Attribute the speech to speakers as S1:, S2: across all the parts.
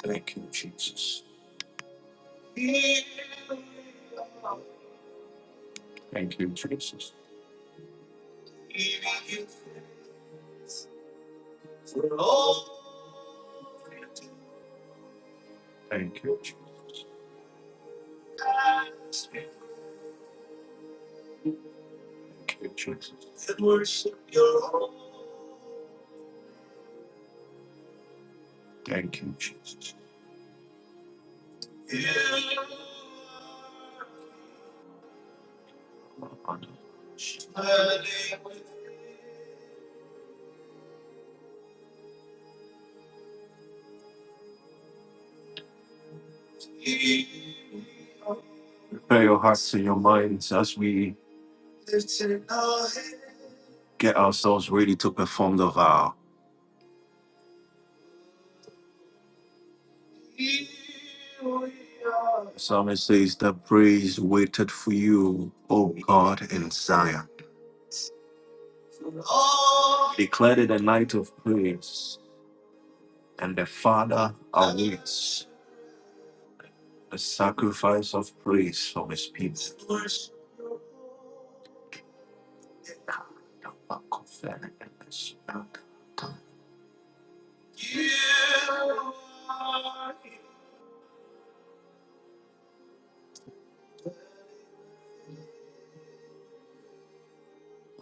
S1: Thank you, Jesus. Thank you, Jesus. Thank you, Jesus. Thank you, Jesus. Thank you, Jesus. Prepare your hearts and your minds as we get ourselves ready to perform the vow. The psalmist says, The praise waited for you, O God in Zion. Declare it a night of praise, and the Father awaits the sacrifice of praise from his people.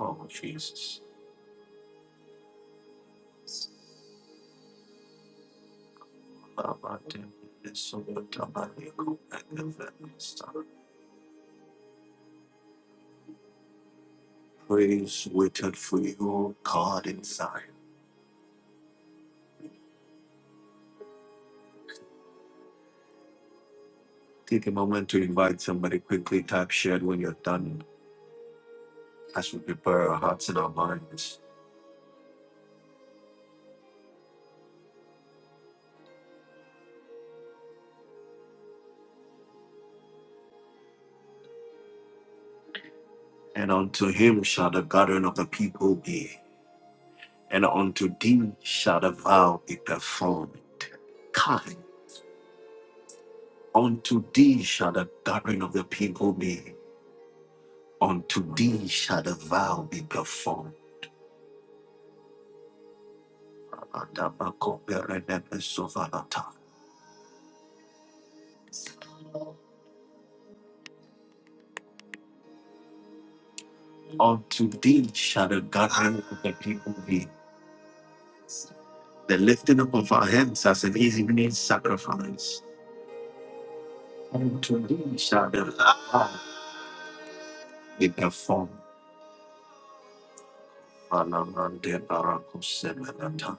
S1: Oh, Jesus. Praise waited for you, God in Zion. Take a moment to invite somebody quickly. Type shared when you're done as we prepare our hearts and our minds. And unto him shall the gathering of the people be, and unto thee shall the vow be performed. Kind, unto thee shall the gathering of the people be, unto thee shall the vow be performed. Atabakoperenemesovalata. Unto thee shall the gathering of the people be, the lifting up of our hands as an evening sacrifice. Unto thee shall the vow be performed. Alamande barakosemenata.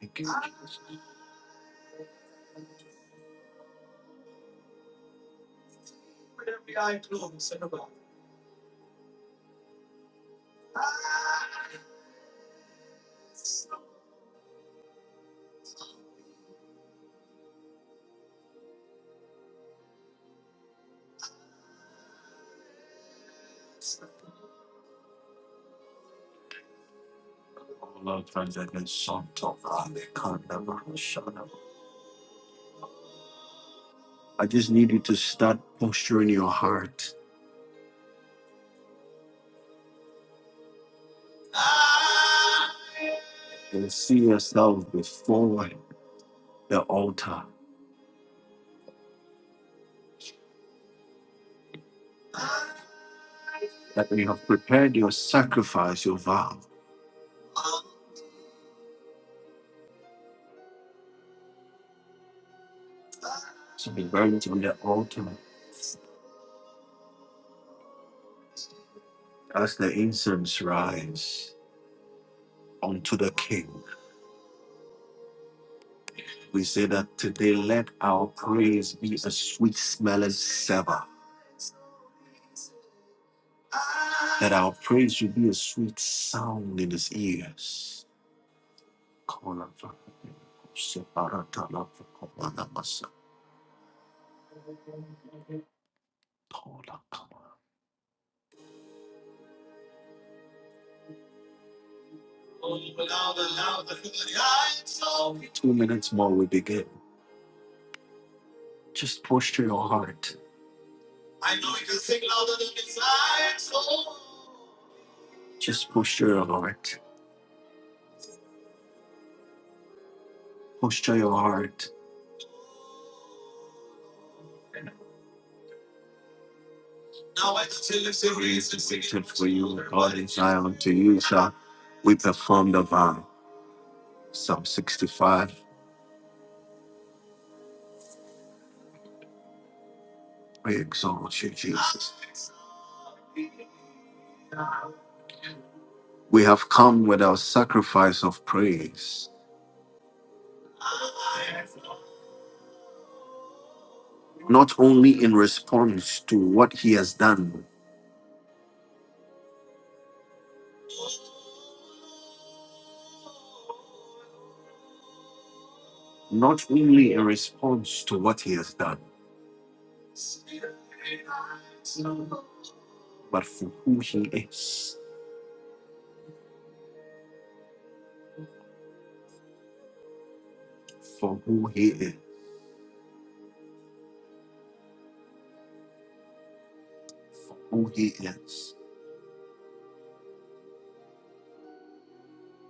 S1: Thank you, Jesus. Oh, Lord, friends, I can sort of, uh, can't never shut up. I just need you to start posturing your heart and see yourself before the altar. that you have prepared your sacrifice, your vow, to be burnt on the altar as the incense rise unto the King. We say that today let our praise be a sweet smelling savour. That our praise should be a sweet sound in his ears. Two minutes more, we begin. Just posture your heart. Just posture your heart. Posture your heart. Praise is waited for you. God is high unto you, sir. We perform the vow. Psalm 65. We exalt you, Jesus. We have come with our sacrifice of praise, not only in response to what he has done, not only in response to what he has done, but for who he is. for who he is, for who he is,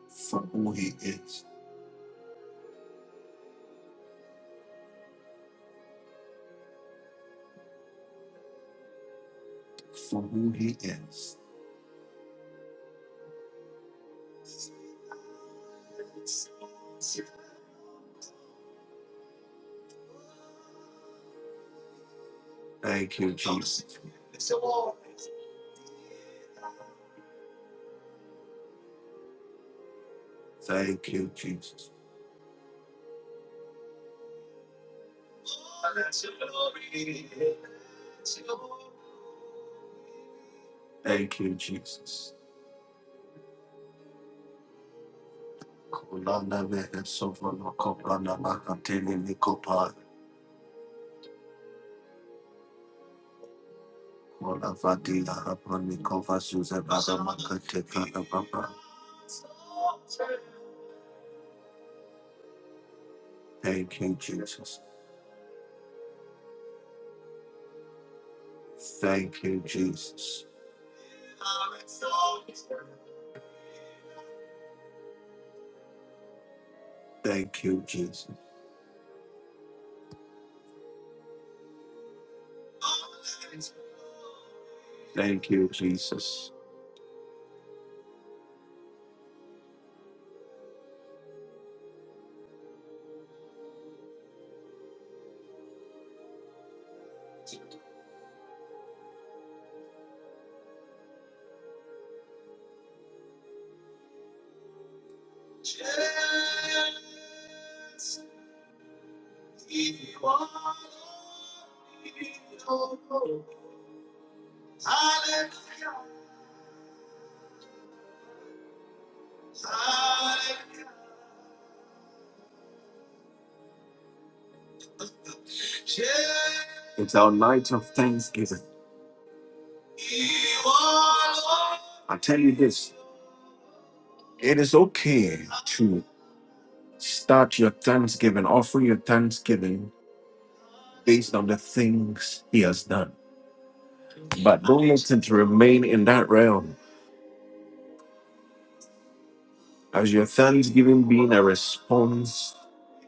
S1: for who he is, for who he is. Thank you, Jesus. Thank you, Jesus. Thank you, Jesus. Kolana mehe sovolo kopana makatele nikopa. Kola vadila hapani kova suze bada makate kada baba. Thank you, Jesus. Thank you, Jesus. Thank you, Jesus. Thank you, Jesus. It's our night of thanksgiving. I tell you this it is okay to start your thanksgiving, offer your thanksgiving based on the things he has done. But don't let it remain in that realm as your thanksgiving being a response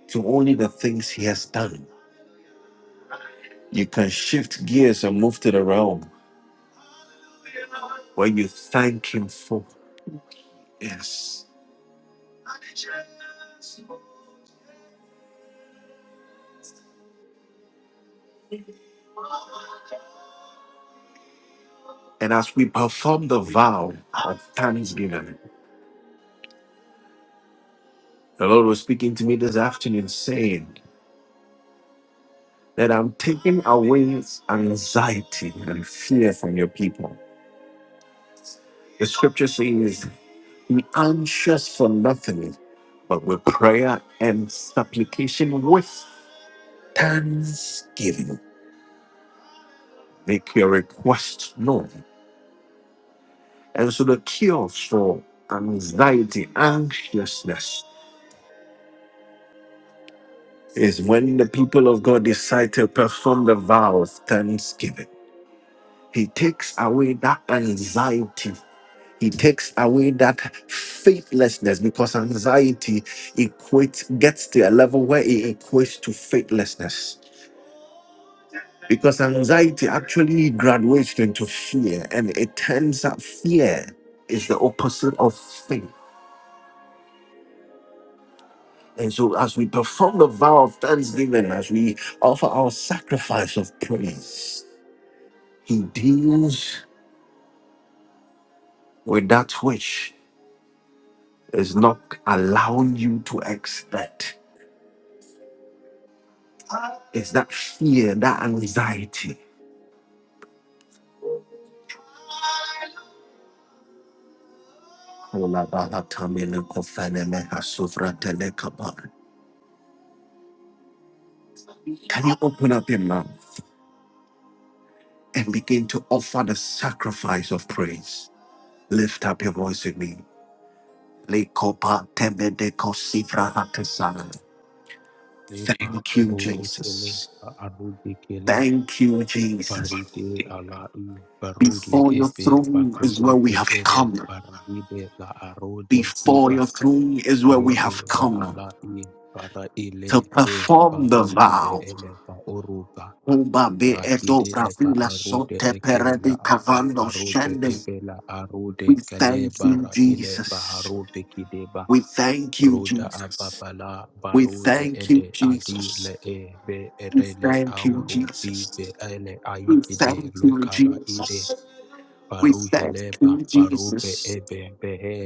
S1: to only the things he has done. You can shift gears and move to the realm where you thank him for. Yes. And as we perform the vow of thanksgiving, the Lord was speaking to me this afternoon saying, that I'm taking away anxiety and fear from your people. The scripture says, Be anxious for nothing, but with prayer and supplication with thanksgiving, make your requests known. And so the cure for anxiety, anxiousness, is when the people of God decide to perform the vow of thanksgiving. He takes away that anxiety He takes away that faithlessness because anxiety equates gets to a level where it equates to faithlessness. Because anxiety actually graduates into fear, and it turns out fear is the opposite of faith. And so, as we perform the vow of thanksgiving, as we offer our sacrifice of praise, He deals with that which is not allowing you to expect. It's that fear, that anxiety. Can you open up your mouth and begin to offer the sacrifice of praise? Lift up your voice with me. Thank
S2: leba
S1: you,
S2: rude kele
S1: Jesus.
S2: ba- arude kele
S1: Thank you, Jesus.
S2: barude alai barule
S1: Before your
S2: ebe
S1: throne is where we
S2: bakorobe
S1: have
S2: ele
S1: come.
S2: barahide la arode
S1: Before
S2: kiba
S1: your throne is where we
S2: robe
S1: have
S2: ba
S1: come
S2: alai bara ile
S1: to
S2: be
S1: perform the
S2: barude be
S1: vow.
S2: ele ba oruba
S1: Uba be edo
S2: rakidele ba
S1: bravila
S2: arude
S1: sote
S2: eke la
S1: perebi
S2: aba
S1: cavando
S2: barobe
S1: shendem.
S2: ebe la arude
S1: We
S2: kale
S1: thank you,
S2: bara ile ba
S1: Jesus.
S2: harobe
S1: We thank you,
S2: Ruda
S1: Jesus.
S2: ababala
S1: We
S2: barude
S1: thank you,
S2: ede
S1: Jesus.
S2: adile e be
S1: We
S2: erele
S1: thank you,
S2: auru bi be
S1: Jesus.
S2: ele
S1: We
S2: aikide
S1: thank you,
S2: lukara ide
S1: Jesus. We thank
S2: baruheleba
S1: you,
S2: barube
S1: Jesus.
S2: ebe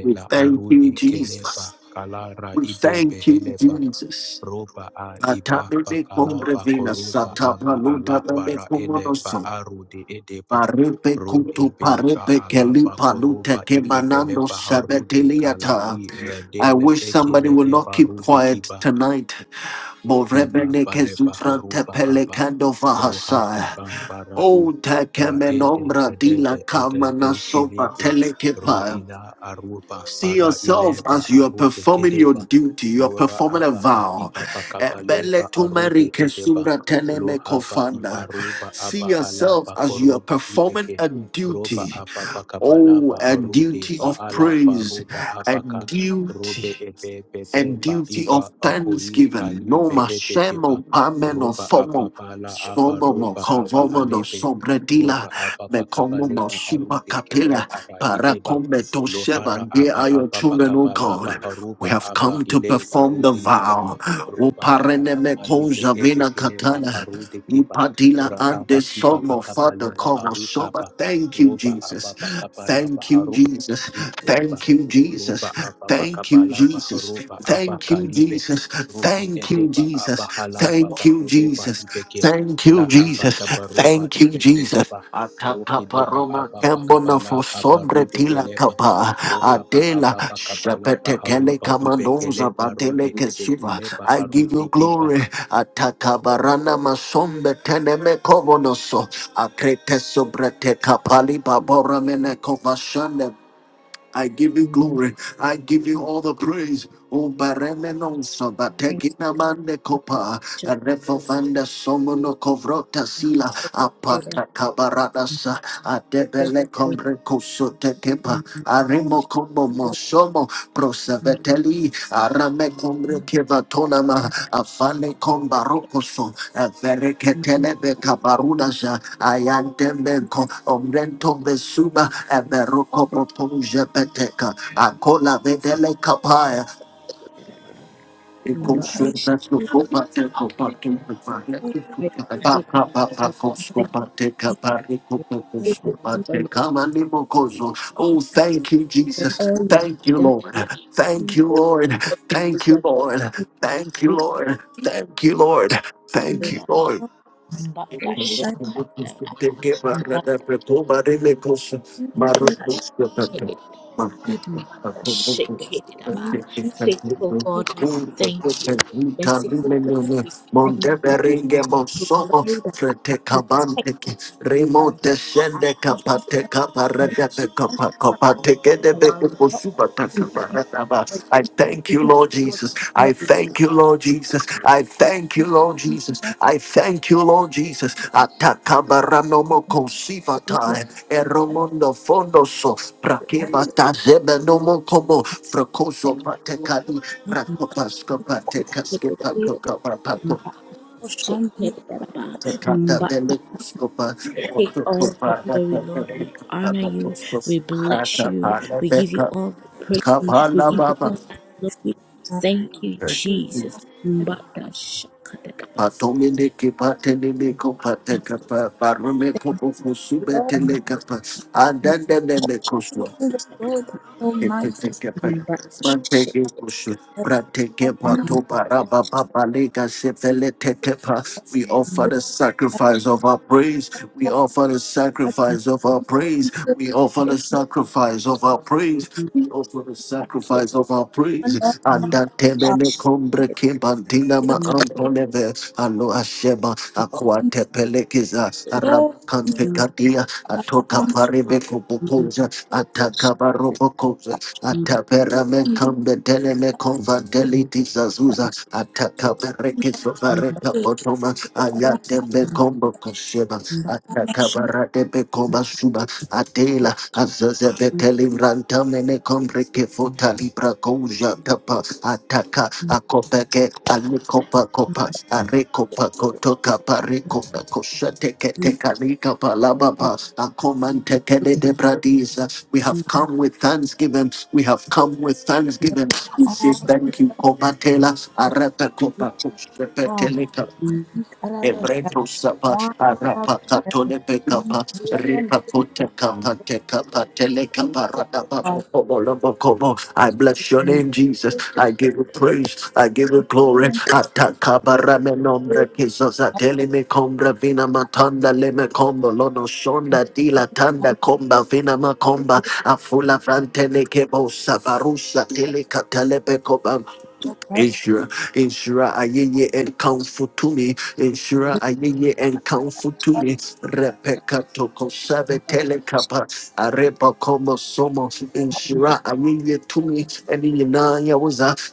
S1: We thank
S2: arudi
S1: you, Jesus.
S2: keleba kalara
S1: We
S2: ide
S1: thank you,
S2: beheleba
S1: Jesus.
S2: roba a iba
S1: Atabe me
S2: bakala
S1: combrevina
S2: bakoroba
S1: satapa
S2: aba
S1: luta
S2: ala
S1: me
S2: bara ele ba
S1: comonoso.
S2: arude edeba
S1: Paripe
S2: ro
S1: kutu
S2: ebe ba
S1: paripe
S2: ala
S1: keli palute
S2: bakoroba
S1: ke
S2: ibebele
S1: manando
S2: baharude kala
S1: sabetiliata.
S2: i
S1: I
S2: redele
S1: wish somebody
S2: ekele
S1: will not
S2: eba
S1: keep
S2: rude
S1: quiet tonight.
S2: Iba
S1: Borebene ke
S2: Baleba
S1: zufran
S2: Haruba
S1: tepele
S2: Aba
S1: kando
S2: Ruha
S1: vahasa.
S2: Kiban Barai
S1: O tekeme
S2: Raede
S1: nombra dila
S2: Dedede Ede
S1: kamana sopa
S2: Dukilebe
S1: telekepa.
S2: Ruhila Aruba
S1: See
S2: para
S1: yourself
S2: ileba
S1: as you are
S2: Arude
S1: performing your
S2: Kedeba
S1: duty, you are
S2: Lora
S1: performing a
S2: Aba
S1: vow.
S2: Hakiba
S1: Ebele
S2: Bakabaleba
S1: tumeri
S2: Arude Edeba
S1: kesura teleme
S2: Lohaba
S1: kofanda.
S2: Ibaruba
S1: See
S2: Aba
S1: yourself
S2: Halaba
S1: as you are
S2: Koruba
S1: performing
S2: Ibeke
S1: a
S2: Roba
S1: duty.
S2: Aba
S1: Oh,
S2: Bakabalaba
S1: a
S2: Harude
S1: duty of
S2: Baala
S1: praise,
S2: Baruba
S1: a
S2: Abaka Robe
S1: duty
S2: epe
S1: a
S2: pepe ba
S1: duty of
S2: iba bakoi
S1: thanksgiving. No
S2: kalibe epe keba.
S1: mashemo pameno
S2: Roba apa
S1: fomo.
S2: bala apa
S1: Somomo
S2: roba apa
S1: kovomono
S2: halebe.
S1: sobredila
S2: Roba apa pakabale
S1: mekomono shima
S2: baharube kele
S1: kapila
S2: ara
S1: para
S2: ideba.
S1: to
S2: Lohara
S1: sheva. Here
S2: apa
S1: are your
S2: apa
S1: children, O
S2: pakabala
S1: God. We
S2: baharuba
S1: have
S2: aba
S1: come to
S2: ile
S1: perform the
S2: barude kiba.
S1: vow. O
S2: Roba apa
S1: parene meko
S2: pakalibe epe
S1: javina
S2: kele
S1: katana.
S2: bakarude kiba.
S1: Upadila ande
S2: Rahaba kiba
S1: somo father
S2: pakabale ba
S1: kovo
S2: aruka
S1: soba.
S2: ba.
S1: Thank you,
S2: Roba
S1: Jesus.
S2: apa pakabala
S1: Thank you,
S2: baharuba
S1: Jesus.
S2: Uba,
S1: Thank you, Jesus.
S2: Roba Ababa
S1: Thank you,
S2: Kabalaba
S1: Jesus.
S2: Haroba Aba
S1: Thank you,
S2: Kalibe
S1: Jesus.
S2: Rode
S1: Thank you,
S2: Edeba
S1: Jesus.
S2: Aba Halaba
S1: Thank you,
S2: Bakuruba
S1: Jesus.
S2: Ibeke
S1: Thank you,
S2: Lahaba
S1: Jesus.
S2: Kabaruba
S1: Thank you,
S2: Ibeke
S1: Jesus.
S2: Baba Rokideba
S1: Atapaparoma
S2: Ababa
S1: kambona for
S2: Kabala Aba
S1: sobre
S2: Rude
S1: tila
S2: Eleba
S1: kapa
S2: Rohaba
S1: adela
S2: Ababa Kabalaba
S1: shapete tele
S2: Haroba
S1: kamandoza
S2: Ibekeleba
S1: batele
S2: Rude
S1: kesiva.
S2: Edekeleba
S1: I give you
S2: Arude
S1: glory. Atakabarana masombe teneme kovonoso. Akrete sobre te kapali babora mene I give you
S3: We
S1: glory. I give you all the praise. O baremenonso
S3: thank
S1: batekina mande kopa
S3: you, Lord,
S1: refofanda somono kovrota sila
S3: for the good and
S1: apata kabaradasa. sa
S3: the
S1: adebele
S3: good
S1: kombre koso tekepa
S3: and the
S1: arimo
S3: good
S1: Koromo, Prosaveteli, Arame Combre
S4: Lord,
S1: Kevatonama, Afale Combarocoso,
S3: and
S1: Averecatele Cabarunaja, Ayantemenco, Omrento Vesuba, Averoco Proponja Peteca, Acola Vedele Capaya, Oh,
S3: the
S4: you
S3: but the strength
S1: thank
S4: are
S3: to take on the Thank you, goodness, for you,
S1: you,
S3: for
S1: Jesus.
S3: all you have
S1: Thank you,
S3: done.
S1: Lord.
S3: The
S1: Thank you, Lord. Thank
S3: acts
S1: you,
S3: of the
S1: Lord. Thank you,
S3: rich
S1: Lord. Thank you, Lord. Thank you,
S3: Buddha,
S1: Lord.
S3: but
S1: I
S3: the shaka, but the shake it, but the shake it. Abba. Faithful God, we thank you. Merciful God, we thank you. Provider, our protector, our our rock,
S1: thank
S3: We
S1: you,
S3: give
S1: Lord. Lord
S3: all
S1: Jesus.
S3: the
S1: I
S3: glory, Lord.
S1: thank you, Lord Jesus. I thank you, Lord Jesus. I thank you, Lord Jesus. Atakabaranomo kosivatai, eromondo fondoso, prakemata zebenomo komo, frakoso
S3: Perfect.
S1: patekali, prakopasko patekaske pakokapapako, tekata
S3: But
S1: belekuskopa,
S3: take all the glory, Lord. We honor you. We
S1: ontokoparakapakoskos,
S3: bless you. We give you
S1: atakalebeka,
S3: all the praise. We give you
S1: kapalababa.
S3: all the glory. Thank you, Jesus. But
S1: Patomine ke patene me ko pate kapa parume ko ko kusube tele kapa andanda ne me kuswa kete kapa mante ke kusu prate ke pato paraba papa lega sefele te kepa we offer the sacrifice of our praise we offer the sacrifice of our praise we offer the sacrifice of our praise we offer the sacrifice of our praise andante me ne kombre ke bantina ma amponeve Alo Sheba Aquate Pelekiza Arabakante Kadia Atoka Paribeko Bukoza Atakabarobokoza Ataperamen Kambe Deleme Convandeliti Zazuza Atakaberekizo Vareka Potoma
S4: the
S1: Ayatembe Kombo Kosheba
S4: Radaba
S1: Atakabarate Bekoma Suba Atela Azazebeteli Ranta mene kombre fota libra koja tapa ataka akopeke alikopa kopa arekopa kotoka parekopa koshate kete kalika palaba pa akomante kede de bradiza. We have come with thanksgiving. We have come with thanksgiving. We say thank you, Kopa Tela, Arepe Kopa Koshate Ebreto sapa arapa katole pekapa ripa kuta kapa te kapa tele kapa rata papo popo lobo kobo. I bless your name, Jesus. I give you praise. I give you glory. Ataka barame nombre kisos atele me combra vina matanda le me combo lono shonda dila tanda comba vina ma comba afula frantele kebo sabarusa tele katale pekoba Ensure, ensure ayeye and counsel to me. Ensure ayeye and counsel to me. Repeka toko save areba komo somo inshira ayiye to me ɛne nyinaa yɛ wo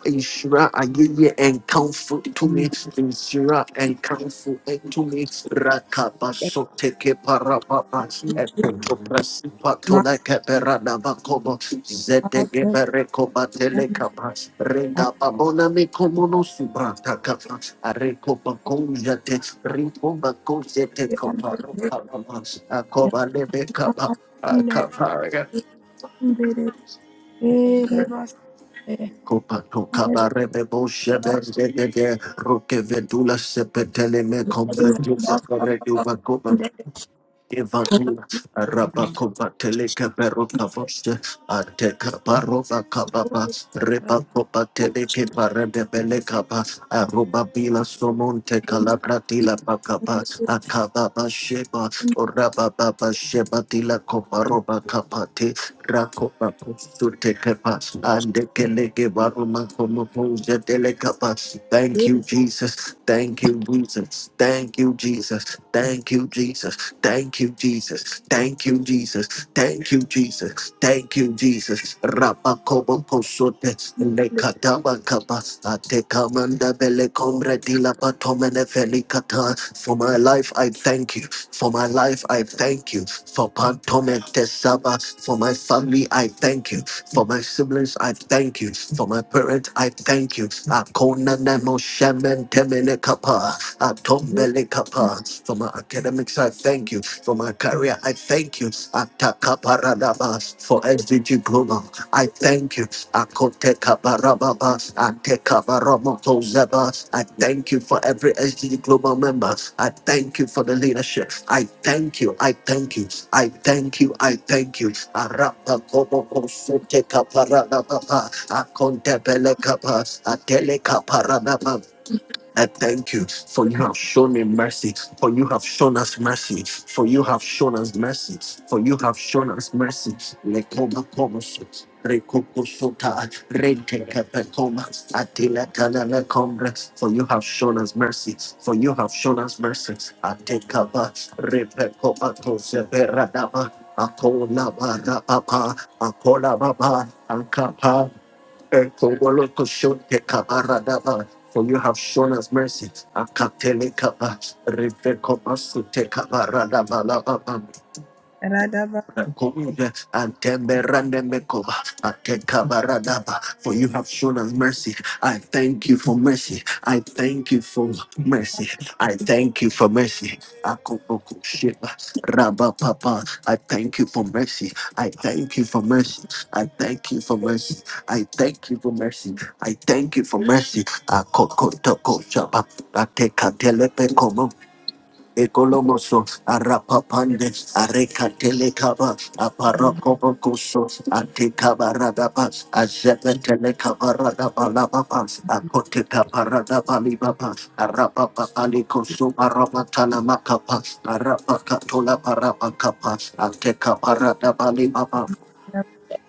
S1: inshira ayiye enkamfo to me inshira enkamfo to me rakaba so teke parababa ekoto prasi patola keperada bakobo zetege bereko batele kapa renda babona me komono subrata kapa areko bakonjate ripo bakonjate kapa akoba lebe kapa Akaparaga. Kopato kabarebe boshe bergedege. Roke vedula sepetele me kombe duse Evatus, Rabakova Teleka Baroka Vosta, Ateka Barova Kababa, Rebakopa Teleke Parebe Belekaba, Aruba Bila Somonte Calabratila Bakaba, Akababa Sheba, Orababa Sheba Tila Koparoba Kapate, Rakopa Kustute and Keleke Baruma Komopoja Telekapas. Thank you, Jesus. Thank you, Jesus. Thank you, Jesus. Thank you, Jesus. Thank you, Jesus. Thank you, Jesus. Thank you, Jesus. Thank you, Jesus. Rabakobo kosote lekataba kabasta te kamanda bele kombre di la patomene felikata. For my life, I thank you. For my life, I thank you. For pantomete saba. For my family, I thank you. For my siblings, I thank you. For my parents, I thank you. Akona nemo shemen temene kapa. Atombele kapa. For my academics, academics. I thank you for my career. I thank you Atakaparadaba, for every diploma. I thank you. Akotekabarababa, Atekabaramotozeba. I thank you for every SDG Global member. I thank you for the leadership. I thank you. I thank you. I thank you. I thank you. Arapa Arapakobokosotekaparadababa, Akontebelekapa, Atelekaparadababa, I thank you for you have shown me mercy, for you have shown us mercy, for you have shown us mercy, for you have shown us mercy. Lekobakomos, rekokosota, rentekepekomas, atilekalelekombres, For you have shown us mercy, for you have shown us mercy. Atekaba, repekobatose, beradaba, akolaba, rapapa, akolababa, ankapa, for you have shown us mercy. Akatelekaba, revekomasutekabaradaba, for you have shown us mercy. I thank you for mercy. I thank you for mercy. I thank you for mercy. I thank you for mercy. I thank you for mercy. I thank you for mercy. I thank you for mercy. I thank you for mercy. Ekolomoso, Arapapande, Arekatelekaba, Aparakobokoso, Antikabaradaba, Azepetelekabaradaba, Akotekabaradaba, Arapapalikoso, Aramatalamaka, Arapakatola, Parapakapa, Antekabaradaba,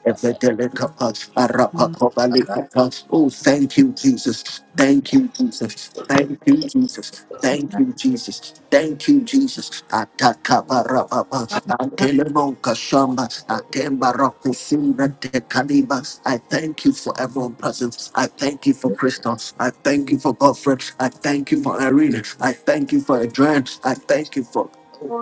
S1: Evedelekapas, arapakobalekapas. Oh, thank you, Jesus. Thank you, Jesus. Thank you, Jesus. Thank you, Jesus. Thank you, Jesus. Atakabarababa, antelemoka shamba, atembarakusura tekaliba. I thank you for everyone present. I thank you for Christos. I thank you for Godfrey. I thank you for Irene. I thank you for Adrian. I thank you for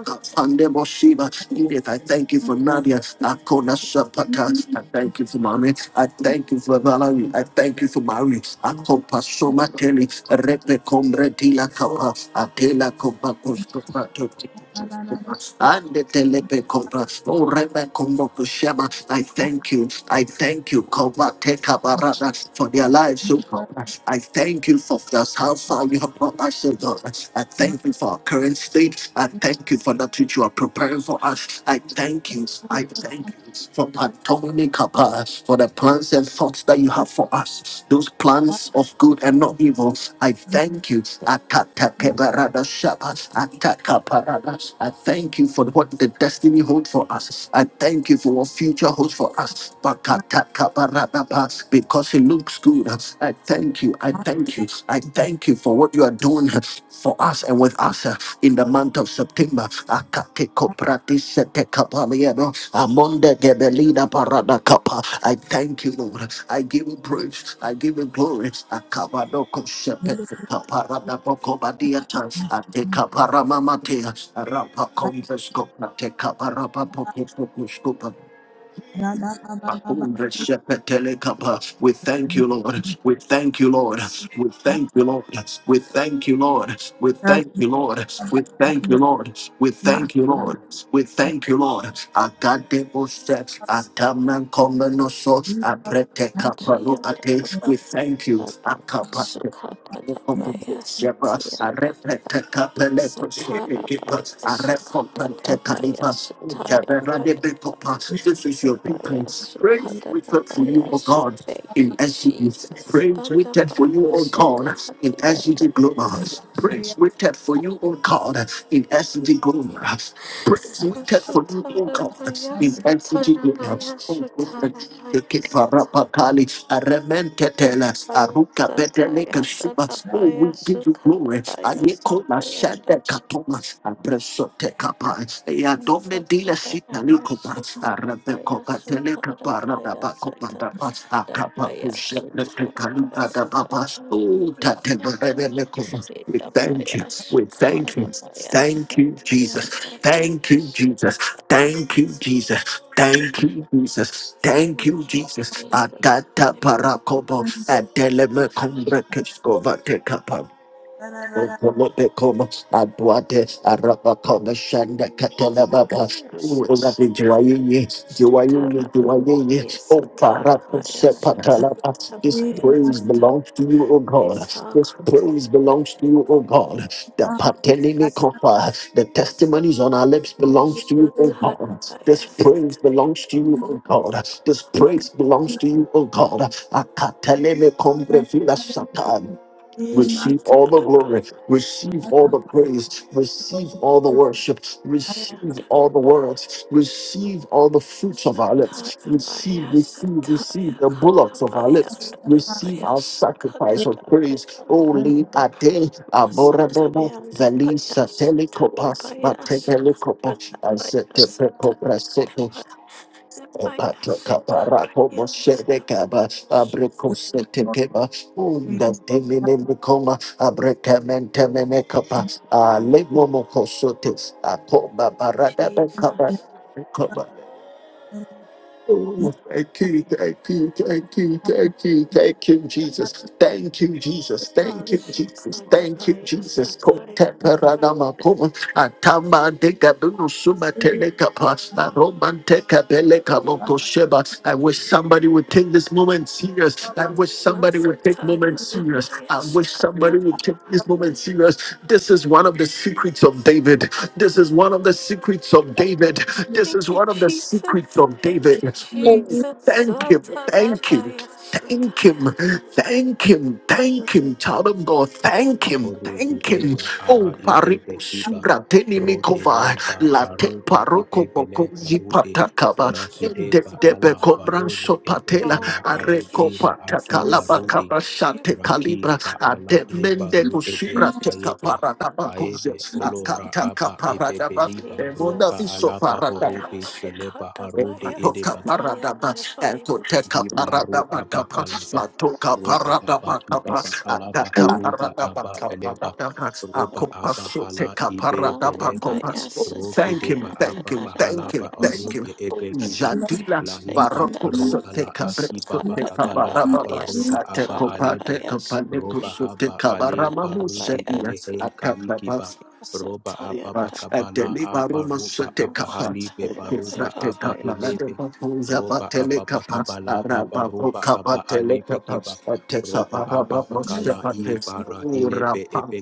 S1: Kapande Moshiba. Edith, I thank you for Nadia. Akona Shapaka.
S4: Thank
S1: I thank you for Mommy. I thank you for Valerie. I thank you for Mary. Akopa Soma Kelly. Repe Combre Dila Kapa. Adela Kopa Kostopa. And the telepe compra, oh Rebe Kombo Kushema, I thank you, I thank you, Kova Teka Barada, for their lives, oh God. I thank you for this, how far you have brought us, oh God. I thank you for our current state. I thank you for that which you are preparing for us. I thank you. I thank you for Patoni Kappa, for the plans and thoughts that you have for us. Those plans of good and not evil. I thank you. Akata kebarada Shaba, Atakaparada. I thank you for what the destiny holds for us. I thank you for what future holds for us. Bakatakabarada Ba, Because it looks good. Hallelujah. I thank you. I thank you. I thank you for what you are doing for us and with us uh, in the month of September. Akateko pratisete kapalieno, amonde gebelida parada kapa. I thank you, Lord. I give you praise. I give you glory. Akabadoko shepete kaparada boko badiata. Ateka paramamatea. Arapa konvesko prateka parapa pokopokoskopa. Shepetelekapa. We thank you, Lord. We thank you, Lord. We thank you, Lord. We thank you, Lord. We thank you, Lord. We thank you, Lord. We thank you, Lord. We thank you, Lord. Akadebo steps. Ataman komenoso. Aprete kaparo ate.
S5: Triandafaba
S1: We thank you.
S5: Rabaya
S1: This
S5: Sukadadabaya
S1: is your
S5: Sitiandadabaya Satarabaya Sukadadabaya Sutayandadabaya
S1: people. Praise waited for
S5: Sukadadabaya
S1: you, O
S5: Su-
S1: God,
S5: Thank you,
S1: in Exodus.
S5: Jesus.
S1: Praise waited for you,
S5: Adabaya
S1: O God, in Exodus Global.
S5: Sukadiandadabaya
S1: Praise waited for you, O God, in Exodus Global. Praise we take for you, O God.
S5: Sutarabaya
S1: We thank you, Jesus.
S5: Satarabaya
S1: Oh, God. The
S5: Sutarabaya
S1: Kiparapakali, Arementetela,
S5: Yadabaya
S1: Aruka Bedeleka
S5: Sataya
S1: Suba. Oh, we
S5: Dadabaya
S1: give you glory.
S5: Sukadabaya
S1: Ayekola
S5: Sataya
S1: Shade Katoma,
S5: Dabaya
S1: Abresote Kapa, Eadome Dila
S5: Satadabaya
S1: Sitaliko, Arabeco
S5: Sutadabaya Sutadabaya
S1: Pateleka we thank
S5: Satadabaya Sutarabaya Sataya dabaya Yadabaya
S1: you. We thank you.
S5: Sukarabaya
S1: Thank you, Jesus.
S5: Sataya
S1: Thank you, Jesus. Thank
S5: Dabaya
S1: you, Jesus.
S5: Sutarabaya
S1: Thank you, Jesus. Thank you, Jesus. Adata parakobo adeleme kombre Kolobekoma, Abuade, Arabakoma, Shanda, Katalababa, Ulabi,
S5: Sutarabaya
S1: Juayini, Juayini,
S5: Sutarabaya
S1: Juayini,
S5: Isa
S1: O Baraka,
S5: tarabaya sutta
S1: Sepatalaba. This
S5: abaya
S1: praise
S5: sutta
S1: belongs to you, O God.
S5: isa
S1: This praise belongs to you, O God. The Patelini
S5: Jesus
S1: Kofa, the testimonies on our lips belongs to you, O God.
S5: Sutarabaya
S1: This praise belongs
S5: Sutayanda
S1: to you, O God. This praise belongs to you, O God. Akateleme kombre vila satan. Receive all the
S5: Sutarabaya
S1: glory, receive all the praise, receive all the worship, receive
S5: Sutayanda
S1: all the words, receive all the fruits of our lips, receive,
S5: Abaya Sutarabaya
S1: receive, receive
S5: Sutaya
S1: the bullocks of our
S5: Katabaya
S1: lips, receive
S5: Nadabaya
S1: our sacrifice of praise.
S5: Sukadabaya
S1: Holy Ade Aboradona
S5: Masatayanda Baya
S1: Valisa Telecopas
S5: Sutarabaya
S1: Matelecopos and
S5: Sukadabaya
S1: Sete
S5: Sutayanda
S1: Epatra
S5: Lepidas
S1: kapara como sede kaba,
S5: Kariantapas.
S1: abre kosete keba unda Akoba barada
S5: Jesus,
S1: bekaba Oh,
S4: you.
S1: thank you, thank you, thank you, thank you, thank you, Jesus. Thank you, Jesus.
S4: Thank
S1: Thank you, Jesus. Thank you,
S5: Asukarabaya
S1: Jesus.
S5: Sataya
S1: Contemporanama pum, atama de gabuno suma telekapa, aromante kabele kaboko I wish somebody would take this moment serious. I wish somebody would take
S5: Masataya
S1: moment serious.
S5: Labaya
S1: I wish somebody would take
S5: Sukatara.
S1: this moment serious. This is one of the secrets of David. This is one of the secrets of David. This is
S5: Thank you,
S1: one of the secrets feet
S5: Jesus.
S1: of
S5: Thank you,
S1: David. Oh,
S5: Jesus.
S1: thank him, thank him,
S5: Satarabaya
S1: thank
S5: Sutaya.
S1: him, thank him, thank him, child of God, thank him,
S2: Orubi
S1: thank him.
S2: ela ara
S1: Oh,
S2: ide bekiba
S1: pariposura tenimikova,
S2: rokeleba
S1: late
S2: aruba
S1: paroko
S2: ibebele
S1: bokozi
S2: harude
S1: patakaba,
S5: Thank you.
S1: ende
S2: rakideba
S1: debe
S2: ala
S1: kobran
S2: barole
S1: sopatela,
S5: Oh,
S2: ebebala
S5: thank you,
S1: areko
S2: harudila
S1: patakala
S2: akiba
S5: Jesus.
S2: rudi
S1: bakaba
S5: Thank you.
S1: shate
S5: Thank
S2: raki
S1: kalibra,
S5: you,
S2: ba ala
S5: people.
S1: ademende
S2: ebaru
S1: kusura
S2: ede
S1: teka
S2: aebe
S1: paradaba
S2: aebe
S1: kuzes,
S2: olora aba
S1: akataka
S5: Thank you,
S1: paradaba,
S2: ebebeliba
S1: emona
S2: ruka
S5: Jesus.
S1: viso
S2: alaba
S5: Satabaya
S1: paradaba.
S2: horubi beleba harude
S5: Sukatabaya
S1: Matoka
S2: edeba
S1: paradaba,
S5: Sataya
S1: atoteka
S2: Diva ro
S1: paradaba
S2: aba
S1: kapa,
S5: Yes,
S2: kalaba.
S1: matoka
S2: Roba aba
S1: paradaba kapa,
S2: kibaba kalaba
S1: ataka
S2: haruba
S1: paradaba
S2: aba
S1: kapa,
S2: eleba.
S1: paradaba,
S2: Roba
S1: akopa
S2: aba hala
S1: soteka
S2: ibe
S1: paradaba
S2: beleba.
S1: kopa. Oh,
S2: Roki
S1: Thank him,
S2: deba
S1: thank
S2: aba
S1: him, thank him,
S2: pahalaba
S1: thank him.
S2: arube
S1: Oh,
S2: ebe kiba.
S1: Jadila
S2: Laiba
S1: baroko
S2: ro ala
S1: soteka
S2: aki baba
S1: presoteka
S2: kabala aba
S1: barababas.
S2: roba aba
S1: ateko
S2: alebe.
S1: pateka paneko
S2: Roba haba
S1: soteka barama
S2: aleba rudi
S1: musedia,
S2: elehel
S1: ataka
S2: kaikiba. Roba
S1: Zabala
S2: aba bakabala aba roba aba halibe baruba aba elebe roba ababa kabala haba roba aba alebe kiba roba ababa kala ibara ilebe ebe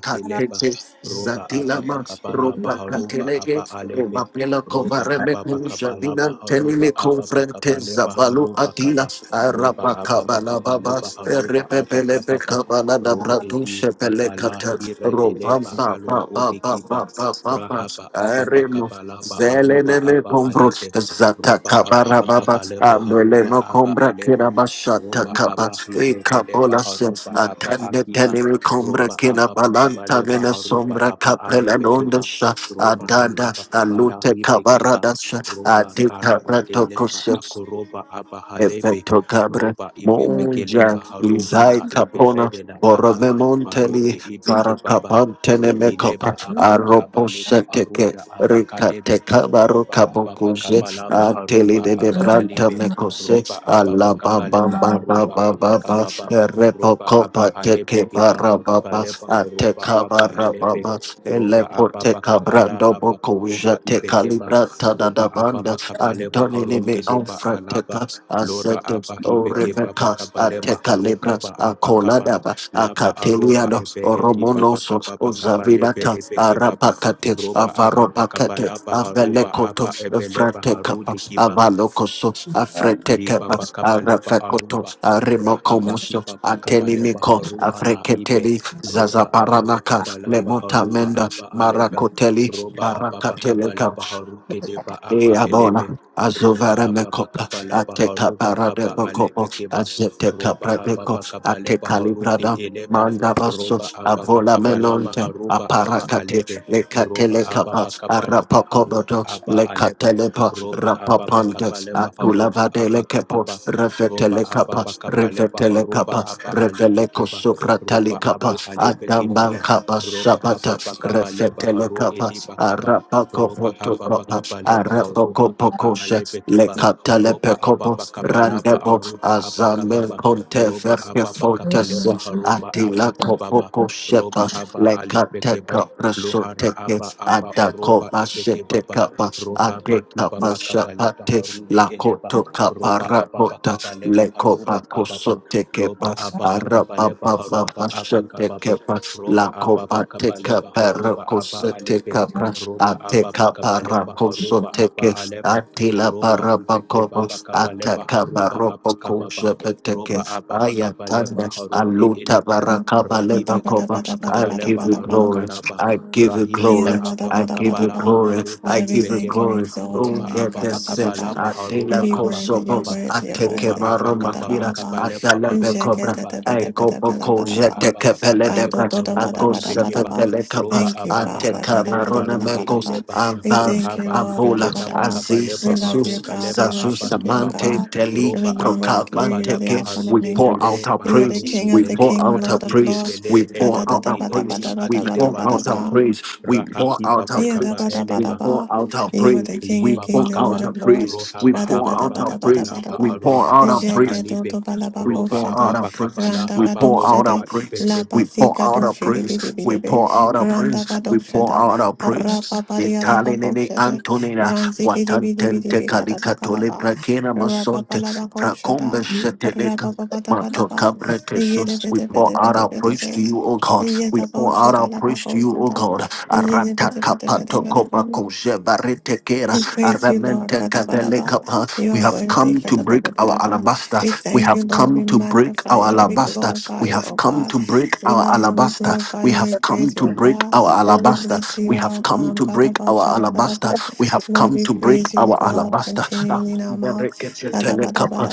S2: roba ababa kabala baharuba aba alebe roba ababa kabala baharuba ababa kabale baharuba kaba loba ababa kabale
S1: Rebebele
S2: baharuba aba kababa
S1: Kabala da
S2: roi
S1: Bratu
S2: edi
S1: Shepele
S2: akala
S1: Kata, Robam
S2: iredeleba
S1: Ba
S2: alo
S1: Ba Ba
S2: rudi
S1: Ba
S2: kiba
S1: Ba Ba Ba Ba,
S2: rahaba ababa
S1: Aremo,
S2: kabala ba
S1: Zeleneme
S2: aba
S1: Combro,
S2: alebe
S1: Zata
S2: Roba
S1: Kabara
S2: ababa
S1: Baba,
S2: kabaleba haruba
S1: Abelemo
S2: aba
S1: Combra
S2: eleba.
S1: Kiraba
S2: Roba
S1: Shata Kaba,
S2: aba hibe beleba
S1: Ekabola Se,
S2: haruba aba
S1: Atande
S2: akiba.
S1: Telemi Combra
S2: Roba ababa
S1: Kinabalanta
S2: kabaleba
S1: Vena
S2: haruba
S1: Sombra
S2: aba
S1: Capella
S2: alebe kiba.
S1: Londosha,
S2: Roba
S1: Adada,
S2: hababa kabala
S1: Alute
S2: hibe kiba.
S1: Kabarada
S2: Roba kara
S1: Adita
S2: ideleba
S1: Ratokosha,
S2: akoroba aba halebe.
S1: Effetto cabra,
S2: Roba ibebe
S1: monja,
S2: keleba haruka
S1: lizai
S2: la
S1: capona,
S2: iberede la aba.
S1: borove monteli,
S2: Marube ibe kibaba.
S1: faracapantene
S2: Rohileba
S1: mecopa,
S2: ababa kabaleba
S1: arroposeteke,
S2: aruda aba kalebe
S1: ricate cabaro
S2: roba apa
S1: cabocuse,
S2: pakabala
S1: ateli
S2: baharuba
S1: de
S2: aba
S1: debranta
S2: alibe
S1: mecose,
S2: roba apa
S1: alla
S2: pakabale
S1: baba baba
S2: baharuba
S1: baba
S2: aba
S1: baba,
S2: kababa roba aba
S1: repocopa
S2: halebe
S1: teke
S2: kibaba
S1: barababa,
S2: kabale
S1: ate
S2: baharuba aba alebe
S1: cabarababa,
S2: roba apa
S1: elepote
S2: pakabala
S1: cabrando
S2: haba koroba
S1: bocuja te
S2: ibekeba
S1: calibrata da
S2: roba
S1: da
S2: apa
S1: banda,
S2: pakabale
S1: Tony Antonini
S2: baharuke
S1: on
S2: deba
S1: Franteca,
S2: alaba lora
S1: Asetos,
S2: aba
S1: O
S2: ibekeba
S1: Rebecca,
S2: pakabale
S1: Ateca
S2: baharuka
S1: Libras,
S2: ba aba kaba
S1: Acoladaba,
S2: laba aruba
S1: Acateliano,
S2: ebehe kibaba
S1: Oromonoso,
S2: kababa kabalebe
S1: Ozavinata,
S2: ebekeba
S1: Arapacate,
S2: roba apa
S1: Avaropacate,
S2: pakapalapa haruba
S1: Avelecoto,
S2: apa ebeleba
S1: Franteca,
S2: harude kiba
S1: Avalocoso, Afreteca,
S2: liba bakabaleba
S1: Arafacoto,
S2: aruba rahaba
S1: Arimocomoso,
S2: kiba bakabaleba
S1: Atenimico,
S2: haru ala ibe
S1: Afrecateli,
S2: roba ababa
S1: Zazaparanaca,
S2: kabalaba haruba
S1: Lemotamenda,
S2: aba aleba
S1: Maracoteli,
S2: roba ababa kabaleba
S1: Baracateleca,
S2: haru kedeba aba elebe
S1: Eabona,
S2: roba
S1: Azovara
S2: ababa
S1: Mecopa,
S2: kabalaba
S1: Ateca
S2: haruba
S1: Parade
S2: aba
S1: Bocopo,
S2: alebe keba
S1: Azeteca
S2: roba
S1: Pradeco,
S2: hababa kabaleba
S1: Ateca
S2: haru de
S1: Librada,
S2: eleba
S1: Mandabaso,
S2: roba ababa
S1: Avola
S2: kabalaba
S1: Melonte,
S2: haruba aba
S1: Aparacate,
S2: alebe roba
S1: Lecatelecapa,
S2: ababa kabaleba haruba
S1: Arapacobodo,
S2: aba aleba
S1: Lecatelepa,
S2: roba ababa
S1: Rapapandex,
S2: kabale baha roba
S1: Atulava de
S2: aba
S1: Lecapo,
S2: kababa roba
S1: Revetelecapa,
S2: ababa kabale baha roba
S1: Revetelecapa,
S2: aba alebe
S1: Reveleco
S2: keba
S1: Supra
S2: roba
S1: Talicapa,
S2: aba halebe kebaba
S1: Adambancapa,
S2: roba
S1: Dabata,
S2: ababa kabale baha
S1: Resetele
S2: ro
S1: Capas,
S2: ediba kaba
S1: Arapaco
S2: roba ababa
S1: Potocopas,
S2: kabale baha
S1: Arapaco
S2: roba aba
S1: Pocosha,
S2: alebe keba
S1: Lecatale
S2: roba
S1: Pecobo,
S2: ababa kabala ba
S1: Randebo,
S2: aruba aba
S1: Azame
S2: kababa
S1: Conte
S2: roba
S1: Verke
S2: ababa
S1: Fortes,
S2: kabaleba haruba aba
S1: Adila
S2: kibaba
S1: Copoco
S2: roba
S1: Shepa,
S2: haba alebe keba
S1: Lecateca
S2: luhara
S1: Presoteke,
S2: aba aba
S1: Adaco
S2: oroba
S1: Machete
S2: ibekebaba
S1: Capas,
S2: Roha baki
S1: Adecapas
S2: baba kabaleba
S1: Shapate,
S2: harude eleba.
S1: Lacoto
S2: Roba ababa
S1: Caparacota,
S2: kabaleba haruba kababa.
S1: Lecopaco
S2: Loba
S1: kepas
S2: ababa
S1: araba
S2: kabaleba
S1: baba
S2: haruba aba
S1: bashete
S2: kababa.
S1: kepas la
S2: Roba ababa
S1: koba teka
S2: kabaleba
S1: para
S2: haruba aba
S1: kosete
S2: alebe.
S1: kapra
S2: Roba
S1: ateka
S2: ababa
S1: para
S2: kabaleba haruba
S1: kosote
S2: aba
S1: ke
S2: aleba.
S1: atila
S2: Roba
S1: para
S2: ibeke baba
S1: bakobos
S2: kabaleba
S1: ateka
S2: haruba
S1: para
S2: aba kababa.
S1: pokushe beteke
S2: Roba ababa
S1: ayatanda
S2: kabaleba harude
S1: aluta
S2: eleba.
S1: para
S6: Bada
S1: kabale
S2: Rahibeke
S6: bada bada
S1: bakobos
S2: baba
S6: bada
S1: I
S6: bada
S1: give
S2: kabaleba
S1: you
S6: bada ba.
S1: glory
S2: harukalaba.
S1: I give you
S2: Rahileba
S6: Yada
S1: glory
S6: bada
S2: Ababa
S1: I
S6: bada
S1: give
S6: bada
S1: you
S6: ba.
S2: Kabalaba
S1: glory
S2: Haruba
S1: I
S6: Father, we
S1: give you
S6: thank you,
S2: Ibekeba
S6: we
S1: glory
S6: exalt your
S1: oh
S2: Roba
S6: name,
S1: yeah
S6: Kada
S2: Ababa
S1: the
S6: bada
S1: Joseph,
S6: ba.
S2: Kabalaba
S6: And
S1: Adela
S2: Haruba
S6: be worthy, you're
S2: Abakababa
S1: Kosobos,
S6: worthy, you're
S1: Ateke
S2: Roba
S6: worthy,
S1: Maro
S6: Kada bada
S2: Abakababa
S6: bada
S1: Makira,
S6: ba.
S2: Kabaleba
S1: Adele
S6: And
S2: Aruba
S6: shake it,
S1: Becobra,
S6: bada bada
S2: Abakileba
S1: Eko
S6: bada bada
S1: Boko
S6: bada
S2: Roba
S6: ba.
S1: Jete
S2: Ababa
S1: Kepele
S2: Kabaleba
S1: Debra,
S2: Haruba
S1: Ako
S2: Ibekeba
S6: Ka-do-do-da-ba-da-ba-da-ba-da-ba.
S1: Sepele Kapa,
S2: Roba
S6: Thank you,
S2: Ababa
S6: Father.
S1: Ateka
S2: Kabaleba
S1: Marona
S2: Rude
S1: Megos,
S6: Ka-da-ba-da-ba-da-ba-da-ba.
S2: Eleba
S6: We
S1: Avav,
S6: thank you,
S2: Rohaba
S6: Lord.
S1: Avola,
S2: Ibekeba
S6: Da-da-ba-da-ba.
S1: Aziz,
S2: Kabaleba
S6: We love you,
S1: Jesus,
S2: Aruka
S6: God. We
S2: Leba
S1: Sazu
S6: worship you,
S2: Abakibaba
S1: Samante,
S6: God.
S1: Teli,
S6: There
S2: Roba
S6: is none
S2: ababa
S6: like you. You are the
S2: kabalaba
S6: Alpha
S1: Prokabanteke,
S6: and
S1: we
S2: harude
S6: Omega.
S1: pour out
S2: ele
S1: our
S6: You are the
S1: praise,
S6: King
S2: bakarude
S1: we
S6: of the
S1: pour
S2: ele
S6: King,
S1: out our
S6: Lord of
S2: araide
S6: Lord.
S1: praise, we
S2: bele
S1: pour out our
S2: ebarude ele
S1: praise, we
S2: akida
S1: pour out our
S2: baruka
S1: praise, we pour
S2: Rahaki
S1: out our
S2: Baba
S6: Yeah, da
S2: Kaba
S6: ba da
S1: praise,
S6: ba
S1: we
S6: da
S2: Eleba
S1: pour
S6: ba.
S1: out our
S6: You are
S1: praise.
S6: the
S2: Li
S6: King
S1: We
S6: of
S2: Baba
S1: pour
S6: King, the Lord
S1: out our
S6: of
S1: praise.
S6: Lords.
S1: We
S6: Ba
S2: Rohaba
S6: da ba
S1: pour
S6: da
S1: out
S2: Ababa
S6: ba
S1: our
S6: da ba
S2: Kaba
S6: da
S1: praise.
S6: ba da
S2: Laba
S1: We
S6: ba.
S1: pour
S2: Aruba
S1: out our
S2: Aba
S6: Jeke
S1: praise.
S6: do
S2: Halibe
S6: do ba la ba
S1: We
S6: ko
S2: Roba
S1: pour out
S6: shede.
S1: our
S2: Ababa Kaba
S1: praise.
S2: La
S6: Randa
S1: We
S6: ga
S2: Aba
S6: do
S1: pour out our
S6: shede.
S1: praise.
S6: La
S2: Ibekeba
S6: ba
S1: We
S6: si
S1: pour
S6: ga
S1: out
S6: do
S1: our praise.
S6: shede bi di bi
S1: We
S6: di bi.
S1: pour out our
S6: Randa ga
S1: praise.
S6: do
S1: We pour
S6: sheda.
S1: out our
S6: Ra ba
S1: praise.
S6: ba di ya da ba ko
S1: Italinene
S6: shede.
S1: Antonina,
S6: Ran si ki di bi di bi di
S1: Watantente
S6: bi ga da ba ka la
S1: Calicatole
S6: ba.
S1: Prakena
S6: Ra ba ba
S1: Masonte,
S6: la ba ko sheda.
S1: Fracombe
S6: Ra
S1: Seteleca.
S6: ba ba ba da ba da
S1: Mato
S6: ba.
S1: Cabrete
S6: Ye de be
S1: We
S6: de be
S1: pour
S6: de be
S1: out
S6: de
S1: our
S6: be de
S1: praise
S6: be.
S1: to you, O God. We pour
S6: Yedabosha
S1: out our praise to
S6: Dalabakosha,
S1: you, O God. Arata kapato kopa
S6: Yedabit,
S1: koje varete kera.
S6: we praise
S7: Thank
S6: you, Lord.
S1: Aramente kadele
S6: Kadabadaba.
S1: kapa.
S6: You
S1: We
S6: are
S1: have
S6: worthy.
S1: come to break our
S6: Kadabadabadaba.
S1: alabaster.
S6: We
S1: We
S6: thank you,
S1: have
S6: Lord.
S1: come
S6: We
S1: to break
S6: magnify
S1: our
S6: you. We
S1: alabaster.
S6: glorify
S1: We
S6: you,
S1: have
S6: O
S1: come
S6: God.
S1: to break
S6: We
S1: our
S6: love and we
S1: alabaster.
S6: glorify
S1: We
S6: you. We
S1: have come
S6: praise you,
S1: to
S6: O
S1: break
S6: God.
S1: our
S6: We
S1: alabaster.
S6: bless you
S1: We
S6: at
S1: have
S6: all
S1: come
S6: time.
S1: to break our alabaster.
S6: Kadabashadabadaba.
S1: We have
S6: Lord,
S1: come
S6: we
S1: to break
S6: praise you, O
S1: our
S6: God,
S1: alabaster.
S6: continually in our
S1: We have come to
S6: mouth.
S1: break our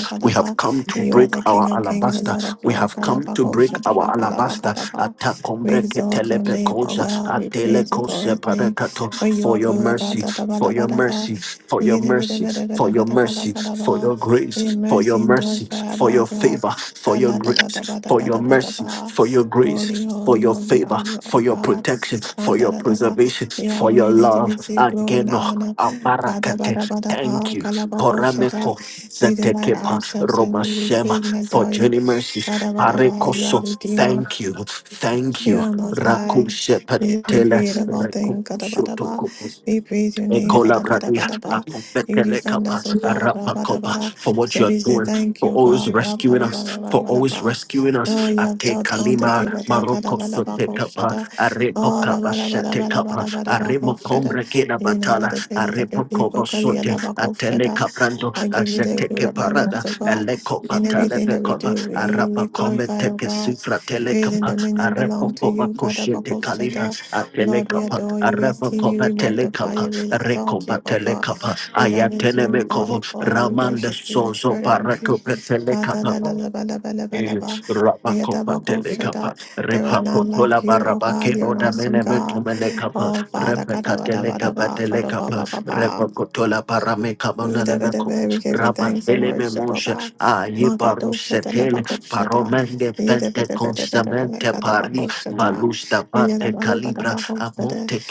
S1: alabaster. We have come
S6: You are the King of kings, the Lord of lords.
S1: to break our alabaster
S6: Kalabakoshadabakalabagadaba. We exalt your name, O
S1: koja,
S6: God. We
S1: atele
S6: praise your
S1: kose
S6: glorious name.
S1: parekato.
S6: But you
S1: For
S6: are
S1: your
S6: good. Ra
S1: mercy,
S6: da da ba da
S1: for your
S6: ba da ba.
S1: mercy, for your
S6: Ye da ba da
S1: mercy,
S6: ba da ba
S1: for your
S6: da ba da ba da
S1: mercy,
S6: ba da
S1: for
S6: ba.
S1: your
S6: Your
S1: grace, for your
S6: mercy endures
S1: mercy,
S6: forever,
S1: for
S6: oh
S1: your
S6: God.
S1: favor, for
S6: Ra
S1: your
S6: la da da da
S1: grace,
S6: ba da
S1: for
S6: ba
S1: your
S6: da ba da
S1: mercy,
S6: ba.
S1: for your grace,
S6: Holy,
S1: for
S6: holy,
S1: your
S6: holy are
S1: favor,
S6: you, oh
S1: for your
S6: God.
S1: protection,
S6: Ga
S1: for
S6: da
S1: your
S6: da da ba.
S1: preservation,
S6: You are
S1: for your
S6: worthy to
S1: love.
S6: receive glory and
S1: Ageno,
S6: honor. Ga da ba
S1: aparakate.
S6: da ba da ba.
S1: Thank you.
S6: Ga la ba ko sha da.
S1: Porameko.
S6: We delight
S1: Zetekepa
S6: ourselves in
S1: Roma
S6: you. We
S1: Shema
S6: praise and
S1: for
S6: adore you.
S1: journey mercies.
S6: Ba da ba da ba. You are
S1: Arekoso,
S6: redeemer.
S1: thank you, thank you,
S6: You are most high.
S1: Rakushe
S6: You are the
S1: patela,
S6: creator of all things. Gada
S1: Rakusho
S6: bada ba.
S1: toko.
S6: We praise your name.
S1: Ekola
S6: Gada bada
S1: Pradia,
S6: bada ba. You
S1: Akopetele
S6: defend
S1: Kapa,
S6: us, O God. Ra
S1: Arapa
S6: bada
S1: Kopa,
S6: bada.
S1: for what
S6: So
S1: you are
S6: we say
S1: doing,
S6: thank
S1: for
S6: you,
S1: always
S6: God. Ra
S1: rescuing
S6: bada bada
S1: us,
S6: bada
S1: for
S6: bada
S1: always
S6: ba.
S1: rescuing
S6: Oh,
S1: us.
S6: you have
S1: Ate
S6: dealt
S1: Kalima,
S6: abundantly with our
S1: Maroko Sote Kapa,
S6: Kadabalabakovshada.
S1: Arepo
S6: Oh,
S1: Kapa Sete Kapa, Aremo
S6: Rabarabarabarabarabakovshada.
S1: Kombra Kena
S6: You
S1: Batala,
S6: inhabit the praises of your
S1: Arepo Kobo
S6: people,
S1: Sote, Atele
S6: Kalialabakovshada.
S1: Kaprando,
S6: I give you the
S1: Azete
S6: good
S1: Keparada,
S6: abundance of God.
S1: Eleko
S6: In
S1: Patale
S6: everything
S1: de
S6: that we
S1: Kopa,
S6: do, may you be
S1: Arapa
S6: glorified,
S1: comete
S6: O God.
S1: Kesifra Tele
S6: Praise and
S1: Kapa,
S6: dominion belong
S1: Arepo
S6: to
S1: Koba
S6: you,
S1: Koshete Kalima,
S6: Kadabakovshada.
S1: Atele
S6: Lord, we
S1: Kapa,
S6: adore you, we
S1: Arepo
S6: esteem you,
S1: Koba
S6: we
S1: Tele
S6: magnify
S1: Kapa,
S6: you, we exalt you, O
S1: Rekopatele
S6: God.
S1: Kapa,
S6: We reverence you,
S1: Ayatele
S6: we bow
S1: Mekovo,
S6: before you, we
S1: Ramanda
S6: worship you in
S1: Sozo
S6: spirit and
S1: Parato
S6: truth.
S1: Petele Kapa.
S6: Kadalalabalabalabalaba.
S1: Rabacopa
S6: Yadabakoshada.
S1: delegapa,
S6: There is none
S1: Repacotola
S6: like you, oh God.
S1: barabake,
S6: You're an
S1: Oda
S6: awesome God.
S1: menemecumelecapa,
S6: Oh Father,
S1: Rebeca delegapa
S6: Kadabadabadaba,
S1: delecapa,
S6: Kadabababa.
S1: Repacotola paramecabonalemeco,
S6: Yedabedebe, We give you thanks and
S1: Rabandele
S6: worship, O
S1: memosia,
S6: God.
S1: Aye
S6: Magadovshada
S1: barusetele,
S6: Labakovshada.
S1: Paromende vente
S6: Yedabedebedebedebe,
S1: constamente pari,
S6: Gadabakovshada.
S1: Malusta parte calibra,
S6: Yedabadabadabakovshada.
S1: Amonte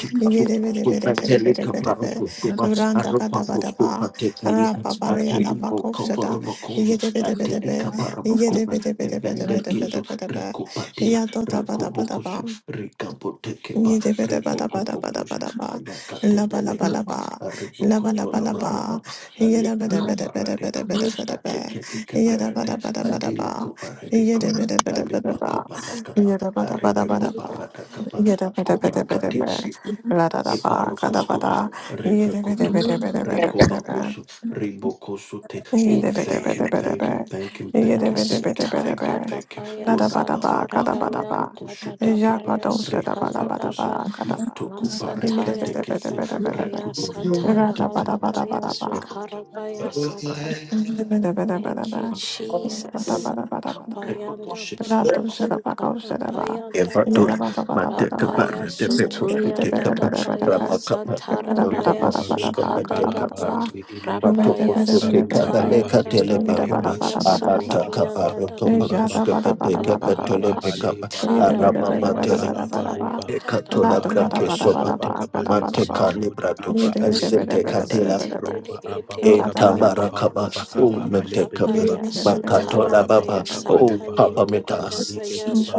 S1: Scupa teleca
S6: Yedabedebedebedebedebe.
S1: parocoscopa,
S6: Randa
S1: Arrobacoscopa
S6: Gadabadaba.
S1: te calibra,
S4: you.
S6: Rapabaria
S1: Atelibo
S6: Labakovshada.
S1: coporomocosa,
S6: Yedabedebedebe.
S1: Atelica
S4: Thank
S1: evende
S4: you.
S1: kezo
S6: Yedabedebedebedebedebedebe.
S1: recopatila recobocusu
S6: Yadodabadabadaba.
S1: recapotekepa rebocopocuja
S6: Yidabadabadabadabadaba.
S1: ayacatebelecopa
S6: Labalabalaba.
S1: arribocotola
S6: Labalabalaba.
S1: barababa alipecoparadecapa
S6: Yidabadabadabadabadabadabadaba.
S1: atekedecaberete
S6: Yidabadabadabadaba.
S1: adilecoparadecova
S6: Yidabadabadabadaba.
S1: alipacobalacapa
S6: Yidabadabadabadaba.
S1: arribecoparadacapa cobracate
S6: Yidabadabadabadaba. Radadaba, kadabada.
S1: Eparokoskova, Revekotoba,
S6: Yidabadabadabadabadabadaba.
S1: Rekobakosu, Ribokosute. Oh, thank him, thank him, thank him, thank him, thank him, thank him, thank him. Urababa, Abokoshutekepa, Rekobakosu, Matokopa,
S5: Masataya
S1: Reketekese,
S5: Dadabaya
S6: Yada
S1: Rekutu,
S5: Sataya
S1: Matekosu,
S5: Hadabaya Sukarabaya Sata.
S6: Yada
S5: Thank you, Jesus. Bayanda
S1: Rekotu.
S5: baya sukata bayanda ba
S1: Evadur
S5: Rabaya
S1: Matekapar de Pekosu
S5: Sutuyanda
S1: Tekapa
S5: Dabaya
S1: Ramakapa
S2: Leki
S1: Makopa
S5: Satarabaya
S2: Baruda
S1: Koskopa
S5: Sukada
S2: Kala
S5: Daba
S1: Tekapandu
S2: Barube
S1: Matoko
S5: Rabaya
S1: Sote
S2: Karuba Abba
S1: Kabaleka
S5: Sutayanda
S2: Liki Beleba
S1: Teleparuma
S5: Dabaya
S1: Amata
S2: Rohaba
S5: Sukirianda
S2: Abba
S1: Kaparoto
S5: Daba
S2: Kibaba
S1: Makoskopa
S2: Roba
S1: Tekapatole
S2: Abba
S5: Dabaya
S2: Hale
S1: Pekapa
S2: Barude
S1: Araba
S2: Edeba
S5: Sutarabaya
S1: Matele
S2: Kalaba Roba
S5: Satayanda
S1: Ekatola Brake
S2: Rahaba
S5: Dabaya
S2: Kibaba
S1: Sopate
S5: Kibaya
S2: Kabaleba
S1: Mate
S2: Aruda
S1: Calibrato
S2: Abba Alebe Kiba Roba Abba
S5: Sutu
S1: in
S2: Bakabaleba
S5: Yanda
S2: Haruba
S1: Tamarakaba, O
S2: Abba Alebe
S6: Shut
S1: Metekaba,
S2: Kiba
S5: Rabaya
S2: Roba
S1: Makatola
S2: Abba
S5: Sutarabaya
S1: Baba, O
S2: Bakabaleba
S5: sutara
S1: Papa
S2: Haru Ala Ibe
S1: Metas.
S2: Kiba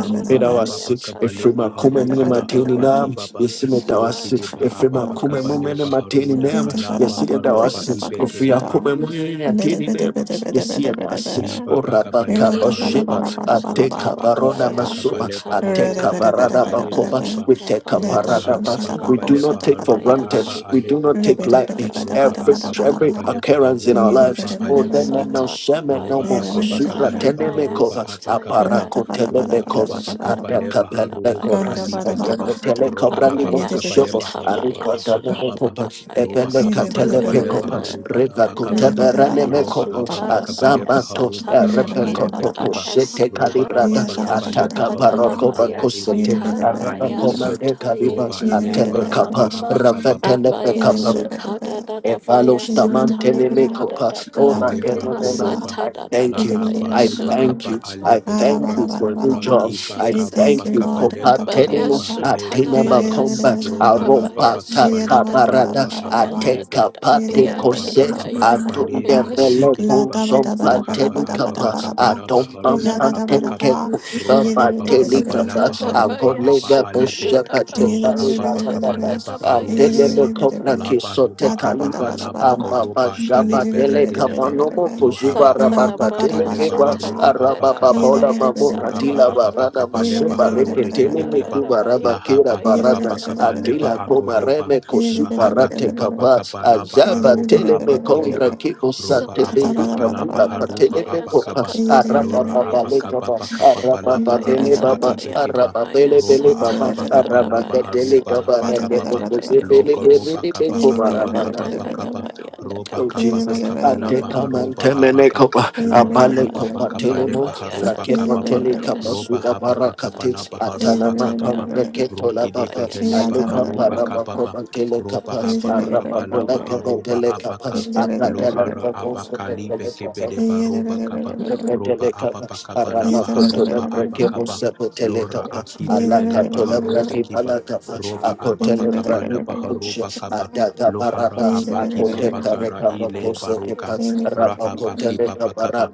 S2: Roba Abba
S1: Medawasi,
S5: Satan.
S2: Bakabaleba
S1: Efrima Kume
S2: Haru
S1: Mene
S2: Ala
S1: Mateni
S5: Oh,
S2: Abba
S1: Nam,
S2: Kibaba
S1: Yesi
S5: yes,
S2: Roki
S5: Lord.
S1: Medawasi,
S2: deba
S1: Efrima
S2: ababa
S1: Kume
S5: Yes,
S1: Mene
S2: kabaleba
S1: Mateni
S2: haruda
S5: Jesus.
S1: Nam,
S2: alaba
S1: Yesi
S2: baruba
S5: Yes,
S1: Edawasi, Efria
S2: ibekeleba
S1: Kume Mene Mateni Nam, Yesi Edasi,
S2: Liba
S1: O
S2: bakabale
S1: Rabakaba
S2: baharoba.
S5: oh Lord.
S1: Ateka
S2: Rahaba kiba
S1: barona
S5: Satarabaya
S1: masuma.
S2: bakabale baharoba
S1: Ateka
S5: Sutarabaya
S2: aba
S1: barada
S5: Ndarabaya.
S2: kalebe
S1: bakoba.
S2: kiba.
S1: We take a
S5: Dabaya
S2: Roba
S1: parada
S2: haba
S1: bas. We
S5: Sutayanda
S1: do
S2: bakabale
S1: not take for
S2: baharoba
S5: Dabaya
S1: granted.
S2: aba
S1: We do
S2: alebe
S1: not take
S2: kiba.
S5: Sukiryanda
S1: lightly
S2: Roba
S5: Dabaya
S1: every
S2: aba
S1: every
S5: Sukada
S2: bakabale
S1: occurrence in
S2: baharoba
S1: our
S2: aba
S1: lives. Oh,
S2: alebe
S1: remember,
S2: kiba.
S5: Masata
S1: shame no
S2: Roba
S5: Dabaya
S2: aba
S1: Subra
S2: bakabale
S1: teneme
S2: baharoba
S1: cover.
S2: aba
S6: Ganda
S1: Apara
S5: satayanda
S2: kababa.
S6: bada bada
S2: Roba
S1: kotelebe
S6: bada
S1: cover.
S2: aba
S6: bada bada
S5: Bayasukata
S6: bada.
S2: bakabale
S1: Ateka pele
S2: baharoba
S1: cover.
S6: Ganda bada
S2: alibe
S5: Bayasata
S6: bada
S2: kiba.
S6: bada.
S2: Roba aba
S6: Yede bede bede
S2: bakabale
S1: Telekobra
S5: Abayasata
S6: bede.
S2: baharoba
S1: Arikota
S2: aba kababa.
S1: Nemekopa,
S5: Bayasukata
S2: Roba
S1: Ebele
S2: aba
S6: Yede
S5: Bayasata
S6: bede bede
S2: bakabale
S5: Yanda
S6: bede
S1: Catelepecopa,
S6: bede.
S2: baharoba
S1: Riva
S2: aba
S5: Bayanda
S6: Yede
S2: kababa
S6: bede
S1: Coteverane
S6: bada bada
S2: roba
S6: bada
S1: Mecopo,
S6: bada
S2: ababa
S5: Bayasutara
S6: bada bada.
S2: kabaleba
S1: Azamanto,
S5: Bayasata
S2: haruba aba
S6: Yada bada
S5: Yeda
S2: alebe
S6: bada
S1: Erepecopo,
S6: bada
S2: kiba
S6: bada.
S1: Shete
S2: roba
S5: Bayasatara
S1: Calibrada,
S2: ababa
S6: Yada bada bada
S2: kabaleba
S1: Ataca
S6: bada
S5: Bayasukata
S2: haruba
S6: bada.
S1: Paracoba
S2: hala
S6: Yede
S1: Cosete,
S2: edera
S6: bede
S2: ra
S5: Bayasatara
S6: bede
S1: Araba
S2: ali
S6: bede bede.
S2: kiba
S1: Comande
S5: Bayasuta
S2: roba
S1: Calibas,
S5: Yendi
S6: Yede bede
S2: ileba
S5: Yanda
S6: bede bede
S1: Antelecapa,
S6: bede
S2: roba
S5: Dadaba
S2: apa
S6: bede.
S2: kababa.
S6: Yede
S1: Ravetelepeca,
S6: bede bede
S5: Rabayasukata
S6: bede.
S5: Dadabaya
S6: Yede bede bede bede.
S5: Satayanda
S1: Evalostamantenemekopa,
S5: Dadaba
S6: La da
S1: ora
S6: da da
S2: Ileba
S6: bada
S1: penemena.
S6: bada.
S2: koroba
S5: Masata
S1: I thank
S6: Yede
S1: you.
S2: laha
S6: bede bede
S1: I
S6: bede
S2: baroba
S1: thank
S6: bede.
S5: Dadabaya
S2: aba
S1: you. I
S2: alebe
S1: thank
S2: keba
S1: you for a new
S6: Alabalabalabala.
S1: job.
S2: radiba
S1: I
S6: We
S2: kaba
S5: Jesus.
S1: thank
S6: thank you,
S1: you.
S2: bakaba
S6: Lord.
S2: leba
S5: Abaya
S1: Kopatelino
S2: haruba
S6: Balabalabala.
S2: alebe
S1: atina
S2: keba
S5: sutadabaya
S1: bakomba
S2: roba
S6: Yedabalabalabala.
S2: aba
S5: satadabaya
S1: aropa
S2: bakaba
S1: taka
S2: laba
S1: barada
S2: haruba aba
S5: sukadadadabaya
S6: Yedabalabalabala.
S2: alebe
S1: ateka pate
S5: dadadabaya
S2: roha
S1: kose
S2: bakaba bakaba
S1: atunde
S2: leba
S6: Yedabalabalabala.
S5: tetayandabaya
S2: rude
S1: velo
S2: kedeba
S1: konsompa
S2: rohaba aba
S1: tenikapa
S2: bakaba
S6: Latabadabadabadabadabadabadaba.
S2: laba
S1: Atomam
S2: haruba aba kaba
S1: Antelke
S6: Yagadabadaba.
S1: Kusha
S2: roba aba bakaba
S1: Patelika
S2: laba
S6: Yedabalabalabala.
S2: haruba
S5: satadabaya
S2: aba
S1: Akolega
S2: alebe
S1: Kusha
S5: sukadadabaya
S2: roba
S5: dada,
S2: haba
S1: Patelika
S2: bakaba leba arude keba
S1: Anteleme Kopra
S2: Laba ruba
S1: Kisote Kaliba
S2: abaha laba
S1: Ambaba
S2: koroba bale
S1: Jaba
S2: berede
S1: Teleka
S2: leba.
S1: Panomo Kuzuba
S2: Lohaba ababa
S5: satadabaya
S2: kabaleba
S1: Rabba
S2: aruba
S5: dada,
S1: Araba
S2: abakababa.
S1: Babola Mamuka
S2: Ruhaba
S1: Dila
S5: satayandadabaya
S2: ababa
S1: Barana
S2: kabaleba
S1: Masuba
S2: harude
S1: Reketele
S2: ebekeba.
S1: Mikuba
S5: dadadabaya
S1: Raba Kira
S2: Lahaba
S1: Barata
S2: kibaba kabaleba
S5: dadabaya
S1: Adila Koma
S2: akoroba.
S1: Reme Kosupa
S2: Rahaba
S1: Rate
S2: kibaba
S1: Kava
S6: Thank
S2: kabalaba
S1: Ajaba
S2: aruba
S1: Tele Mekondra
S2: abakideba.
S1: Kibo
S5: Yes,
S2: Roba
S1: Sante
S2: ababa
S1: Benita
S2: kalaba
S1: Pula
S2: haruba
S1: Patele Mekopa
S2: abakaba.
S1: Araba
S2: Lora
S1: Baba Lekaba
S2: abakababa
S1: Araba
S2: kababalaba
S1: Babele
S2: haruba
S1: Baba
S2: ibekeba.
S1: Araba Bele Bele
S2: Roba
S1: Baba
S2: ababa
S1: Araba
S2: kabalaba
S1: Gadele
S2: haruba
S1: Gaba
S6: is
S1: Rake
S2: abakababa.
S1: Pokuze Bele
S2: Loko
S1: Bele
S2: roba
S1: Bele
S2: kaba
S1: Koba
S2: baka baka
S1: Raba
S2: baka kaba roba
S1: Oh
S2: kaba
S1: Jesus,
S2: baka
S1: update
S2: balaba
S1: come and
S2: haruba
S1: temene
S2: abaka
S1: kopa
S2: lora
S1: abale
S2: ababa
S1: kopa
S2: kaba
S1: telemo
S2: leba haruba
S1: frakepa
S2: kababa
S1: tele kapa
S2: roba
S1: suda
S2: hababa kaba
S1: barakati
S2: laba
S1: atana
S2: haruba
S1: makam
S2: kababa
S1: breketo la
S2: roki de
S1: papa
S2: beheleba
S1: alepa
S2: haruba
S1: para
S2: kababa
S1: kopa tele
S2: roba
S1: kapa
S2: hababa
S1: arapa
S2: kaba laba
S1: pola kapa
S2: haruba
S1: tele kapa
S2: abaka
S5: Yes,
S1: akatele
S2: lohara abaka libe
S1: kopa
S2: kebede baroba kaba
S1: Rapa
S2: roba ababa kaba laba haruba abakaba lora akibe beleba harude kiba roba ababa kaba laba haroba kaba lohara abaki baba kara ile baruka rahabaki ki baba kaba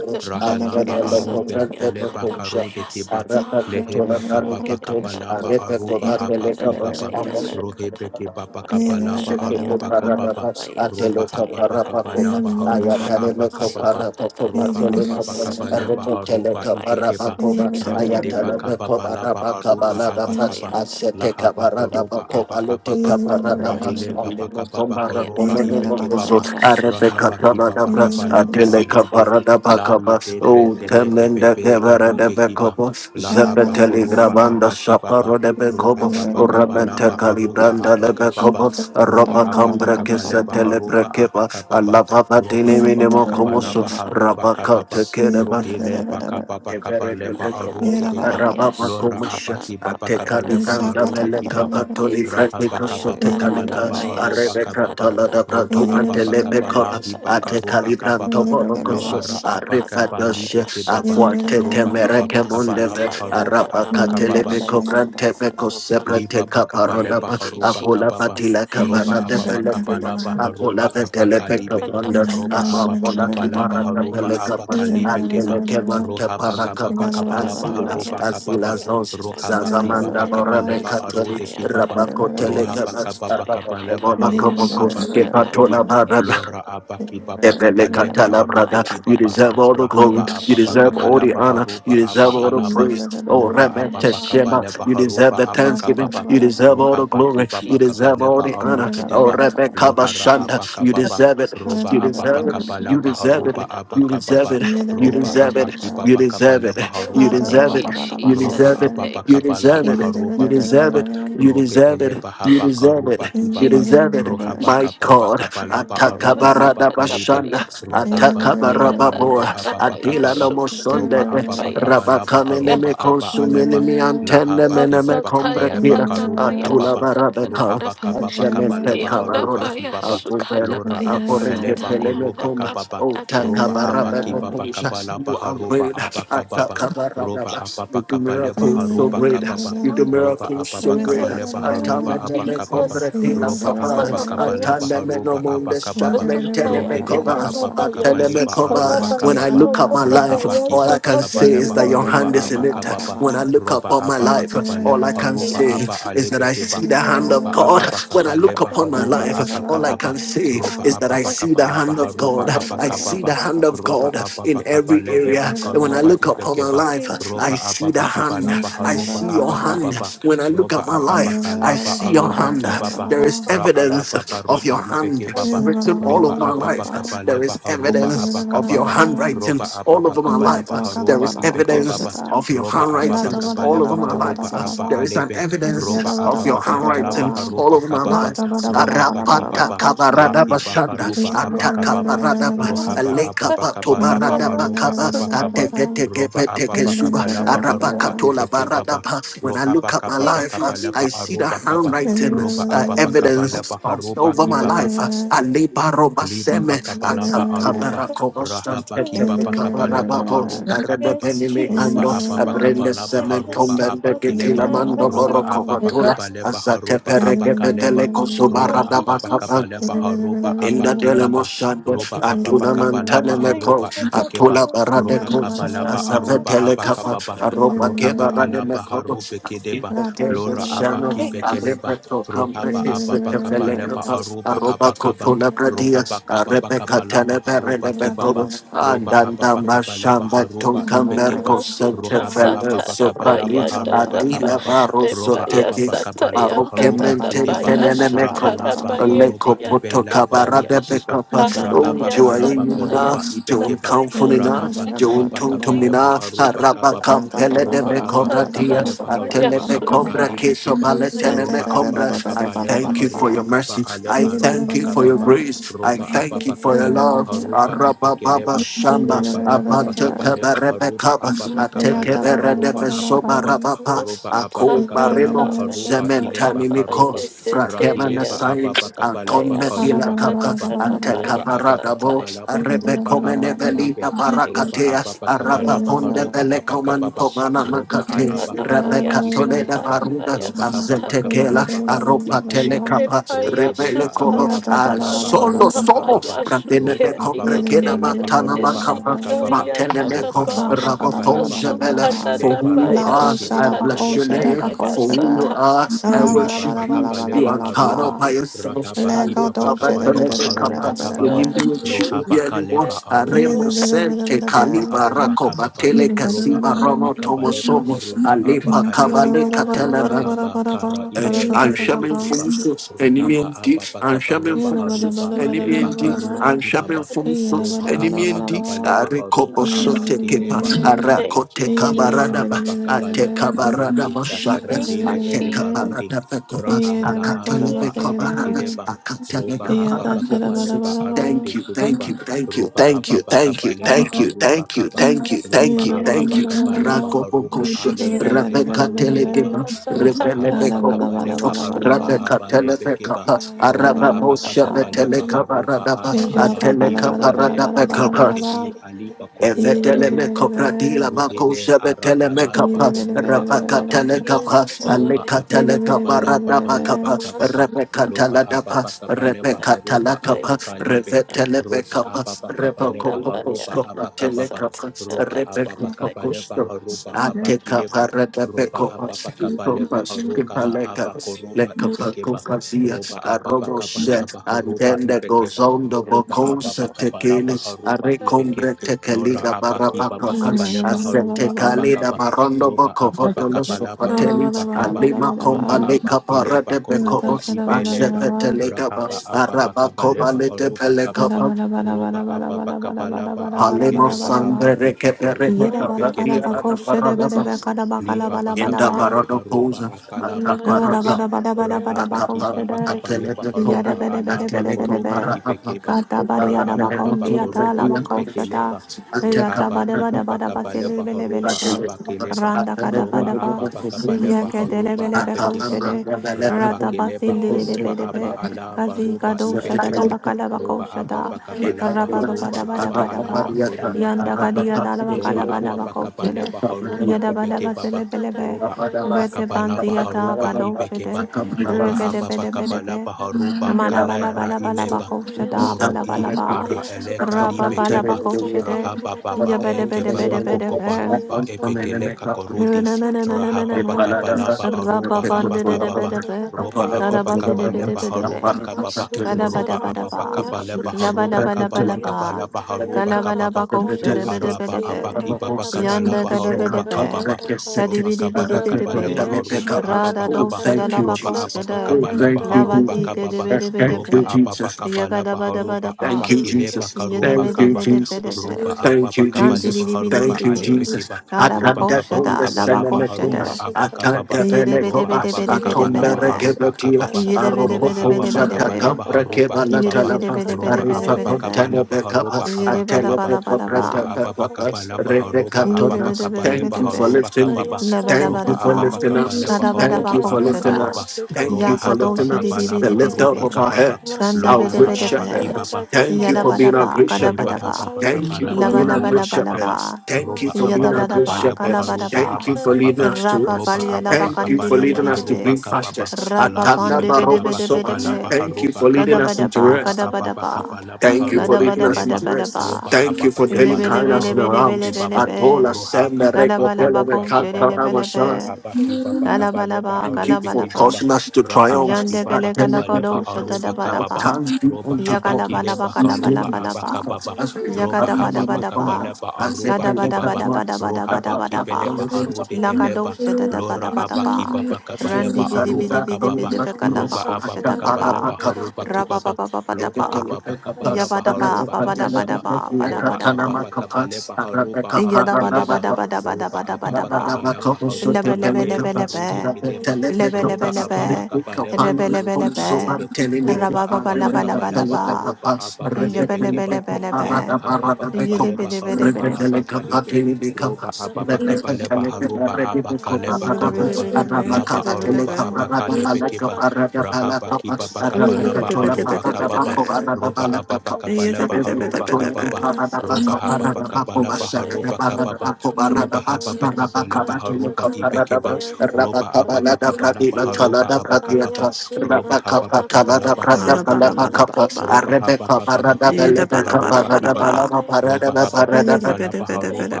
S6: Thank you.
S2: rahalaba arube beleba karude kiba
S1: Arapa totola
S2: leheba kaba
S1: baruketo,
S2: kaba
S5: Yanda da
S2: laba
S5: da
S1: arepe
S5: ba
S2: aruba
S1: kovate
S5: yanda da
S2: abaki
S5: da ba
S1: lekabas,
S2: baba
S5: yesu
S1: amoke.
S5: kata
S2: rohebe ki
S5: da da
S2: baba
S5: ba
S2: kaba
S5: yanda
S2: laba
S5: da
S1: Shepeko
S2: aruba
S5: yanda da da
S2: kababa
S5: ba
S1: paradabas,
S5: yesu
S2: roba
S5: ta
S1: ateloka
S2: hababa
S5: yanda da
S2: kaba
S1: parapakova,
S2: laba
S5: da
S2: haroba
S1: ayatalemeko
S5: asu
S2: abakababa
S5: kata da
S1: parapakova,
S5: da
S2: roba
S5: ba
S2: ababa
S5: yesu
S1: telekabas,
S2: kaba leba
S5: kata
S1: arepo
S5: da da
S2: haroba
S1: teleka
S5: ba yesu
S2: ibekeba
S5: ti
S1: parapakova,
S5: yanda da
S2: Raki
S5: da
S2: deba
S5: da
S2: kaba
S1: ayatalemeko
S2: balaba aruba
S5: asu ta
S2: abakaba
S1: parapakabalabas,
S5: yanda da da
S1: aseteka
S5: ba
S2: Lahaba
S5: yesu
S2: koroba
S1: paradabakova,
S5: kata ba
S1: luteka
S2: abakababa.
S5: yanda
S1: paradabas,
S2: Rahile
S1: Oh,
S2: baba kababa
S5: da ba
S1: temenda
S5: yanda
S2: koroba
S5: da da
S2: ibeke
S5: ba
S2: baba.
S5: yesu kata
S2: Rahaba
S5: da da
S2: kibaba
S5: da ba
S2: kabaleba
S5: yesu ta
S2: arude.
S5: da
S2: Lai dedre
S5: da
S2: dele
S5: ba
S2: ebebe
S1: kevara de
S2: barube kiba.
S1: bekobo,
S2: Lahaba
S1: zepeteli
S5: Jesus.
S2: koroba
S1: grabanda
S2: abakibaba.
S1: shaparo de bekobo,
S2: Roha baba
S1: urabente
S2: kabalaba aruba
S1: calibranda de
S5: Hey,
S2: abakababa.
S1: bekobo,
S5: Jesus.
S2: Roba
S1: roba
S2: ababa
S1: cambra que se
S2: kabaleba aruba
S1: telebrekeba,
S2: abakababa.
S1: alava
S6: Thank
S2: Roba
S1: vatili
S2: ababa
S1: minimo comoso,
S2: kabalaba
S6: you.
S2: haruba kababa.
S1: rabacate
S2: Rohile bakababa kabaleba aruke deba. Lora
S1: Rababakomasha,
S2: abaki baba
S1: Atekali
S2: kabaleba
S1: Branda
S2: harude
S1: Meleka
S2: kibaba.
S1: Batoli
S2: Raha
S1: Prakmiko
S2: baka baba
S1: Sotekalika,
S2: kabalaba aroba
S1: Arebeka
S2: kababa.
S1: Tolada
S2: Roba
S1: Pratuma
S2: ababa
S1: Telebekova,
S2: kabalahi baka roba
S1: Atekali Branto
S2: kababa.
S1: Bolokoso,
S2: Lohara abaka
S1: Arifadoshe,
S2: balibe kebaba.
S1: Aquate
S2: Roba ababa
S1: Temereke Mundeve,
S2: kabalaba haroba
S1: Arabaka
S2: abaka baba.
S1: Telebeko Brantebeko Sebra
S2: Liba bakaba leba
S5: Thank
S1: kaparodaba,
S5: you,
S2: haruba
S1: Akula
S2: kababa
S5: Jesus.
S1: patila
S5: Thank
S2: roba
S5: you,
S1: kabara de
S5: Jesus.
S2: ababa
S1: pelekuma,
S2: kabalaba
S1: Akula
S2: haruba
S1: vetele
S5: Jesus,
S2: abakalibe
S1: pekabanda,
S2: roba ababa
S1: Amambola
S2: kabalaba
S1: kibara de
S2: haruba
S1: pelekapa,
S2: abakalibe
S1: Antele
S2: keba
S1: kevante
S2: roha bakababa
S1: parakapa,
S2: kabalaba
S1: Asila,
S2: haruba
S1: Asila
S2: kababa
S1: zos,
S2: roha
S1: Zazamanda
S2: bakibaba
S1: barame
S2: kabaleba
S1: kateli,
S2: arude kibaba
S1: Rabako
S2: roha
S1: telekaba,
S2: bakababa
S1: Arabako
S2: kabaleba
S6: Thank
S1: monako
S6: you.
S2: haruba
S1: mokos,
S2: abakibe keba
S1: Kepatola
S2: lora
S5: yes,
S2: abakibaba kabaleba
S1: Evelekatala,
S2: arude
S1: brother. You
S2: kibaba
S1: deserve all the glory.
S2: rahaba
S1: You
S2: ababa
S1: deserve all the
S2: kabalaba
S1: honor.
S2: haruba
S1: You
S2: aba
S1: deserve all the
S5: Jesus,
S2: alaba
S1: praise. Oh,
S2: roba
S1: Rebecca
S2: ababa
S1: Shema.
S2: kabaleba
S1: You deserve
S2: haroba
S1: the thanksgiving.
S2: abakababa
S1: You deserve all
S2: roha
S1: the
S2: baki
S1: glory.
S5: Jesus,
S2: baba
S1: You
S5: Jesus,
S1: deserve all
S2: kabaleba
S1: the honor.
S2: aruke
S5: Jesus,
S1: Oh,
S2: deba
S1: Rebecca
S2: lohara
S1: Bashanda. You
S2: abakababa
S1: deserve it.
S2: roba
S1: You
S2: ababa
S1: deserve it. You
S2: kabalaba
S1: deserve
S2: haroba
S1: it. You deserve
S2: abakababa
S1: it. You
S2: roba
S1: deserve it.
S2: abaki
S1: You
S2: baba
S1: deserve it.
S2: kabaleba
S1: You
S5: Oh,
S2: haroba
S5: thank
S1: deserve
S5: you,
S1: it.
S2: kababa
S1: You
S2: roba
S1: deserve
S5: Jesus.
S1: it.
S2: ababa
S5: Thank
S1: You
S5: you,
S1: deserve
S2: kabalaba
S1: it.
S5: Jesus.
S1: You
S2: haroba
S1: deserve
S2: kibaba
S1: it. You
S2: robe
S1: deserve it.
S2: eleba
S1: You
S2: habaka
S1: deserve
S2: roba
S1: it. You
S2: kibaba
S5: Jesus,
S1: deserve it.
S5: thank you.
S2: roha
S1: My
S2: baka
S5: Jesus.
S2: baba
S1: God.
S2: kabalaba aroba
S1: Atakabarada
S2: abakalebe
S1: bashanda.
S5: Kadabayas,
S2: roha baba
S5: kadabayas,
S1: Atakabarababo.
S2: kabaroba ababa
S5: kadabayas,
S1: Adila
S2: kababa
S1: no
S2: roba
S1: mosonde.
S2: apa
S5: shukadadabayas,
S2: pakabalaba
S1: Rabakamene
S5: sataya,
S2: haroba
S1: me
S2: apa
S6: Thank
S2: aleba
S1: consumene me
S6: you.
S1: antende
S2: lahaba
S1: mene me
S2: kibaba
S5: sataya,
S2: kabaleba
S1: combrekira.
S2: karuba
S5: kadabayas,
S1: Atula
S2: kababa
S1: barabeka.
S2: ruhaba
S5: shukadadabayas,
S2: kababa
S1: Ajamente
S2: kabaleba haroba
S1: kabaroda.
S5: kadabayas,
S2: kibaba
S1: Avuvena.
S2: lora apa
S5: shukadabayas,
S1: Aporete
S2: heleba koroba
S1: telemekoma,
S2: kababa
S1: o
S5: sataya,
S2: roba apa kibaba
S1: takabarabakokosha.
S2: kabalaba
S1: You are
S2: haroba
S1: great.
S2: apa kababa roba apa
S1: Atakabarababa. You do
S2: pakabaleba
S1: miracles so
S2: haroba
S1: great.
S2: kababa
S1: You
S5: Oh,
S1: do
S5: thank
S2: roba
S1: miracles
S2: apa
S5: you,
S1: so great.
S5: Jesus.
S2: pakabaleba haroba
S5: Thank
S2: apa
S5: you,
S2: kababa
S5: Jesus.
S1: Atamenemekombrete la
S2: roba
S5: So
S2: apa
S1: kabra.
S2: pakabalaba
S5: Tarabayas,
S2: haroba
S1: Atanemenomonde
S2: apa kababa
S5: Akapaya,
S2: rohedeba
S1: shamentenemekoma.
S2: apa
S5: Tarabayas,
S2: pakabaleba
S1: Atenemekoma.
S2: aroba
S1: When I
S5: Tarabayas,
S2: kababa
S1: look look at my life,
S5: Tarabayas,
S2: Rahabaki
S1: all I
S2: Baba
S1: can
S5: Tarabayas.
S1: say
S2: Kabale
S1: is that your
S2: Baharuba
S1: hand is in
S2: Abba
S1: it.
S2: Kababa
S1: When I look
S2: Roba
S1: upon my
S2: Abba
S1: life,
S2: Bakabale
S1: all I can
S2: haruba
S5: Thank you,
S1: say
S2: Abba
S5: Jesus.
S1: is that I
S2: Alebekeba
S1: see the hand
S2: Roba
S1: of
S2: Abba
S1: God.
S5: Musa
S1: When
S5: to
S1: I
S2: Bakabale
S1: look upon my
S2: haruba
S1: life,
S5: Tarabayas,
S2: Abba
S1: all I
S2: Kababa
S1: can say
S5: Tarabayas, Tarabayas.
S2: Roba
S1: is that
S2: Abba
S1: I
S5: Thank
S1: see the
S2: Bakabala
S1: hand of
S6: Yada
S2: haruba
S1: God.
S2: Abba
S1: I see
S2: Kababa
S1: the hand of
S2: Roba
S1: God
S2: Abba
S1: in every
S2: Bakabale
S1: area.
S2: Heba
S1: And when I
S2: Karuba
S1: look upon my
S2: Ibekeba
S1: life,
S5: you,
S1: I
S2: Roba Abba
S1: see the hand.
S2: Bakabala
S1: I
S2: haruba
S1: see your
S2: Abba
S1: hand.
S2: Kababa
S1: When I look
S2: Roba
S1: at my
S2: Abba
S1: life, I
S2: Bakalaba
S1: see your
S2: Aruba
S1: hand.
S2: Kibaba
S1: There is evidence
S2: Rahalaba
S1: of
S2: Baruba
S1: your hand
S5: Jesus.
S2: Ibekebaba
S1: written all
S2: Roba
S1: over my
S2: Abba
S1: life.
S2: Bakabale
S1: There is
S2: Baharuba Abba
S1: evidence of
S2: Kababa
S1: your handwriting
S2: roba
S1: all
S2: ababa
S1: over my
S2: kabala
S1: life. There
S2: baharoba
S1: is
S2: ibeke baba
S1: evidence of your
S2: roba ababa
S1: handwriting
S2: kabala
S1: all over my life.
S2: baharoba aba
S1: There is an
S2: alebe roba
S1: evidence of your
S2: ababa kabala
S1: handwriting all
S2: baharoba
S1: over my
S2: kababa
S1: life.
S2: rohaba
S1: Arapata
S2: kibaba
S1: kabarada
S2: lapi baka
S1: bashanda.
S2: roba aba
S1: Ataka
S2: baba.
S1: Paradaba,
S2: rohaba
S1: Aleka
S2: ababa kabala
S1: Patobaradaba
S2: baharoba
S1: Kaba,
S2: aba kaba roba
S1: Ategetegebeteke
S2: ababa
S6: Thank
S1: Suba,
S2: kabala
S1: Araba
S2: baharoba
S1: Katola
S2: ibeke baba
S1: Baradaba. When I
S2: rohaba
S1: look at my
S5: Thank
S2: kababa
S1: life,
S5: you,
S1: uh,
S2: kabala
S5: Jesus.
S1: I see the
S2: baharoba kaba
S1: handwriting
S2: roba
S1: uh,
S2: ababa kabala
S1: evidence of,
S2: baharoba
S1: over my
S2: kibaba
S1: life. uh, Aleba Roba
S2: Liba
S1: Seme,
S2: bakabalaba aruba
S1: Atakabara Kobostan,
S2: rahaba
S5: Sakatapasataya.
S2: kibaba kabaleba
S1: Petelekabarababo,
S2: aruba kababa
S5: Yes,
S1: Arebebenime
S2: roba
S1: Ando,
S5: Jesus,
S2: ababa
S1: Abrele
S2: kabalaba
S1: Seme
S5: Matapaya
S2: haruba
S1: Tombende
S2: abakileba
S5: Sakatapaya
S1: Getilamando
S2: roba ababa
S1: Borokovatola,
S2: kabaleba
S1: Azate
S2: haruba abakaleba
S1: Peregevetele
S2: roba ababa
S1: Kosobaradaba
S2: kabaleba haruba
S1: in the Delemo
S2: abakibaba
S1: Shando,
S2: roba ababa
S1: Atuna
S2: kabalaba
S1: Mantane Meko,
S2: haruba ibekeba
S1: Atula
S5: Sakatapasataya.
S1: Barade
S2: roha
S1: Gos,
S2: kabalaba aruba
S1: Azavetele Kappa,
S2: abakababa
S1: Aropa
S2: rohaba
S1: Keba Rade
S2: alaba
S1: Meko,
S2: harube kedeba
S1: Ita Keba
S2: lora
S1: Shano,
S2: abakibekeleba
S1: Arepeto
S2: rohaba
S1: Cambrekis,
S2: ababa
S1: the
S2: kabaleba
S1: Velegrapa,
S2: aruba
S1: Aropa
S2: abakaba
S1: Kotuna
S2: roha
S1: Bradia,
S2: baka baba
S6: you.
S1: Arepeca
S2: kabala
S1: Televere
S2: baharuba
S6: Da da da
S2: kibaba
S1: Meko,
S6: da
S2: roba
S1: Andanda
S2: ababa kabala
S1: Mashamba
S2: baharuba
S1: Tonka
S2: ibekeba
S1: Merco, Sente
S5: Masuta
S2: roha ba
S1: Fele
S5: sata
S2: ababa
S5: da
S2: kabala
S1: Sobrati,
S5: bayanda da
S2: baharuba
S5: ba
S1: Adila
S2: kababa
S1: Barroso
S2: roba
S5: rebaya
S1: teki
S2: ababa
S5: sata
S2: kabala
S1: maruke
S5: yanda da
S2: baharuba
S5: da
S1: menten
S2: kideba
S5: baya
S1: tenene meko
S5: suta da
S2: rahalaba
S5: baye
S1: leko
S5: di
S2: koroba
S5: yanda
S1: poto
S2: ibela
S5: da
S1: kabara
S5: baya
S1: de
S2: barude kiba
S1: bekapa
S5: suta da
S1: o
S2: rahaba
S5: baya
S1: jua
S2: kalaba
S5: sata
S1: yinina
S5: yanda
S2: koroba
S5: da
S1: jon
S2: ibekeba
S5: baya
S1: kamfunina
S5: da
S2: rahaba
S5: ba.
S1: jon
S2: kibaba
S1: tung
S5: Thank
S1: tumnina
S2: kabaleba
S5: you,
S2: aruba
S1: araba
S2: kababa
S5: Jesus.
S1: kampele de
S2: roba
S1: mekobra
S2: ababa
S1: dia
S5: Sata da
S2: kabaleba
S5: baya
S1: atele
S2: haruba
S5: suta
S1: mekombra
S5: da
S1: keso
S2: abakalibekeba
S1: vale
S5: baya
S1: tele
S2: roba
S5: sata.
S1: mekombra
S2: ababa
S1: I
S2: kabaleba
S1: thank you for your
S2: haruba aba
S1: mercy I
S2: aleba roba
S1: thank you for your
S2: kababa
S1: grace I
S2: roba
S1: thank you
S2: ababa
S1: for your
S2: kabaleba
S1: love
S2: haroba
S1: araba baba
S2: ibekeleba
S1: shamba
S2: roba hababa
S5: Thank
S1: abate
S2: kabaleba haroba
S1: Rebekaba,
S2: ababa
S5: you,
S1: Ateke
S5: Jesus.
S2: kabaleba haroba
S1: Beredeve Soba
S2: abakaba
S5: Thank
S1: Rabapa,
S2: roba
S5: you,
S2: ababa
S1: Ako Barino,
S2: kabalaba haroba ileba
S1: Zementanimico,
S2: karuba
S1: Frakemana
S2: rahileba ababa
S1: Science, Anton
S2: kabalaba
S1: Methila
S2: karuba
S1: Kapa,
S2: kababa
S1: Ateka
S2: roba ababa
S1: Baradabo,
S2: kabalaba haroba abakalibe
S1: Rebecomenevelina
S2: roba
S1: Barakatea,
S2: ababa
S1: Araba
S2: kabalaba
S5: Jesus.
S1: Ponde
S2: haroba
S1: Velecoman
S2: abakababa roba
S5: Masukata da
S1: Pomanamacate,
S2: alaba
S5: da
S2: karuba
S5: baya
S1: Rebecca Toleda
S5: sutata
S2: ibekebaba
S1: Baruda,
S2: loba hababa
S5: da
S1: Azentekela,
S2: kabaleba haroba
S1: Aropa
S2: ideba
S1: Telecapa,
S2: Roke deba
S1: Rebelecobo,
S2: ababa kabalaba
S1: sono
S2: haroba
S1: somo
S2: kababa.
S1: pratene
S2: Roba
S1: me compre
S2: ababa
S1: che na
S2: kabalaba
S1: mantana ma
S2: haroba
S1: capra
S2: abakababa.
S1: matene me
S2: Roba
S1: cos
S2: ababa
S1: rabo
S2: kabaleba haroba
S1: for
S2: ileba
S1: who you
S2: roke
S6: Lato
S1: are
S2: deke
S1: I
S6: shada
S2: deba
S6: bako
S1: bless
S5: da
S1: your
S2: karobe
S5: da
S6: shada
S1: name
S2: kebaba.
S6: bako
S5: baya
S1: for who you
S6: shada
S1: are
S5: sata
S1: I
S6: rabala
S2: Liba
S6: bala
S1: worship you
S6: bala
S2: bakaba
S6: bala
S1: you
S2: leba
S1: are
S6: bala
S5: Thank you,
S1: God all
S2: aruba.
S6: ba
S1: by
S5: Jesus.
S1: yourself
S2: Rahaba
S1: I
S2: kiba
S1: look
S6: lekato
S1: up
S5: King
S1: at
S5: of
S2: bakaba
S6: shada
S1: the
S5: the
S6: bada
S2: leba
S1: left
S2: haruba
S6: bada
S1: capas
S5: beauty
S1: when
S2: kababa.
S1: you
S5: of
S6: bada
S5: the
S1: do it you
S5: glory
S1: will
S2: Rohaba
S1: be
S5: that
S2: kaleba
S1: I
S5: it's
S2: aruba
S1: remo
S5: all
S2: kababa.
S1: sente
S6: bada
S2: Leba
S6: bada
S1: caliba
S2: haruba
S1: raco
S2: kababa.
S1: batele
S6: Yeah,
S2: Roba
S1: casima
S2: ababa
S1: rono
S2: kaba
S1: tomo
S2: leba
S1: somo
S5: Jesus. Thank
S2: haruba aba
S1: alipa
S2: alebe.
S1: cabale
S2: Roba haba kara ileba
S1: anhwɛ me
S2: rube
S1: mfom
S2: kiba.
S1: so anim
S2: Rohaba
S1: ndi
S2: ababa
S1: anhwɛ
S2: kaba
S1: me
S2: leba
S1: mfom so
S2: haruba
S1: anim
S2: aleba
S1: ndi
S2: karudi
S1: anhwɛ me
S2: kibaba.
S1: mfom so
S2: Roba
S1: anim
S2: ababa
S1: ndi
S2: kaba leba
S5: you,
S1: arekɔbɔ
S2: haruba
S1: so
S2: aba
S5: Jesus.
S1: tekeba
S2: kileba rukedeba
S5: Thank you,
S1: arakɔteka
S2: roba
S5: Jesus.
S1: baradaba
S2: ababa kabaleba
S1: ateka
S2: harude
S1: baradaba shada
S2: takeredile ede
S1: ateka
S2: barude
S1: baradaba kɔba
S2: raha la
S1: akatale be
S2: aruba
S5: Thank you.
S2: aba
S1: kɔbarada
S2: kileba roba aba bakabaleba
S1: Thank
S2: arude
S1: you, thank you, thank
S2: kudeba
S1: you, thank you,
S2: roba
S1: thank
S2: aba
S1: you, thank you,
S2: bakabaleba
S1: thank you, thank
S2: haruba
S1: you,
S2: kaba
S1: thank
S2: roba
S5: Lord,
S1: you,
S5: for
S2: aba
S1: thank you.
S2: bakabaleba haruba
S1: Rakobokushe,
S5: your
S2: alebe
S5: time.
S2: rebaru
S5: I ask-
S2: kideba
S5: I
S1: Rabekatelekeba,
S5: ask on
S2: roba
S5: top of
S2: haba
S1: Rebelebekobokoto,
S2: bakabaleba aruba aba lebe keba
S1: Rabekatelebekaba,
S2: roba aba
S1: Arababoshe,
S2: bakabaleba haruba
S1: Betelekabaradaba,
S2: aba
S6: Eja
S5: Jesus.
S2: ala
S6: ba ba la ba la ba la
S2: ibekele
S6: ba la ba la
S5: Lord,
S2: barude
S6: ba
S5: I
S6: la
S1: Atelekabaradabekaba.
S6: ba.
S2: kedi
S5: thank
S2: ali
S5: you.
S2: bakorube
S6: Ede bede
S1: Eveteleme
S2: eleba
S6: bede be.
S1: kopra
S5: Thank
S1: dila bako
S2: ruhile
S1: shebe
S2: ara
S1: teleme
S2: ala
S5: you.
S6: Ede
S1: kapra
S6: bede bede
S2: bakoroba
S6: bede
S1: rabaka
S2: aba
S6: bede
S1: tele
S6: bede
S2: akiba
S6: be.
S1: kapra
S5: Yes, Lord,
S2: roba
S5: I
S1: alika
S5: thank you.
S6: Ede
S1: tele
S2: ababa
S6: bede bede
S2: kabala
S1: kapara
S6: bede
S1: daba
S6: be.
S2: baharuba
S1: kapra
S5: Yes,
S2: kababa
S1: rebeka
S2: loba
S1: tele
S5: Lord,
S1: daba
S2: ababa kabale
S1: rebeka tele
S2: baharuba
S1: kapra
S5: I
S2: abakalibe
S1: revetele
S5: thank
S1: be
S2: roba
S5: you.
S1: kapra
S2: ababa kabale
S1: rebeko
S2: baharuba
S1: pokosko tele
S2: abakababa
S1: kapra
S2: roba ababa kabale
S1: rebeko
S2: baharuba
S1: Ateka
S2: abakileba
S1: parata
S2: roba
S1: pecopas,
S2: ababa kabale
S1: copas,
S2: baharukala
S1: pipaletas,
S2: abakoroba
S1: lecapa
S2: ibekeba
S1: cocasias,
S2: roba
S1: a
S2: ababa kabala
S1: roboshet, and
S2: baharuba
S1: then that goes
S2: ibekeba
S1: on the
S2: roba ababa
S1: bocosa
S2: kabala
S1: tequilis, a
S2: baharuba ibeke
S1: recombre
S2: lora
S1: tecaliga
S2: abaki baba
S6: La la
S1: barabacovas,
S2: kabale
S6: la
S1: a
S6: la la la
S2: baharuba
S6: la la.
S1: zetecalina
S2: abakaba
S1: barondo
S2: roba ababa
S1: bocovotolos of
S2: kabalaba
S6: La la la la
S2: haruba
S1: patelis,
S6: la
S1: a
S6: la
S2: kaba
S6: la la la
S1: lima
S6: la ba.
S2: roba
S1: comba
S2: aba
S1: leca
S2: kileba
S1: parate
S6: La ta
S2: koruba
S6: sha
S1: pecobos,
S6: la ba
S1: a
S6: la ba la
S2: ibeleba
S6: ba.
S2: rahaba
S1: zetelecabas, a
S2: ababa
S1: rabacoba
S2: kabaleba
S1: lete
S5: Yes,
S2: haruba
S6: Ba la
S2: kababa
S6: ba
S1: pelecopas,
S6: la ba la ba
S2: roba
S6: la ba la ba
S2: ababa
S6: la ba la ba la
S2: kabalaba
S6: ba la ba la
S2: aruke
S6: ba la
S1: Halemos
S6: ba
S2: deba
S6: la ba.
S2: haba
S1: sandere
S2: liba
S1: kepere
S2: oroba
S6: Ye la ba la
S1: mekara
S6: ba la
S2: ibekeleba
S6: ba
S1: diara na
S6: ko she de be de be
S1: parada
S6: ka da ba ka la
S2: Liba
S6: ba la ba
S1: in
S6: la
S1: the
S2: bakabale
S6: ba.
S1: Barado
S2: baharoba
S1: Posa,
S2: akala
S6: Bada
S2: bakarobe
S1: Ataparata,
S6: bada bada bada bada
S2: rahaba
S1: Akapa,
S2: kiba
S6: bakousede.
S2: bakabale
S6: Yada
S1: Atelecopa,
S2: baharoba
S6: bede bede
S2: alaba
S6: bede bede
S1: Ateleco
S2: koroba
S6: bede.
S1: Parapa,
S2: ibekeba
S6: Kata bari yada
S2: rahalaba
S6: bakoundi
S1: Atelecotum,
S6: yata
S2: bakoroba
S6: la bakousata.
S2: ibekeleba
S6: Yata
S2: rohaba
S6: bada
S1: Atacapara,
S2: kiba
S6: bada bada
S2: bakabale
S6: basile bele bele
S2: baharoba
S6: be.
S2: abakeleba
S6: Randa kada
S2: roba
S6: bada
S2: aba
S6: ba.
S1: Atelecopas, Ateleco,
S2: bakabale
S6: Yeke dele
S2: baharoba
S6: bele
S2: ibekebaba
S6: bakousede.
S1: Atapamanga,
S2: raba
S1: Belepo,
S6: Rata
S2: keleba
S6: basindi de
S2: koroba
S6: bede
S2: aba
S6: be.
S2: alaba
S6: Kazi
S2: roba
S6: kado shada la
S2: ibekeba
S5: Thank
S1: Certificate,
S6: bakala
S2: roba aba
S6: bakousata.
S1: a
S2: bakabala
S6: Raba
S1: calculator,
S2: baharoba
S6: bada bada
S2: aba
S6: bada
S1: Arapa
S6: ba.
S2: alaba
S1: Padiatan,
S2: koroba
S6: Yanda
S1: Arapa
S2: kibaba
S6: kadia dala
S1: Padiatan,
S6: bakala
S2: roba
S6: bala
S2: ababakaba
S6: bakoshede.
S2: leba
S1: Arapa
S2: haruba
S6: Yada
S1: Padiatan,
S6: bala
S2: ibekebaba
S6: basele belebe.
S2: roba
S1: Thank
S6: Rete
S2: ababakaba laba
S6: banziata
S2: haruba
S6: kadoshede,
S2: ibekeba roba
S6: regede bede bede
S2: ababakaba
S6: be,
S2: laba haruba
S5: you.
S6: amala bala
S2: kalaera
S6: bala bala
S2: ileba
S5: Masakaya Rabaya
S6: bakoshada
S2: boru
S6: bala
S2: i
S6: bala ba,
S2: ara
S5: Shukadabaya
S2: eleka
S6: raba bala
S2: libekeba
S6: bakoshede,
S2: rahaba baba
S6: yabede bede bede
S2: ekebaba
S6: bede be,
S2: kokobaruba ebekeleka
S1: you.
S2: korudi rahaba
S1: Oh, thank
S2: bakaba laba aruba abakababa
S6: Rababandidibidibidi.
S2: roba ababakaba leba
S6: Gadabasidibidibidi.
S2: haruba kababa roba
S6: Gadabadabadaba.
S2: ababakaba leba
S5: Sataya
S2: haruba kababa
S5: Dadabaya
S2: kaba
S6: Labalabalaba.
S2: laba haruba kababa Loharaba
S6: Galabalabakoshidibidibidibi.
S2: abaki baba kaba
S6: Yanda
S2: laba haroba
S6: gadabidibi.
S2: kababa roba kababa kaba laba
S6: Gadibidibidibidibi.
S2: haroba
S6: Rada
S2: ababa kaba
S1: you,
S2: roba
S1: Jesus.
S2: ababa
S6: doshadalabakoshide.
S2: kaba
S1: Oh,
S2: laba
S1: thank you,
S2: haroba
S1: Jesus.
S6: Labazi
S2: kababa
S1: Yes,
S5: Sukya
S1: thank
S2: roba
S1: you,
S6: gadibidibidibi.
S2: ababa
S1: Jesus.
S2: kaba laba
S5: Thank
S2: haroba
S5: you,
S1: Thank
S6: Yagadabadabadaba.
S1: you,
S2: abaki
S5: Jesus.
S2: leba
S1: Jesus.
S2: karoba
S1: Thank you,
S2: kaba
S5: Thank you,
S1: Jesus.
S6: Yadibidibidibidibi.
S2: roba
S1: Thank
S2: ababa
S1: you,
S2: kaba leba
S1: Jesus.
S2: haroba
S5: Lord.
S1: Thank you,
S5: Oh,
S2: alebe
S6: Ganzidibidibidibi.
S5: thank
S1: Jesus.
S2: kiba roba
S1: Atanda
S2: kababa
S1: tonda
S6: Gadabakoshada.
S2: kaba laba
S5: you.
S1: senemetumba.
S6: Labakoshada.
S2: haroba abakababa
S1: Atanda
S6: Yada
S5: Yasikadabaya,
S6: bada
S2: roba
S1: venekoba.
S2: ababa kaba
S1: Atomba
S2: laba aroba
S1: rekebatila.
S2: kababa
S5: sikadadabaya,
S1: Aropo
S2: roba hababa
S1: konja
S2: kaba laba
S1: pakampra
S2: haroba
S1: kebala
S5: satayandadadabaya,
S2: kibaba
S1: talaba.
S2: roba
S1: Arifa
S2: ababa
S5: sikadabaya,
S2: kaba
S1: kontene
S2: laba
S1: bekaba.
S2: haroba
S5: masa-
S1: Atele
S2: abakababa
S1: bekobra
S2: roba ababa
S1: tepekaba.
S2: kaba laba
S5: sikadadabaya,
S2: haroba ababa
S1: Rebekatona.
S5: sata-
S2: kaba leba
S1: Thank you for
S2: haroba
S1: lifting me.
S2: kababa
S1: Thank
S2: roba
S1: you for
S2: ababa
S1: lifting
S5: masatayandadadabaya,
S1: us.
S2: kaba leba
S1: Thank
S2: haroba
S1: you for
S2: aba
S1: lifting
S5: sikadadadabaya,
S2: kababa
S1: us. Thank
S2: roba
S1: you for
S2: hababa
S1: lifting
S2: kaba
S5: sikadadadabaya,
S1: us. The
S2: laba
S1: lift up
S2: haroba
S1: of
S5: dadaba-
S1: our
S2: kababa
S1: heads, our
S2: lohara
S1: great
S2: aba
S1: shepherd.
S2: kibaba
S1: Thank you
S5: masatayandadadabaya,
S1: for being our great
S2: leba
S1: shepherd.
S2: baba baka
S1: Thank
S3: Thank
S2: ba
S1: you
S3: you.
S1: for
S2: laba
S5: sikadadadabaya,
S1: being our
S2: haroba
S1: great shepherd.
S2: kababa
S1: Thank
S2: roba
S1: you for
S2: ababa
S1: being our
S2: baka
S1: great
S5: Masukata
S2: ba
S6: ba,
S2: laba
S1: shepherd.
S6: kala
S5: Paya
S6: bada
S2: haroba
S1: Thank
S6: ba,
S2: haba
S1: you for
S5: Sataya
S1: leading
S2: kababa
S1: us to
S5: Dada
S6: rapa
S2: roba
S1: rest.
S6: palia la
S2: ababa
S5: Dabaya
S1: Thank
S2: baka
S1: you
S2: ba
S1: for
S6: bakandiri di
S2: laba
S5: Sutara
S1: leading
S6: bidi
S1: us to
S2: haroba
S6: be,
S5: Baya
S1: green
S5: Dada
S2: kababa
S1: pastures.
S2: la
S6: Rapa
S5: Dabaya
S1: Atanda
S6: pande
S2: beke
S6: kada
S1: baroma
S5: Sataya
S2: baba
S6: kada
S2: kaba
S5: Dada
S1: sobans.
S2: la baha
S1: Thank
S5: Dabaya
S1: you
S2: roba
S1: for
S6: kada
S1: leading
S2: kaba
S1: us
S6: bada
S5: Sukata
S1: into
S6: ba,
S2: roba
S1: rest.
S6: kada
S2: ababa
S6: bada
S5: Dabaya
S2: baka ba
S6: ba.
S5: Sata.
S2: laba
S1: Thank you for
S6: Kada
S2: haroba
S1: leading
S6: bada
S1: us
S6: bada
S2: eleba
S1: into
S6: bada
S5: Thank you,
S1: rest.
S2: roba
S6: ba
S1: Thank
S2: ababa
S1: you for
S2: baka
S6: ba
S1: daily
S2: ba
S5: Jesus.
S2: laba
S1: carrying in our
S2: haroba
S5: Thank
S6: ba,
S1: arms.
S6: ba
S2: kibaba
S5: you,
S6: ba,
S1: Atola
S2: roha
S5: Jesus.
S1: sembe
S6: kala kala kala
S2: kaleba
S1: reko
S6: bala ba
S1: pele me
S2: baruba
S6: ko shere
S2: kibaba
S5: Thank
S6: lebe
S5: you,
S6: lebe.
S2: ra
S1: kankana
S2: aba
S5: Jesus.
S2: kibaba
S6: kala
S2: kaba
S6: bala
S2: leba
S1: Thank
S6: bala
S1: you
S2: arubi
S1: for
S6: bala
S2: kibaba
S1: causing us to
S2: ra
S6: shere
S2: aba
S1: triumph.
S5: Dada
S6: yande
S5: Baya
S2: kibaba
S1: That
S6: gele kala
S2: kaba leba
S6: kodo
S1: telepathy
S6: Rababandegedebedebedebe.
S5: Sukata
S1: us.
S2: aruba
S5: Baya
S6: Gadabadaba,
S1: Now
S2: kababa
S6: ba,
S1: thanks be
S2: Roba
S1: unto
S6: ya
S2: haba
S1: God.
S6: kala bala ba
S2: kileba
S6: kala
S1: His
S5: Sataya
S6: bala
S2: karoba
S6: bala
S1: goodness.
S2: abaka
S6: ba.
S1: Cause
S2: baba.
S1: us
S5: Dabaya
S1: to
S2: Roba
S1: have the
S2: haba
S1: name of
S2: baka
S1: God.
S6: Yagadabadabadaba.
S2: baleba
S1: As a
S2: aruba
S1: believer
S2: kibaba.
S1: to
S5: Sukata
S1: us. That
S2: Rohaba
S1: have that
S6: Gadabadabadabadabadabadabadaba.
S5: Dabaya
S2: kibeleba
S1: telepathy.
S2: harude
S5: Sataya
S2: eleba.
S6: Lagadosha
S5: Dada
S6: da da ba da
S2: Lora
S5: Dabaya
S6: ba da
S2: aba
S6: ba.
S5: Sata.
S2: kibaba
S6: Randi
S2: kabaleba
S6: gidi
S2: aruba
S6: bidi bidi
S2: kababa.
S6: bidi beka
S5: Paya
S6: la ba
S2: Roba
S6: kosha
S2: ababa
S5: Satya
S6: da ba
S5: Gada
S6: ba.
S2: kabaleba
S5: Gada
S2: haruba
S5: Paya
S6: Raba ba
S2: kibaba.
S6: ba
S5: Satya
S6: ba ba
S1: Rebecca
S6: da
S2: Loba
S6: ba.
S5: Gada
S2: ababa
S5: Paya
S6: Yaba
S2: kabaleba
S6: da
S5: Gada
S6: ba
S2: haruba
S6: ba ba
S5: Paya
S6: da ba da
S2: abakaba.
S6: ba
S5: Shikada
S6: ba da
S5: Gada
S6: ba
S2: Roba
S6: da ba.
S2: ababa kabaleba haruba
S6: Yada ba da ba
S2: abakileba.
S6: da
S5: Paya
S6: ba da ba da
S2: Roba
S6: ba
S5: Jesus.
S6: da ba da
S2: ababa
S5: Thank
S6: ba.
S5: you,
S2: kabaleba haru
S6: Lebe
S5: Jesus.
S2: ala
S6: lebe
S2: e
S6: lebe
S2: barude
S6: lebe.
S5: Thank
S2: kileba.
S5: you,
S6: Lebe
S2: Roba
S6: lebe lebe.
S5: Jesus.
S2: ababa kabaleba
S6: Rebe lebe
S2: aruba
S6: lebe.
S2: kalebe roba
S6: Raba ba ba
S2: apa
S6: la
S5: Kada
S6: ba la
S2: pakapa
S6: ba
S5: Paya
S6: la
S2: laba
S6: ba.
S5: Satya
S2: haruba aba
S6: Yebe
S2: alebe
S6: lebe
S5: Gada
S2: keba
S6: lebe
S5: Paya
S6: lebe.
S2: leba
S5: Satya
S2: haba pakapa
S6: Yede
S2: leba
S6: bede bede
S2: haruba
S6: bede bede.
S2: aba
S5: Asatya
S2: kalibe roba
S5: Gada
S2: apa
S5: Paya
S2: pakapa leba
S5: Shikada
S2: haruba
S5: Gada
S2: aba
S5: Paya
S2: kaleba
S6: Yede bede
S2: karuba
S5: Satya
S6: bede
S5: Gada
S1: Rabba
S6: bede.
S2: laba
S6: Gede
S5: Paya
S6: bede
S2: aruba
S6: bede.
S2: aba kalebe keba
S5: Masukata Gada
S2: rahaba
S5: Paya
S2: kiba pakapa
S6: Yede
S2: laba
S5: Satya
S6: bede bede bede
S5: Gada
S2: aruba
S6: bede
S2: kababa
S5: Paya
S6: bede.
S5: Satya
S2: roba
S5: Gada
S2: apa
S5: Paya
S2: pakapa
S6: Yede
S2: leba
S6: bede bede
S2: haruba
S6: bede
S2: kababa
S5: Maya
S6: bede.
S2: roba
S5: Satya
S2: haba
S5: da da
S2: pakapa laba
S5: Maya
S2: haruba kababa
S5: Sukha da da
S2: roba
S5: da
S2: haba
S5: Maya
S2: pakapa
S5: Sukha
S2: leba
S5: da da
S2: haruba
S5: da da
S2: ibekeba
S5: Maya da da
S2: roba
S5: da
S2: apa pakapa laba haruba
S5: Maya
S2: apa kababa
S5: Maya Sukha
S2: roba
S5: da
S2: haba
S5: da
S2: baka bala
S5: Maya
S2: baha
S6: Bada
S2: roba
S6: bada
S5: Satya
S6: bada
S2: kababa
S5: da
S6: bada
S5: da
S6: ba
S2: roba haba
S5: Thank
S2: kaba
S5: you,
S2: baka bala
S6: Yede
S2: baha
S6: bada bada
S2: roba
S6: bada
S2: kibaba
S5: thank you,
S6: ba
S5: thank you, love
S2: roba
S5: is
S2: haba baka
S6: Yede
S5: enough.
S2: bala
S6: bede bede
S5: Please.
S2: baha
S5: Thank
S2: roba
S6: bede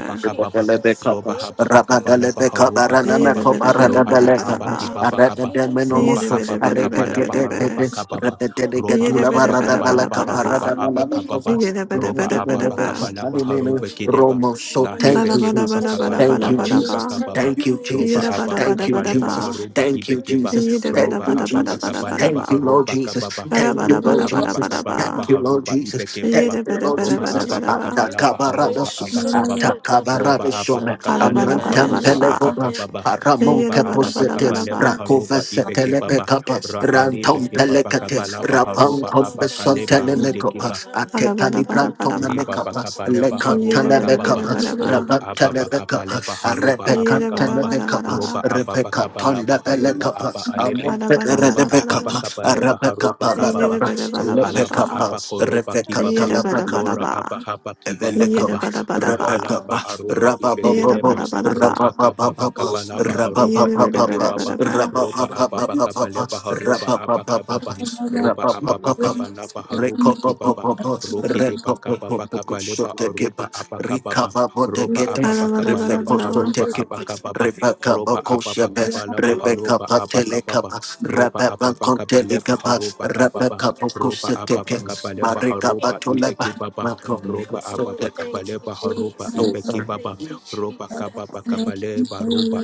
S5: you,
S2: baba
S5: Jesus.
S2: roba
S5: Thank
S2: haba
S5: you,
S2: baka
S5: Lord.
S2: bala baha roba
S5: Thank
S2: kababa
S6: Yede
S5: you,
S6: bede bede bede
S2: lohara
S6: bede
S5: Jesus.
S2: abaki
S6: ba
S2: baba
S5: Thank you,
S2: kaba roba
S5: Jesus.
S6: Yede
S2: haba
S6: bede bede
S2: baka
S6: bede
S2: bala
S6: bede
S2: baha
S6: bede.
S2: roba kababa roba
S6: Yede
S2: aba
S5: Thank
S6: bede
S5: you,
S2: baka
S6: bede
S5: thank
S2: bala
S5: your
S6: bede
S5: love
S2: baha
S6: bede ba,
S5: is
S2: roba
S5: enough,
S2: abaka baba
S6: Yede
S5: Jesus.
S6: bede
S2: roba
S6: bede
S2: aba
S6: bede
S2: baka
S6: bede.
S2: bala baha
S5: Masatai
S2: roba
S5: Handada
S2: kideba
S1: Romo, so
S2: lahi
S5: Kadabaya
S1: thank
S6: Bada
S1: you,
S2: beke
S6: bada
S2: baba
S6: bada
S1: Jesus.
S6: bada
S2: kabala
S1: Thank
S2: ba
S1: you,
S5: Sukadabaya
S6: bada bada ba
S2: aruba
S1: Jesus.
S2: kababa
S1: Thank you,
S5: Sutadabaya
S2: roba
S6: Yede
S1: Jesus.
S2: aba
S6: bada
S5: Satayan
S2: baka
S6: bada
S1: Thank you,
S6: bada
S2: bala
S6: ba
S2: baha
S1: Jesus.
S2: roba
S1: Thank you,
S2: ibeke
S1: Jesus.
S6: Yede bada
S2: roba
S1: Thank you,
S6: bada bada
S2: ababa
S6: bada
S1: Jesus.
S6: bada
S2: kabaleba
S6: ba.
S1: Thank you, Lord
S2: haroba
S1: Jesus.
S2: kababa
S6: Bada
S1: Thank you,
S6: bada
S2: roba
S1: Lord
S6: bada bada
S2: ababa
S6: bada
S1: Jesus.
S2: kabalaba
S6: ba.
S1: Thank you, Lord
S2: haroba
S1: Jesus.
S2: ibeke
S1: Thank
S2: baba
S6: Yada
S1: you,
S6: bada
S1: Lord
S6: bada
S2: roba
S6: bada
S1: Jesus.
S6: bada
S2: ababa
S6: ba.
S2: kabalaba
S5: Yukaya
S2: haroba
S1: Paradosus,
S2: abakababa
S5: Sutadabaya
S2: roba ababa
S1: Atakabarabishome,
S6: Hala bada
S2: kabaleba
S6: bada
S1: Amantam
S5: Satarabaya
S6: bada
S2: haroba
S6: ba.
S1: Pelegoma,
S5: Sutayan
S2: abakababa
S5: Dadabaya
S1: Paramon
S2: roba
S6: Yada bada
S2: ababa
S6: bada bada
S1: Caposetes,
S2: kabaleba
S6: ba.
S1: Rakova
S2: haroba ibeke baba
S1: Setelepecapas,
S2: rahale
S1: Rantom
S2: beke baba
S1: Pelecates,
S2: kabalaba
S5: Sutadabaya
S1: Rapam
S2: haroba
S1: Conveson
S2: abakaleba rude kiba
S1: Telemecopas,
S6: Hala
S5: Satayan
S6: bada bada
S1: Atecalibrantum
S6: bada ba.
S5: Dadabaya
S2: Liba
S1: Mecapas,
S2: bakaba leba
S6: Yada
S2: haruba
S6: bada
S5: Sutadabaya
S6: bada
S2: kababa
S6: bada
S1: Lecatanabecapas,
S6: ba.
S2: roba aba
S5: Masatai
S2: bakaba leba
S1: Rabantanabecapas,
S2: haruba aba
S6: Yada bada
S2: kababa
S6: bada bada ba.
S1: Arepecantanebecapas,
S2: roba aba
S1: Rebecca
S2: bakaba leba haruba aba
S1: Tondabelecapas,
S2: alebe
S1: Amon
S6: Hala bada bada
S2: roba
S6: bada
S2: aba
S6: ba.
S1: Federebecapas,
S2: bakaba leba haruba
S6: Yada
S2: kababa
S6: bada
S1: Arabecapas,
S6: bada
S5: Jesus,
S6: bada ba.
S2: ruhalaba aba
S1: Lepecapas,
S5: Jesus,
S2: koroba
S1: Rebecca
S2: kibaba
S5: Jesus.
S6: Yada bada bada
S1: Talabacapas.
S2: lora
S6: ba.
S2: aba haba kibaba
S6: Yada
S1: Evelekaba,
S2: kaba
S6: bada bada ba. Yada bada bada ba.
S2: rahalaba
S1: Rabakaba,
S2: aruba
S6: Yada
S1: Rababababo,
S2: ibekeleba
S6: bada
S2: ruhakaba
S1: Rabababababa,
S2: bakaba leba haruba
S6: bada
S1: Rabababababa,
S2: ibekebaba
S6: bada ba.
S2: roba aba bakaba
S1: Rabababababa,
S2: leba haruba aba kababa
S1: Rabababababa,
S2: roba aba bakaba
S1: Rabababababa.
S2: leba haruba kibaba
S1: Recopopopopos,
S2: roki de bakaba bakaba
S1: recopopopopos,
S2: leba aruba
S1: sotekepas,
S2: abakababa roba
S1: rikababodegetes,
S6: Hala bada
S2: ababakaba
S6: bada
S2: laba
S6: bada ba.
S2: haruba
S1: rebekosotekepas,
S2: abakababa roba ababakaba
S1: rebekabokosebes,
S2: laba haruba abakababa
S1: rebekapatelekapas,
S2: roba ababakaba leba
S1: rababankontelekapas,
S2: haruba
S5: Thank
S2: kababa
S5: you,
S2: roba ababakaba
S1: rabakabokosetekes,
S2: leba
S5: thank
S2: haruba
S5: you.
S1: marikabatoleba,
S2: ibeki baba roba
S5: Lord,
S1: makromekosotek.
S2: ababakaba
S5: thank you,
S2: leba haruba
S1: Oh,
S5: Jesus.
S2: ibeki
S1: uh,
S5: Thank
S2: baba
S5: you,
S2: roba
S5: Jesus.
S2: kababa
S5: Thank you,
S2: kabaleba roba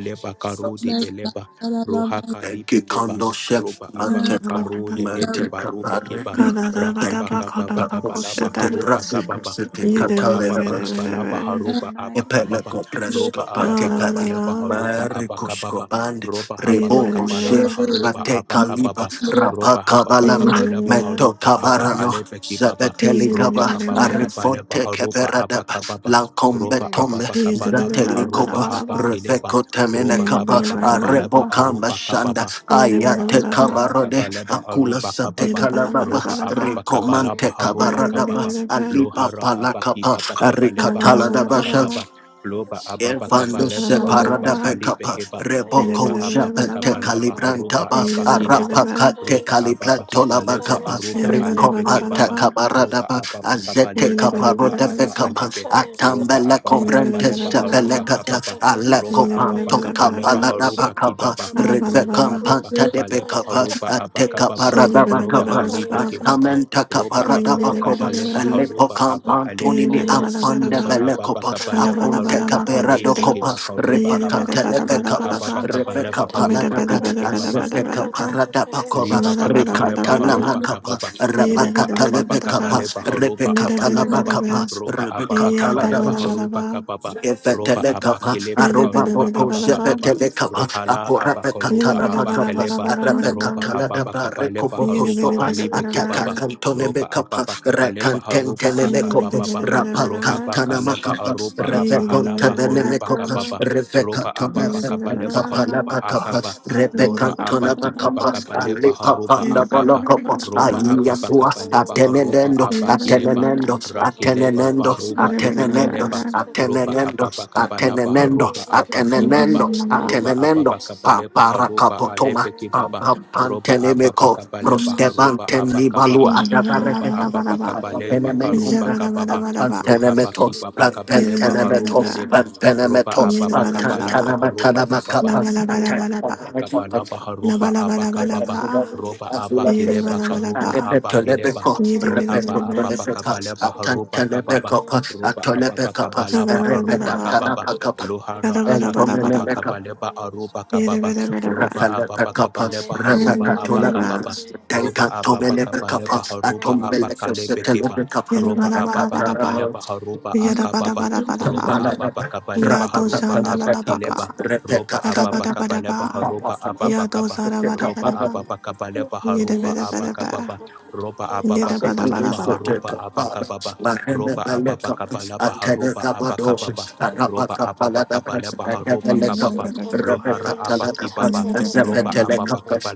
S5: thank you, Jesus.
S2: karudi eleba roha
S1: Thank you,
S2: kalibekeba
S1: Kondo Chef,
S2: roba
S6: Hala
S2: ababa
S6: bada
S1: Mateka,
S6: bada.
S2: karule edeba
S1: Mateka,
S2: rubekeba
S1: Mareka,
S6: Kada bada
S1: Thank
S6: ba.
S1: you.
S6: Kada ba.
S1: Tacos,
S2: Raabakababakabalaba
S1: the
S6: Koshada.
S2: haruba
S1: Brazil,
S2: kababa.
S1: the
S6: Bada
S2: Roba
S1: Catalina,
S2: ababakabalaba
S6: bada bada
S2: haruba abakababa.
S1: Epeleko
S2: Roba
S1: presko pate padi.
S2: ababakabalaba haruba
S1: Marikosko
S2: abakababa.
S1: band.
S2: Roba
S1: Rebo boshe.
S2: hababakabalaba haruba
S1: Prate kaliba.
S2: abakababa.
S1: Rapa
S2: Roba
S1: kabalama.
S2: hababakabalaba
S1: Meto
S2: haruba aba
S5: Mm,
S1: kabarano.
S2: alebe kibaba.
S1: Zabeteli
S5: mm,
S2: Roba
S1: kaba.
S2: ababakabalaba
S1: Arifonte
S2: haruba
S1: keperadaba.
S2: abakababa. Roba
S5: mm,
S1: Lankombetombe.
S2: ababakabalaba
S1: Zateli
S2: haruba
S1: kopa.
S2: abakileba.
S1: Reveko
S5: mm,
S1: temene
S2: Roba
S1: kapa. Arepo
S2: hababakabalaba
S1: kamba
S2: aruba
S1: shanda.
S2: kababa. Roba
S1: Ayate
S5: mm,
S1: kabarode.
S2: akababakabalaba
S1: Akula
S2: aruba
S1: sate
S2: kababa
S1: kalababa.
S2: roba ababa kabalaba
S5: mm.
S1: Rikomante
S2: haruba
S1: kabaradaba.
S2: kababa
S1: Alipa
S2: lohara abaki
S1: palakapa.
S2: baba kabaleba
S1: Arikatala
S2: haruba
S1: dabasha.
S2: kababa loba
S5: Yes, you got
S2: ababa
S5: it.
S1: Infando
S2: kabaleba
S4: Thank you,
S2: aroba
S1: separada
S5: Yes, you
S2: kalibe
S1: pecapa,
S5: got
S2: keba
S5: it. Yes,
S2: roba
S1: reboco
S2: ababa
S1: japete
S2: kabalaba
S5: um, I
S2: haroba
S1: calibrantaba,
S5: also got it.
S2: abakideba
S1: arapacate
S2: roba
S5: Yes, I
S2: ababa
S5: got it.
S1: calibrantola
S5: Yes, I got it.
S2: kabaleba
S1: bacapa,
S5: Yes, I
S2: aroba
S5: got it.
S2: alebe
S5: Yes, I got
S1: ricopata
S2: kebaba roba
S1: cabaradaba,
S2: ababa
S1: azete
S2: kabaleba haruba
S1: caparonda
S5: it.
S2: aba
S1: pecapa,
S2: alebe
S5: Yes,
S2: roba
S1: atambele
S2: ababa
S1: comprente
S2: kabaleba
S5: Bayasa
S2: haruba
S5: kata
S1: sepelecata,
S2: kababa
S5: bayasa
S2: roba
S1: aleco
S2: ababa
S1: panto
S5: tayanda
S2: kabaleba
S1: capalada
S5: bayasa
S2: haruba
S1: bacapa,
S2: kibaba
S5: kata
S6: bada
S2: roba
S6: bada.
S2: ababa
S1: rivecampanta
S5: bayasa
S4: Lord.
S1: de
S2: kabaleba
S5: tayanda
S2: haruba abakababa
S1: pecapa,
S5: bayasa
S6: Bada
S1: paradaba
S2: roba
S5: kata
S6: bada bada
S1: kapas,
S2: halibe
S6: bada
S5: bayasa
S2: kebaba
S5: tayanda.
S1: atamenta
S2: roba ababa
S1: kaparadaba
S5: Thank you,
S1: kopas,
S2: kabale baha,
S1: alepo
S2: roba
S5: Jesus.
S2: aba
S5: Santa
S1: antoni
S2: alebe
S1: mi
S2: keba
S5: bayasa
S1: amfanda
S2: roba
S1: bele
S2: ababa
S1: kopas,
S5: tayanda
S2: kabale baha,
S1: aponte
S5: bayasa
S2: roba
S1: kapera
S5: kata
S1: do
S2: alebe keba
S1: kopas,
S5: bayasa
S2: karuba
S1: repa
S2: kaba
S5: kata
S1: katelebe
S2: roba
S1: kapas,
S5: bayasa
S2: ababa
S1: repe
S2: kabale
S5: tayanda
S2: baharuba
S1: kapaladaba,
S2: ibeke
S5: bayasa
S1: azete
S5: kata
S1: kaparadaba kopas,
S5: bayasa
S2: liba
S5: tayanda.
S2: bakabaleba
S1: rikatana
S2: haruba
S1: makapas,
S2: kababa
S1: reba
S2: roba ababa
S1: katelebe kapas,
S2: kabaleba
S1: repe
S2: haruba
S1: katalaba
S5: Oh,
S2: abakababa
S1: kapas,
S2: roba ababa kabaleba
S1: rebe
S2: haruba
S6: bada.
S2: kababa roba
S1: Ifetelekapa,
S2: abakileba
S1: Aruba
S2: karuba
S1: Boko,
S2: abakababa
S1: Shepetelekapa,
S2: ruhala abakaruba
S1: Apurapekatanabakapa,
S2: abakaleba roba ababa
S1: Arapekatanadaba,
S2: kabaleba
S1: Rekoboko
S2: haruba
S1: Soba,
S2: alebe
S1: Ataka
S2: kebaba
S5: Jesus.
S2: roba
S1: Antonemekapa,
S2: ababa kabaleba haruba
S1: Rekantentenemekopa,
S2: akababa rohaba kaleba
S1: Rapakantanamakapa,
S2: aruba abahalaba karuba
S1: Revekontanemekopa,
S2: kababa roba
S6: Yere
S5: But
S2: ababa
S5: don't be
S2: kabaleba
S5: so
S1: Revekatonemekapa,
S2: haruba akaba
S5: confident, so
S1: Napakapa,
S2: Lora
S5: kind,
S1: Cantona
S5: and
S2: abaki
S5: I
S2: baba
S5: don't
S1: Bacapa,
S2: kabale
S1: and
S5: think so.
S2: haroba
S1: Lipapanda
S2: akaba
S1: Balocopo,
S2: roba
S5: Once
S2: ababa
S5: I
S1: Ayatua,
S5: tell
S2: kabaleba
S5: you I'm
S2: haroba
S1: Atenendo,
S5: tired, so
S2: abakileba
S5: hot,
S1: Atenendo,
S5: tired,
S2: rakeleba
S5: tired,
S1: Atenendo,
S5: so
S2: baroba
S5: hot, tired,
S1: Atenendo,
S2: ibekeleba
S5: tired, so
S2: roba
S5: hot,
S1: Atenendo,
S2: ababa kabala
S1: Atenendo,
S5: and
S2: haroba
S5: then
S2: abaki
S5: you
S1: Atenendo,
S2: baba
S5: so hot,
S2: roba
S5: tired,
S1: Atenendo,
S2: ababa
S5: so
S2: kabale
S5: hot,
S2: haroba
S1: Paparacapotoma,
S2: alebeki
S5: tired,
S2: baba roba ababa
S1: Pampantenemeco,
S2: kabale
S5: and then so
S2: haroba
S5: hot,
S1: Prostebanten
S5: tired,
S2: abakababa
S5: tired,
S2: roba
S1: Libalu,
S5: so
S2: ababa
S5: hot,
S2: kabale
S5: tired,
S2: karoba kababa roha
S5: yes,
S2: baki
S1: Apenemetos,
S2: baba
S5: Jesus,
S2: kabale kabaleba
S1: Pantenemetos,
S2: arokeleba roba
S1: Pantenemetos, Pantenemetos,
S2: ababa
S5: and
S2: kabala haroba
S5: Jesus.
S2: kababa
S1: Pantanamatanabacapas,
S2: roba ababa kaba laba haruba aba
S5: Yes,
S2: kababa roba aba kileba karuba aba kileba rohaba ababa kaba leba haruba kababa roba ababa kaba laba aruba kababa lohara aba kibaba
S1: Pantenemetos,
S2: kaba leba aruba kababa roba ababa kaba
S1: Rafalepekapas,
S2: leba haruba aba kababa
S1: Rebekatolamakas,
S2: roba
S1: Tanka
S2: ababa kaba leba
S1: Tomelekapas,
S2: haruba aba
S1: Atombelekas,
S2: kalebe kiba
S6: Yada
S1: Telekapas,
S2: roba
S6: bada bada
S2: ababa
S6: bada
S2: kaba
S6: ba.
S2: leba
S1: Akatarabas,
S2: haruba
S6: Yada bada
S2: akababa
S6: bada bada ba.
S2: roba ababa
S1: Tamalabas,
S2: kaba
S6: La
S2: leba
S6: do
S2: haruba
S6: shanda la
S2: aba
S6: la baka.
S2: kileba
S1: Rapakatamekapas,
S2: ropa
S6: Gada
S2: apa pa
S6: bada bada
S2: kapa lepa ha
S6: ba.
S2: ropa apa pa
S6: Yado
S2: kapa
S6: zara bada
S2: ropa
S6: bada ba.
S2: apa
S1: Repekatamekapas,
S2: pa kapa lepa ha
S6: Yada
S2: ropa
S6: bada
S2: apa
S6: bada ba.
S2: kapa pa ropa apa
S1: Rebecca
S2: pa
S6: Yada
S2: kapa
S6: bada bada
S2: lepa
S6: bada
S2: ha
S6: ba.
S2: ropa apa kapa pa ropa apa pa kapa lepa ha ropa apa kapa pa ropa apa pa kapa lepa
S6: Yada bada bada bada ba.
S2: lohara apa ki
S6: Yada bada bada
S2: ropa
S6: bada ba.
S2: apa pa kapa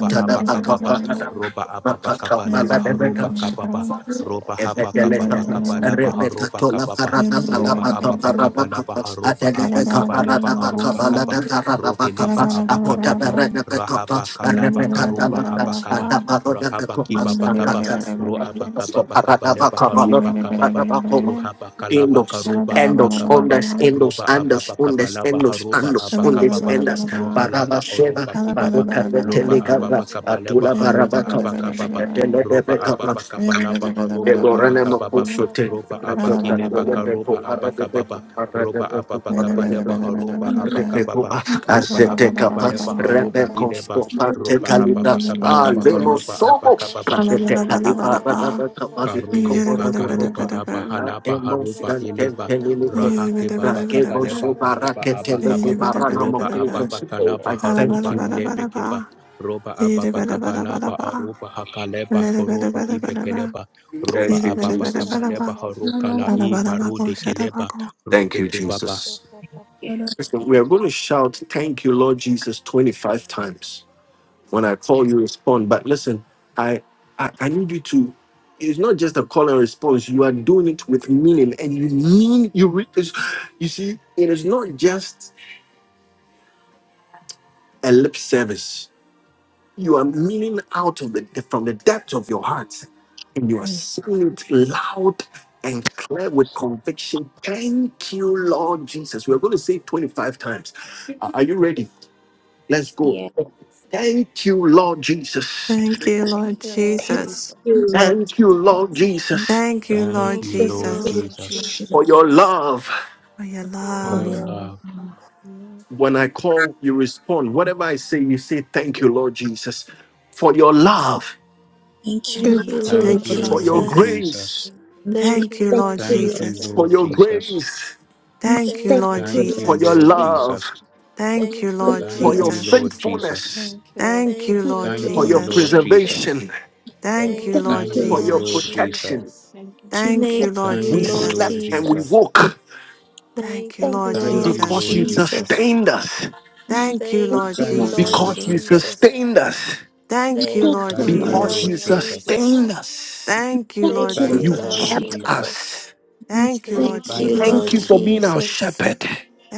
S6: Yada
S2: apa
S6: bada bada bada
S2: kapa
S6: ba.
S2: ropa apa pa kapa
S6: Yada bada bada bada ba. Yada bada bada bada ba. Yada bada bada bada ba. Bada bada
S2: lepa ropa
S6: bada bada bada ba. Bada
S5: Oh,
S2: hapa
S6: bada bada bada ba. Yada
S2: kapa pa kapa lepa roba apa pa kapa haroba apa kapa leba aroba kaba roheleba apa kapa pa rahaba kalaba
S7: you,
S6: bada
S2: karoba
S6: bada bada
S2: apa
S6: bada
S2: kapa
S6: ba.
S2: rahaba
S6: Bada
S2: kibaba kapa
S6: bada bada
S2: ro
S6: bada
S2: apa kapa pa kapa leba haroba kaba ba rohaba kalaba
S1: Endos,
S2: karoba apa
S1: endos,
S2: kapa pa
S1: ondas, endos,
S2: roba apa
S1: andos,
S2: pa
S1: ondas,
S2: laba
S1: endos,
S2: haroba
S1: andos,
S2: apa
S1: ondas,
S2: kapa pa
S1: endas, baraba
S2: rohalaba
S1: sheva,
S2: oroba kibaba
S1: baruka
S2: loba
S1: betelega,
S6: bada.
S2: apa pa leba
S1: atula
S2: haroba
S1: baraba
S2: apa kapa pa roba apa
S1: kau,
S2: pa laba
S1: I
S2: haroba
S1: thank
S2: apa kapa pa roba abakile baka roba abakababa roba abakababa
S5: Yes,
S2: leba haroba abakababa roba abakababa leba haroba ileba roba abakababa leba haroba abakababa Karule Bakaruba Abahalaba Haruba Ileba
S5: Masataya
S2: Rahake
S5: Katabayas
S2: Babakabaleba Haruba
S5: Katatabayas
S2: Abakaba Roba Ababakalaba
S5: Yandabayas
S6: Bada bada
S2: Haruba
S1: you.
S6: bada bada
S2: Ilebekeba
S6: ba.
S2: Roba
S6: Ida bada bada bada
S2: Ababakabalaba
S6: ba.
S2: Aruba Hakaleba
S6: Lida bada
S2: Koroba
S6: bada bada ba.
S2: Ibekeleba
S1: Thank
S2: Roba
S6: Ida
S1: you,
S6: bada bada
S1: Jesus.
S6: bada
S2: Ababakabaleba
S6: ba.
S5: Katabayas
S2: Harukala
S6: Bada bada
S5: Katabayas
S6: bako
S2: Ibarude
S6: shada
S2: Keleba
S6: bako.
S1: Thank you,
S2: Rubeke
S1: Jesus.
S3: you.
S5: Katabayas
S1: Listen, we are going to shout, Thank you, Lord Jesus, 25 times. When I call,
S3: Yes.
S1: you respond. But listen, I, I, I need you to, it's not just a call and response. You are doing it with meaning and you mean, you, re- it's- you see, it is not just a lip service. You are meaning out of the, from the depth of your heart and you are
S3: Mm.
S1: saying it loud and clear with conviction. Thank you, Lord Jesus. We are going to say it 25 times. Are are you ready? Let's go.
S3: Yeah.
S1: Thank you, Lord Jesus.
S6: Thank you, Lord
S7: Lord
S3: Thank
S7: Jesus,
S6: Jesus.
S3: you, Lord
S1: Thank you,
S8: Thank you,
S1: Lord
S3: Jesus.
S8: Jesus.
S1: Jesus,
S6: Thank you,
S2: Thank
S6: Lord
S2: you,
S5: Thank you,
S3: Thank
S8: Thank
S2: Lord
S8: you,
S3: you,
S6: Jesus,
S5: Lord
S3: Lord
S8: Lord
S2: Jesus,
S8: Jesus.
S1: for
S5: Jesus
S1: your
S3: Jesus,
S1: love.
S6: for your
S5: will
S2: for
S3: for
S7: for
S3: your
S2: your
S7: your
S6: love.
S3: love.
S7: love.
S2: love.
S8: Amen.
S1: When I call, you respond. Whatever I say, you say, Thank you, Lord Jesus, for your love,
S4: Thank you,
S5: Jesus.
S4: thank
S6: For
S4: you,
S6: your
S3: Thank
S5: Thank
S4: Lord.
S8: Thank
S5: you,
S6: love.
S8: you,
S3: you,
S5: Lord
S2: Thank
S8: Lord
S6: Thank
S3: Lord
S6: you,
S2: you,
S1: for
S6: Lord
S1: your
S2: Lord
S8: Jesus.
S3: Jesus.
S5: Jesus.
S6: Jesus.
S2: Jesus.
S1: grace,
S4: Thank you, Lord.
S5: Thank
S4: Thank
S5: you,
S6: Thank you,
S3: Thank
S5: Lord
S6: Lord
S8: Thank
S3: you,
S2: Thank
S3: Lord.
S8: you,
S2: you,
S8: Lord
S5: Jesus.
S6: Jesus.
S1: for
S2: Lord
S1: your
S8: Jesus.
S2: Jesus.
S1: grace,
S6: Thank you,
S5: Thank
S3: Thank
S8: Thank
S6: Lord
S5: you,
S3: you,
S8: you,
S2: Thank
S8: Lord
S2: you,
S5: Lord
S1: for
S3: Lord
S1: your
S6: Jesus.
S2: Lord
S8: Jesus.
S3: Jesus.
S1: love,
S2: Jesus.
S5: Jesus.
S6: Thank
S5: Thank
S6: you,
S5: you,
S3: Thank
S6: Lord
S8: Thank you,
S3: you,
S2: Thank
S1: for
S3: Lord.
S1: your
S5: Lord
S8: Lord
S2: you,
S6: Jesus.
S3: Jesus.
S8: Jesus.
S2: Lord
S5: Jesus.
S2: Jesus.
S1: faithfulness,
S7: Thank you, Lord
S6: Thank you,
S7: Jesus.
S5: Thank
S3: Thank
S5: you,
S8: Thank
S6: Lord
S8: you,
S3: you,
S2: Thank
S1: for
S3: Lord.
S8: Lord
S2: you,
S1: your
S5: Lord
S8: Jesus.
S2: Lord
S6: Jesus.
S3: Jesus.
S2: Jesus.
S5: Jesus.
S1: preservation,
S7: Thank you, Lord
S6: Thank you,
S5: Thank
S7: Jesus.
S8: Thank
S6: Lord
S3: Thank
S8: you,
S5: you,
S3: you,
S2: Thank
S3: Lord.
S1: for
S2: you,
S8: Lord
S1: your
S6: Jesus.
S5: Lord
S2: Lord
S3: Jesus.
S8: Jesus.
S2: Jesus.
S1: protection.
S5: Jesus.
S7: Thank you,
S6: Thank
S8: Thank
S6: you,
S5: Thank
S6: Lord
S5: you,
S2: Thank
S1: We
S8: you,
S2: you,
S8: Lord
S5: Lord
S8: Jesus.
S2: Lord
S6: Jesus.
S1: slept and we
S2: Jesus.
S5: Jesus.
S1: woke
S6: Thank you,
S5: Thank you,
S6: Lord
S3: Thank you,
S8: Thank you.
S2: Thank
S3: Lord
S5: Lord
S2: you,
S6: Jesus.
S1: because
S2: Lord
S1: you
S3: Jesus.
S2: Jesus.
S5: Jesus.
S1: sustained us,
S6: Thank you,
S5: Thank
S6: Lord
S3: Thank you,
S5: you,
S2: Thank
S3: Lord
S2: you,
S5: Lord
S2: Lord
S6: Jesus.
S1: because
S3: Jesus.
S1: you
S2: Jesus.
S5: Jesus.
S1: sustained us.
S4: you,
S6: Thank you,
S5: Thank
S3: Thank
S8: Thank
S6: Lord
S3: you,
S8: you,
S5: you,
S2: Thank
S8: Lord.
S3: Lord
S2: you,
S1: because
S7: Lord Jesus. Thank
S5: Lord
S7: you,
S3: Jesus.
S2: Lord
S6: Jesus.
S1: you
S7: Lord Jesus.
S2: Jesus.
S5: Jesus.
S1: sustained us.
S6: Thank you,
S4: Lord.
S8: Thank
S3: Thank
S6: Lord
S8: you,
S3: you,
S5: Thank
S3: Lord
S5: you,
S2: Thank
S1: You
S8: Lord.
S2: you,
S5: Lord
S2: Lord
S6: Jesus.
S3: Jesus.
S1: kept
S2: Jesus.
S1: us.
S5: Jesus.
S4: Thank you,
S6: Thank you, Lord
S8: Thank
S5: Thank
S8: you,
S3: Thank you,
S5: you,
S2: Thank
S8: Lord
S3: Lord.
S2: you,
S6: Jesus.
S5: Lord
S1: Thank you
S2: Lord
S8: Jesus.
S1: for being
S2: Jesus.
S1: our
S5: Jesus.
S1: shepherd.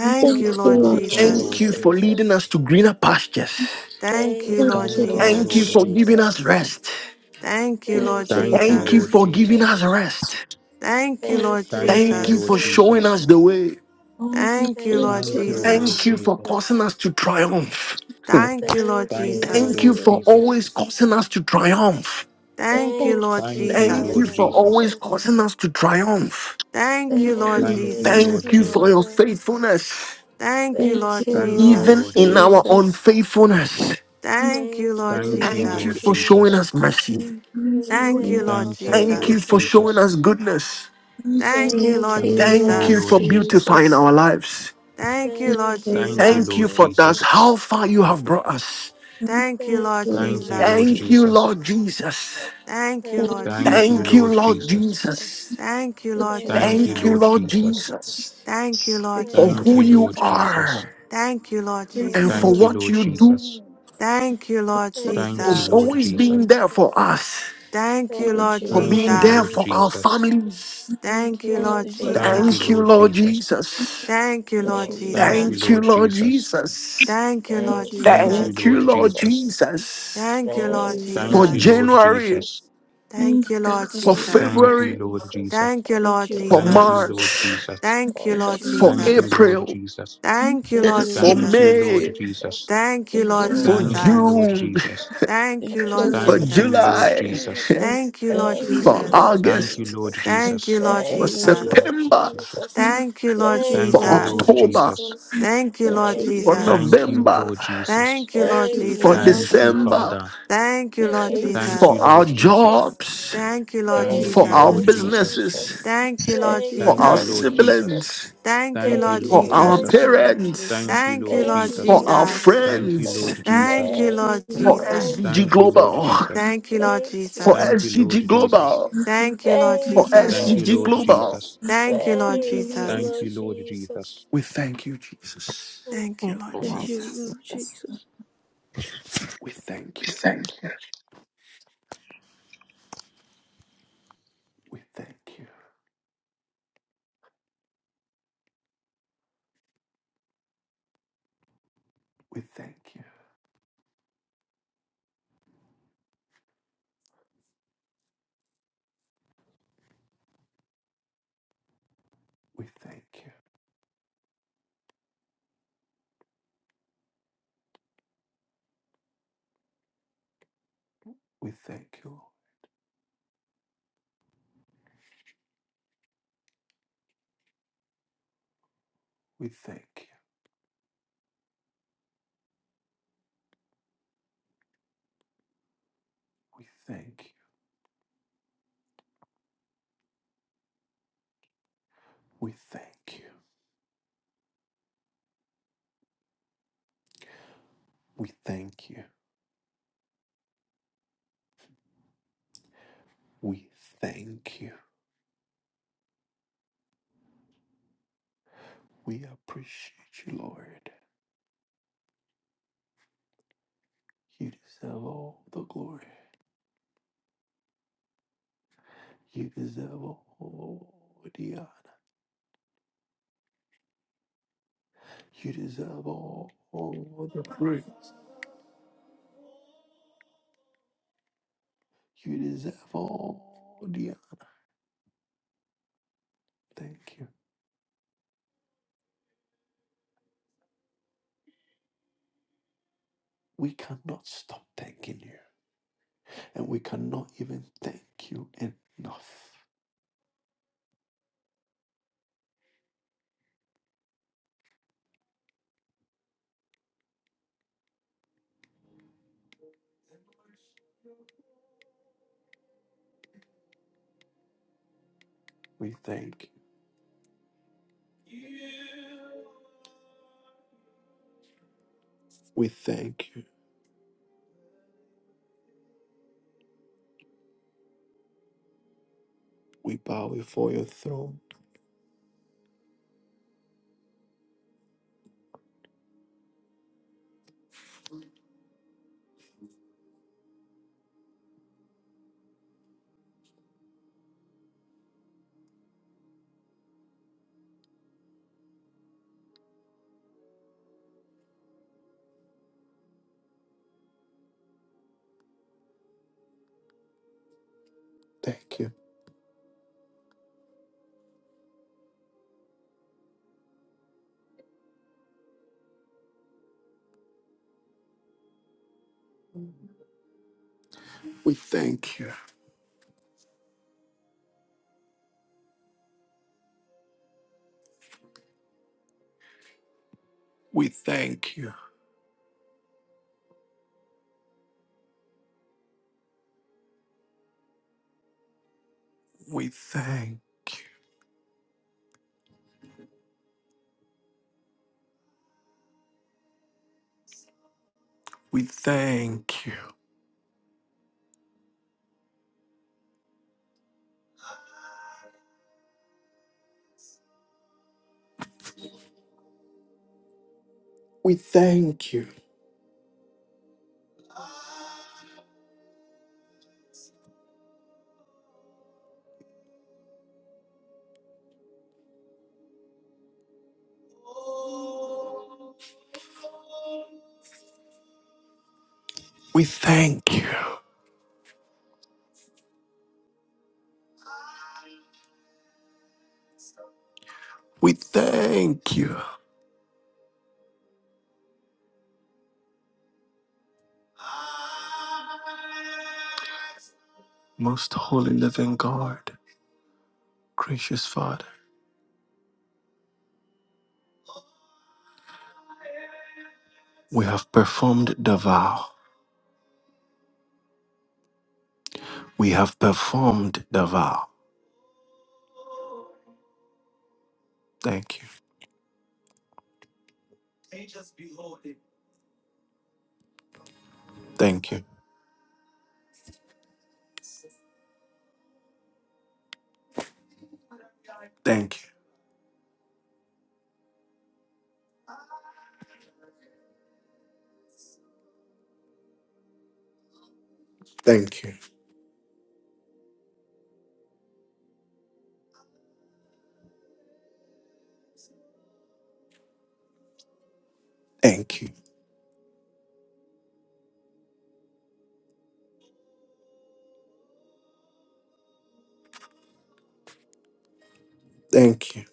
S4: thank you,
S3: Thank
S6: you,
S5: Thank
S3: you,
S5: you,
S6: Lord
S8: Thank
S3: Lord
S2: Thank you,
S5: Lord
S1: Thank
S6: Jesus.
S2: Lord
S1: you
S3: Jesus.
S1: for
S2: Jesus.
S1: leading
S5: Jesus.
S1: us to greener pastures.
S6: Thank
S5: Thank
S6: you,
S5: you,
S6: Lord
S7: Thank
S8: you,
S3: Thank
S7: you,
S3: you,
S2: Thank
S8: Lord
S3: Lord.
S7: Lord
S2: you,
S5: Lord
S1: Thank you
S2: Lord
S8: Jesus.
S6: Jesus.
S7: Jesus.
S1: for giving
S2: Jesus.
S1: us
S5: Jesus.
S1: rest.
S6: Thank you,
S3: Thank
S8: Thank
S6: Lord
S5: Thank
S8: you,
S5: you,
S2: Thank
S8: Lord
S2: you,
S5: Lord
S1: Thank you
S8: Jesus.
S2: Lord
S6: Jesus.
S7: Thank
S1: for
S7: you,
S1: giving
S7: Lord
S2: Jesus.
S1: us
S7: Jesus.
S5: Jesus.
S1: rest.
S6: Thank you, Lord
S5: Thank
S8: Thank you,
S5: you,
S2: Thank
S8: Lord.
S2: you,
S1: Thank
S5: Lord
S1: you
S2: Lord
S6: Jesus.
S1: for showing
S2: Jesus.
S1: us
S5: Jesus.
S1: the way.
S4: all things.
S6: Thank you,
S5: Thank
S6: Lord
S8: Thank
S2: Thank
S3: you,
S5: you,
S3: Lord. Thank
S8: you,
S3: you,
S2: you,
S8: Lord
S5: Lord
S2: Lord
S1: Thank
S6: Jesus.
S8: Jesus.
S1: you for
S2: Jesus.
S1: causing
S5: Jesus.
S1: us to triumph.
S6: Thank you, Lord
S5: Thank
S8: Thank you,
S2: Thank
S5: you,
S8: Lord
S2: you,
S5: Lord
S1: Thank
S6: Jesus.
S8: Jesus.
S1: you
S2: Lord
S1: for
S2: Jesus.
S1: always
S5: Jesus.
S1: causing us to triumph.
S6: Thank
S3: Lord.
S6: you,
S5: Thank
S6: Lord
S2: Thank
S5: you,
S2: you,
S7: Thank
S1: Thank
S7: you,
S5: Lord
S1: you
S2: Lord
S6: Jesus.
S1: for
S7: Lord Jesus.
S2: Jesus.
S1: always
S5: Jesus.
S1: causing us to triumph.
S3: Thank you, thank you, thank you, thank you, thank you, thank you, thank you,
S6: Thank you,
S5: Thank
S8: Thank
S6: Lord
S8: you,
S2: Thank
S8: Lord.
S5: you,
S2: you,
S5: Lord
S2: Lord
S6: Jesus.
S1: Thank you for your
S2: Jesus.
S5: Jesus.
S1: faithfulness,
S6: Thank you,
S5: Thank
S8: Thank
S6: Lord
S8: you,
S5: you,
S2: Thank
S8: Lord
S2: you,
S8: Jesus.
S5: Lord
S1: even
S6: Jesus.
S2: Lord
S1: in our
S2: Jesus.
S5: Jesus.
S1: unfaithfulness.
S6: Thank you,
S5: Thank
S8: Thank
S6: Lord
S8: you,
S5: you,
S2: Thank you,
S8: Lord
S1: Thank
S5: Lord
S8: Jesus.
S1: you
S2: Lord
S6: Jesus.
S1: for showing
S2: Jesus.
S1: us
S5: Jesus.
S1: mercy.
S7: Thank
S4: Thank you,
S7: you,
S4: Lord.
S6: Thank
S8: Thank
S6: you,
S5: Thank
S8: you,
S6: Lord
S7: Lord
S2: Thank
S5: you,
S2: you,
S1: Thank
S8: Jesus.
S5: Lord
S2: Lord
S1: you
S6: Jesus.
S1: for
S7: Jesus.
S1: showing
S2: Jesus.
S1: us
S5: Jesus.
S1: goodness.
S4: Thank you, Lord.
S6: Thank
S8: Thank
S6: you,
S8: you,
S5: Thank
S6: Lord
S5: you,
S8: Lord.
S2: Thank you,
S1: Thank
S5: Lord
S1: you
S2: Lord
S6: Jesus.
S1: for
S2: Jesus.
S1: beautifying
S5: Jesus.
S1: our lives.
S6: Thank you,
S5: Thank
S6: Lord
S8: Thank you,
S5: you,
S2: Thank
S8: Lord
S2: you,
S5: Lord
S1: Thank you
S8: Jesus.
S2: Lord
S6: Jesus.
S1: for thus
S2: Jesus.
S5: Jesus.
S1: how far you have brought us.
S4: Thank you,
S6: Thank you,
S5: Thank
S6: Lord
S8: Thank
S5: you,
S8: you,
S2: Thank you,
S8: Lord
S5: Lord
S2: Lord
S8: Jesus.
S6: Jesus.
S1: Thank you,
S2: Jesus.
S1: Lord
S5: Jesus.
S1: Jesus.
S6: Thank you, Lord
S5: Thank
S4: thank
S8: Thank
S4: you,
S8: you,
S2: Thank
S5: you,
S2: you,
S1: Thank
S8: Lord
S5: Lord
S1: you,
S2: Lord
S6: Jesus.
S8: Jesus.
S1: Lord
S2: Jesus.
S5: Jesus.
S1: Jesus.
S6: Thank you,
S8: Thank
S6: Lord
S8: you,
S2: Thank
S5: Thank
S8: Lord
S5: you,
S2: you,
S1: Thank
S8: Jesus.
S1: you,
S2: Lord
S5: Lord
S6: Jesus.
S1: Lord
S2: Jesus.
S5: Jesus.
S1: Jesus,
S6: Thank you, Lord
S8: Thank
S5: Thank
S1: for
S8: you,
S5: you,
S2: Thank
S1: who
S8: Lord.
S2: you,
S5: Lord
S6: Jesus.
S1: you
S2: Lord
S5: Jesus.
S2: Jesus.
S1: are
S6: Thank you, Lord
S5: Thank
S8: Thank
S1: and
S8: you,
S5: you,
S1: for
S2: Thank
S8: Lord.
S6: Jesus.
S2: you,
S5: Lord
S1: what
S2: Lord
S1: you
S5: Jesus.
S1: do,
S2: Jesus.
S6: Thank you, Lord
S5: Thank
S8: Thank you,
S2: Thank
S5: you,
S2: you,
S1: for
S8: Lord
S2: Lord
S5: Lord
S6: Jesus.
S1: always
S8: Jesus.
S2: Jesus.
S1: being there for
S5: Jesus.
S1: us,
S6: Thank you,
S5: Thank
S8: Thank
S6: Lord
S8: you,
S1: for
S5: you,
S8: Lord
S2: Thank
S1: being
S5: Lord
S2: you,
S8: Jesus.
S1: there
S2: Lord
S6: Jesus.
S1: for our
S5: Jesus.
S2: Jesus.
S1: families.
S7: Thank
S6: Thank
S7: you,
S6: you, Lord
S7: Lord
S5: Thank
S8: Thank
S5: you,
S7: Jesus.
S8: you,
S5: Lord
S2: Thank
S8: Lord
S2: you,
S1: Thank
S8: Jesus.
S1: you,
S6: Jesus.
S2: Lord
S5: Jesus.
S1: Lord
S2: Jesus.
S1: Jesus.
S6: Thank you,
S8: Thank
S6: Lord
S8: you,
S5: Thank you,
S8: Lord
S2: Thank
S5: Lord
S2: you,
S8: Jesus.
S1: Thank
S6: Jesus.
S1: you,
S2: Lord
S1: Lord
S5: Jesus.
S2: Jesus.
S1: Jesus.
S6: Thank you, Lord
S8: Thank
S5: Thank
S8: you,
S5: you,
S8: Lord
S2: Thank
S5: Lord
S2: you,
S1: Thank
S8: Jesus.
S6: Jesus.
S2: Lord
S1: you, Lord
S2: Jesus.
S5: Jesus.
S1: Jesus,
S6: Thank you,
S8: Thank
S6: Lord
S8: you,
S5: Thank you,
S8: Lord
S1: for
S2: Thank
S5: Lord
S2: you,
S6: Jesus.
S8: Jesus.
S2: Lord
S1: January,
S2: Jesus.
S5: Jesus.
S4: thank you,
S6: Thank you, Lord
S1: for
S8: Thank you,
S5: Thank
S8: Lord
S5: you,
S6: Jesus.
S5: Lord
S2: Thank
S8: Jesus.
S2: you,
S1: February,
S2: Lord Jesus.
S5: Jesus.
S6: Thank you,
S5: Thank
S8: Thank
S6: Lord
S8: you,
S5: you,
S1: for
S8: Lord
S5: Lord
S2: Thank
S6: Jesus.
S2: you,
S8: Jesus.
S2: Lord
S1: March,
S5: Jesus.
S2: Jesus.
S6: Thank you,
S5: Thank
S8: Thank
S6: Lord
S5: you.
S8: you,
S1: for
S8: Lord
S2: Thank you,
S6: Jesus.
S8: Jesus.
S2: Lord
S1: April,
S2: Jesus.
S4: thank you,
S6: Thank you,
S8: Thank
S6: Lord
S5: Thank
S8: you,
S1: for
S5: you,
S8: Lord
S4: thank
S2: Thank you,
S6: Jesus.
S5: Lord
S8: Jesus.
S2: Lord
S1: May,
S5: Jesus.
S2: Jesus.
S6: Thank you,
S8: Thank you,
S6: Lord
S5: Thank
S1: for
S8: Lord
S2: Thank
S5: you,
S2: you,
S6: Jesus.
S2: Lord
S8: Jesus.
S1: June,
S2: Jesus.
S6: Thank you,
S8: Thank
S5: Lord
S8: you,
S6: Lord
S1: for
S8: Lord
S2: Thank you,
S6: Jesus.
S2: Lord
S8: Jesus.
S1: July,
S2: Jesus.
S5: Jesus.
S6: Thank you, Lord
S8: Thank you,
S5: Thank
S8: Lord
S1: for
S5: you,
S6: Jesus.
S5: Lord
S8: Jesus.
S2: Thank you,
S1: August,
S2: Lord
S5: Jesus.
S6: Thank you,
S2: Jesus.
S6: Lord
S8: Thank
S1: for
S8: you,
S5: Thank
S8: Lord
S5: you,
S6: Jesus.
S2: Thank
S5: Lord
S8: Jesus.
S2: you,
S1: September,
S2: Jesus.
S5: Jesus.
S6: Thank you, Lord
S8: Thank you,
S5: Thank you, Lord Jesus. Thank
S1: for
S2: Thank
S5: you,
S2: you,
S8: Lord
S5: Lord
S2: Lord
S6: Jesus.
S5: Jesus.
S1: October,
S8: Jesus.
S2: Jesus.
S4: you,
S6: Thank you,
S8: Thank
S6: Lord
S5: Thank
S8: you,
S1: for
S5: you,
S8: Lord
S5: Lord
S6: Jesus.
S2: Thank
S8: Jesus.
S2: you,
S1: November,
S2: Lord
S5: Jesus.
S2: Jesus.
S6: Thank you,
S8: Thank
S6: Lord
S8: you,
S5: Thank
S1: for
S8: Lord
S5: you,
S6: Jesus.
S5: Lord
S8: Jesus.
S2: Thank you,
S5: Jesus.
S1: December,
S2: Father.
S6: Thank you,
S8: Thank
S6: Lord
S8: you,
S5: Thank
S8: Lord
S5: you,
S2: Thank
S1: for
S2: you,
S6: Jesus.
S5: Lord
S1: our
S2: Lord
S8: Jesus.
S2: Jesus.
S1: jobs,
S6: Thank you, Lord
S8: Thank
S3: thank
S8: you,
S2: Thank
S1: for
S8: Lord
S2: you,
S1: our
S2: Lord
S6: Jesus.
S8: Jesus.
S2: Jesus.
S1: businesses,
S5: Jesus.
S6: Thank you, Lord
S8: Thank
S5: Thank
S8: you,
S5: you,
S1: for
S2: Thank
S8: Lord
S1: our
S2: you,
S5: Lord
S2: Lord
S6: Jesus.
S8: Jesus.
S2: Jesus.
S5: Jesus.
S1: siblings,
S6: Thank you,
S2: Thank you,
S8: Thank
S5: Thank
S6: Lord
S8: you,
S2: Lord
S1: for
S5: you,
S8: Lord
S1: our
S5: Lord
S7: Thank
S6: Jesus.
S2: Jesus.
S7: you,
S8: Jesus.
S7: Lord
S1: parents
S5: Jesus.
S6: Thank
S2: Thank you,
S7: Jesus.
S2: Lord
S6: you,
S8: Thank
S6: Lord
S8: you,
S5: Thank
S2: Jesus.
S1: for
S5: you,
S8: Lord
S1: our
S7: Thank you,
S5: Lord
S6: Jesus.
S7: Lord
S8: Jesus.
S7: Jesus.
S2: Thank you,
S1: friends,
S2: Lord
S5: Jesus.
S6: Thank
S2: Jesus.
S6: you,
S8: Thank
S5: Thank
S6: Lord
S8: you,
S5: you,
S1: for
S8: Lord
S5: Lord
S6: Jesus.
S8: Jesus.
S1: SGG
S2: Thank you, Lord
S5: Jesus.
S1: Global,
S2: Jesus.
S6: Thank you, Lord
S5: Thank you,
S1: for
S6: Jesus.
S2: Thank
S5: Lord
S2: you, Lord
S1: SGG
S5: Jesus.
S2: Jesus.
S1: Global,
S6: Thank you,
S8: Thank
S6: Lord
S8: you,
S1: for
S5: Thank
S8: Lord
S5: you,
S2: Thank
S6: Jesus.
S5: Lord
S2: you,
S8: Jesus.
S1: SGG
S2: Lord
S1: Global.
S5: Jesus.
S2: Jesus.
S6: Thank you, Lord
S8: Thank you,
S5: Thank
S8: Lord
S5: you,
S6: Jesus.
S2: Thank
S5: Lord
S2: you,
S8: Jesus.
S2: Lord
S5: Jesus.
S2: Jesus.
S1: We thank you, Jesus.
S5: We
S6: Thank you,
S3: you,
S6: Lord
S8: Thank you, Lord Jesus. Thank
S3: Lord
S8: you,
S6: Jesus.
S8: Lord
S3: Jesus.
S8: Jesus.
S1: We thank you.
S5: thank you.
S1: We thank you. We thank you. We thank you. We thank you. We thank you. We thank you. We thank you. We appreciate you, Lord. You deserve all the glory. You deserve all the honor. You deserve all the praise. You deserve all the honor. Thank you. We cannot stop thanking you. And we cannot even thank you enough. We thank you. We thank you. We bow before your throne. Thank you. We thank you. We we thank. We thank. We thank you. We thank you. We thank you. Most holy living God, gracious Father. We have performed the vow. We have performed the vow. Thank you. Thank you. Thank you. Thank you. Thank you. Thank you.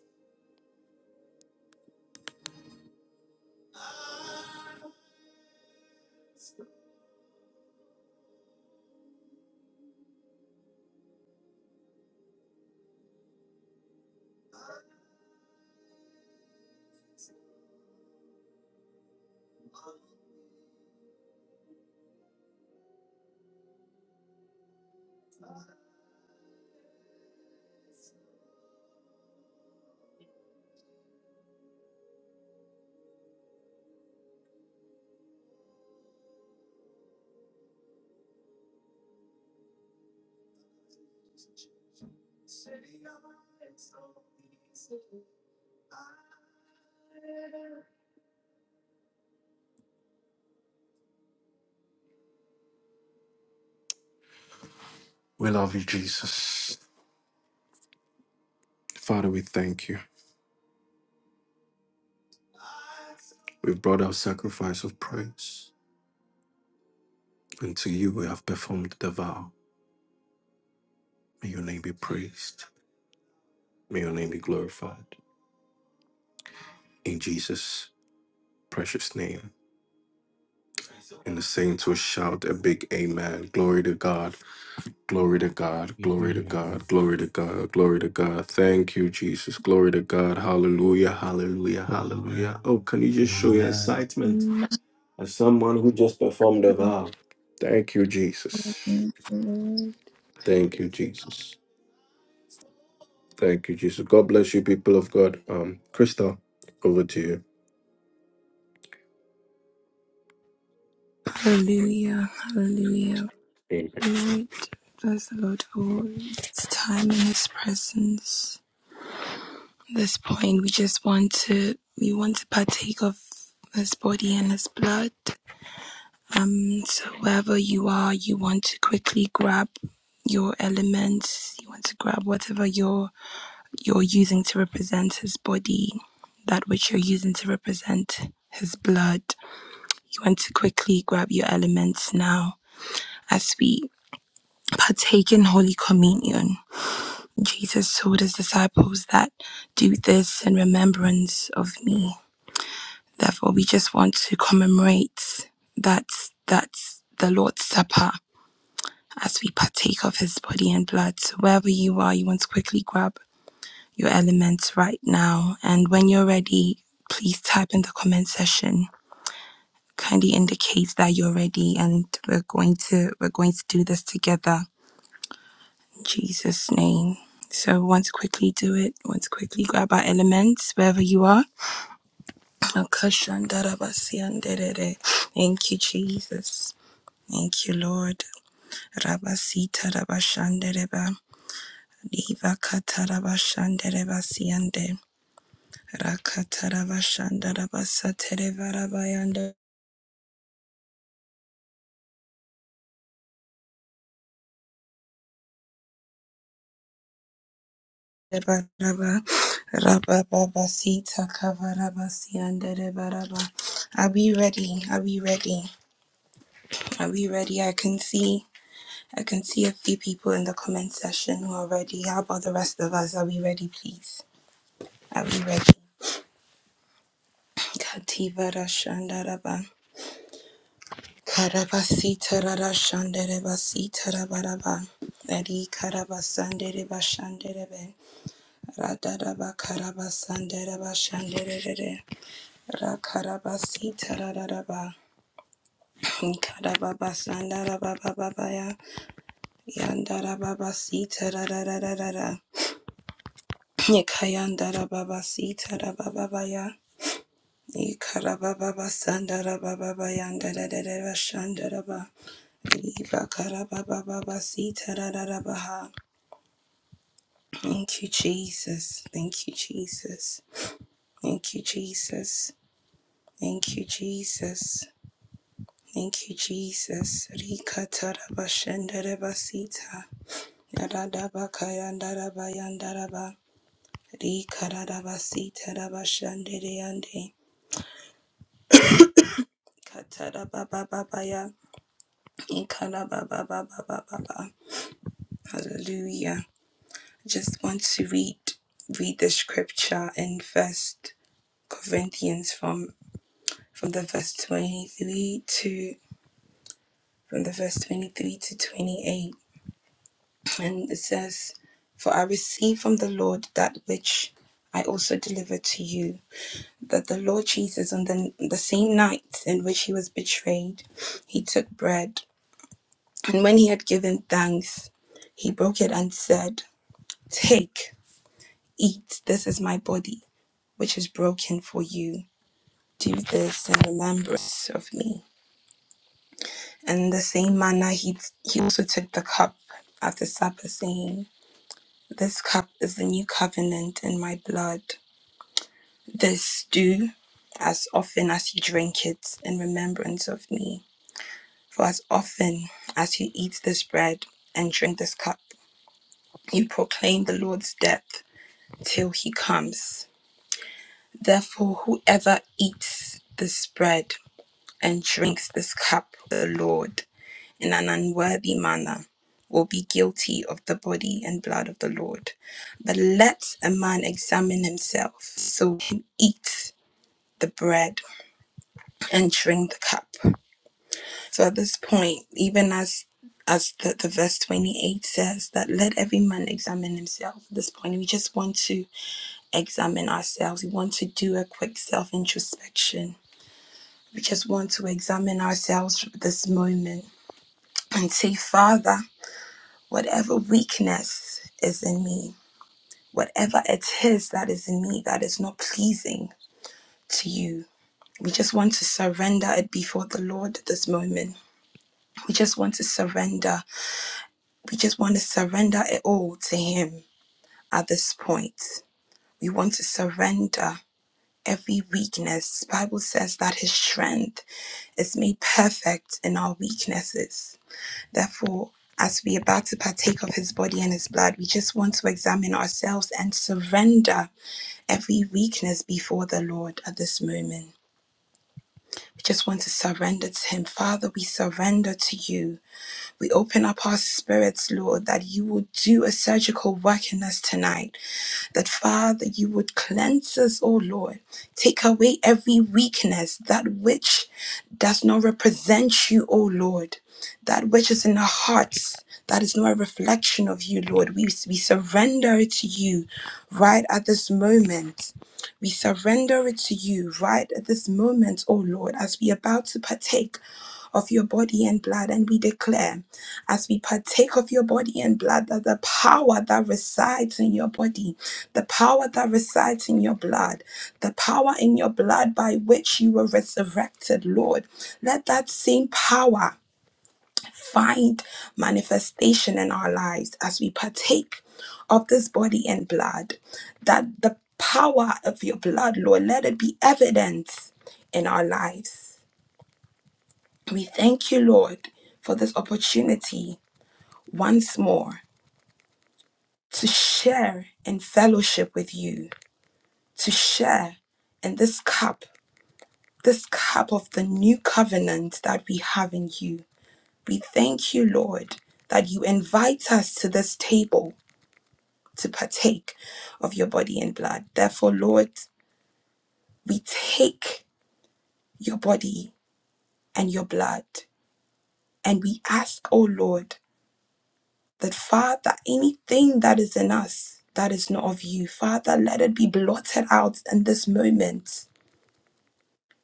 S1: We love you, Jesus. Father, we thank you. We've brought our sacrifice of praise. And to you we have performed the vow. May your name be praised. May your name be glorified. In Jesus' precious name. And the saints will shout a big amen. Glory to God. Glory to God. Glory to
S2: Amen.
S1: God. Glory to God. Glory to God. Thank you, Jesus. Glory to God. Hallelujah. Hallelujah. Hallelujah. Oh,
S2: Amen.
S1: can you just show your
S2: Amen.
S1: excitement?
S4: thank you, Lord.
S1: as someone who just performed a vow. Thank you, Jesus. Thank you, Jesus. Thank you, Jesus. God bless you, people of God. Um, Crystal, over to you.
S4: Hallelujah, hallelujah.
S1: Amen.
S4: Lord, bless the Lord for His time in His presence. this point we just want to we want to partake of his body and his blood um so wherever you are you want to quickly grab your elements you want to grab whatever you're you're using to represent his body that which you're using to represent his blood you want to quickly grab your elements now as we partake in holy communion jesus told his disciples that do this in remembrance of me Therefore, we just want to commemorate that that's the Lord's Supper as we partake of His body and blood. So wherever you are, you want to quickly grab your elements right now, and when you're ready, please type in the comment section. Kindly indicate that you're ready, and we're going to we're going to do this together. In Jesus' name. So we want to quickly do it. We want to quickly grab our elements wherever you are. Thank you, Jesus. Thank you, Lord. Rabasita Rabashandereba. Diva Katarabashandereba Siande. Rakatarabashandarabasatereva Rabayanda. Raba Rababa Sita Kavarabasiandereba Raba. Are we ready? Are we ready? Are we ready? I can see I can see a few people in the comment section who are ready. How about the rest of us? Are we ready, please? Are we ready? Kativa Karabasi tarara shandere basi tarabaraba. Eri karabasandere bashandere be. Radaraba karabasandere bashandere re. Ra karabasi tarararaba. Karababa sandaraba bababaya. Yandaraba basi tararararara. Kayandaraba basi ya, Ikarababa sandaraba babayandarere bashandaraba. Ibakarababababasitararabaha. Thank you, Jesus. Thank you, Jesus. Thank you, Jesus. Thank you, Jesus. Thank you, Jesus. Rika Rikatarabashenderebasita. Yaradabakayandaraba. Rikarabasitarabashendereyande. Katarababababaya. Ikarababababababa. Hallelujah. just want to read read the scripture in first corinthians from from the verse 23 to from the verse 23 to 28 and it says for i received from the lord that which i also delivered to you that the lord jesus on the, the same night in which he was betrayed he took bread and when he had given thanks he broke it and said, 'Take, eat this is my body which is broken for you do this in remembrance of me. And in the same manner, he, he also took the cup after supper, saying, This cup is the new covenant in my blood. This do as often as you drink it in remembrance of me. For as often as you eat this bread and drink this cup, you proclaim the Lord's death till he comes. Therefore, whoever eats this bread and drinks this cup, of the Lord in an unworthy manner will be guilty of the body and blood of the Lord. But let a man examine himself, so he eat the bread and drink the cup. So at this point, even as as the, the verse 28 says that let every man examine himself at this point we just want to examine ourselves we want to do a quick self introspection we just want to examine ourselves at this moment and say father whatever weakness is in me, whatever it is that is in me that is not pleasing to you. We just want to surrender it before the Lord this moment. We just want to surrender. We just want to surrender it all to Him at this point. We want to surrender every weakness. Bible says that His strength is made perfect in our weaknesses. Therefore, as we are about to partake of his body and his blood, we just want to examine ourselves and surrender every weakness before the Lord at this moment. We just want to surrender to Him. Father, we surrender to you. We open up our spirits, Lord, that you will do a surgical work in us tonight that Father, you would cleanse us, O Lord. Take away every weakness, that which does not represent you, O Lord, that which is in our hearts. That is not a reflection of you, Lord. We, we surrender it to you right at this moment. We surrender it to you right at this moment, O Lord, as we are about to partake of your body and blood, and we declare as we partake of your body and blood, that the power that resides in your body, the power that resides in your blood, the power in your blood by which you were resurrected, Lord, let that same power find manifestation in our lives as we partake of this body and blood, that the power of your blood, Lord, let it be evident in our lives. We thank you, Lord, for this opportunity once more to share in fellowship with you, to share in this cup, this cup of the new covenant that we have in you. We thank you, Lord, that you invite us to this table to partake of your body and blood. Therefore, Lord, we take your body and your blood and we ask, O Lord, that Father, anything that is in us that is not of you, Father, let it be blotted out in this moment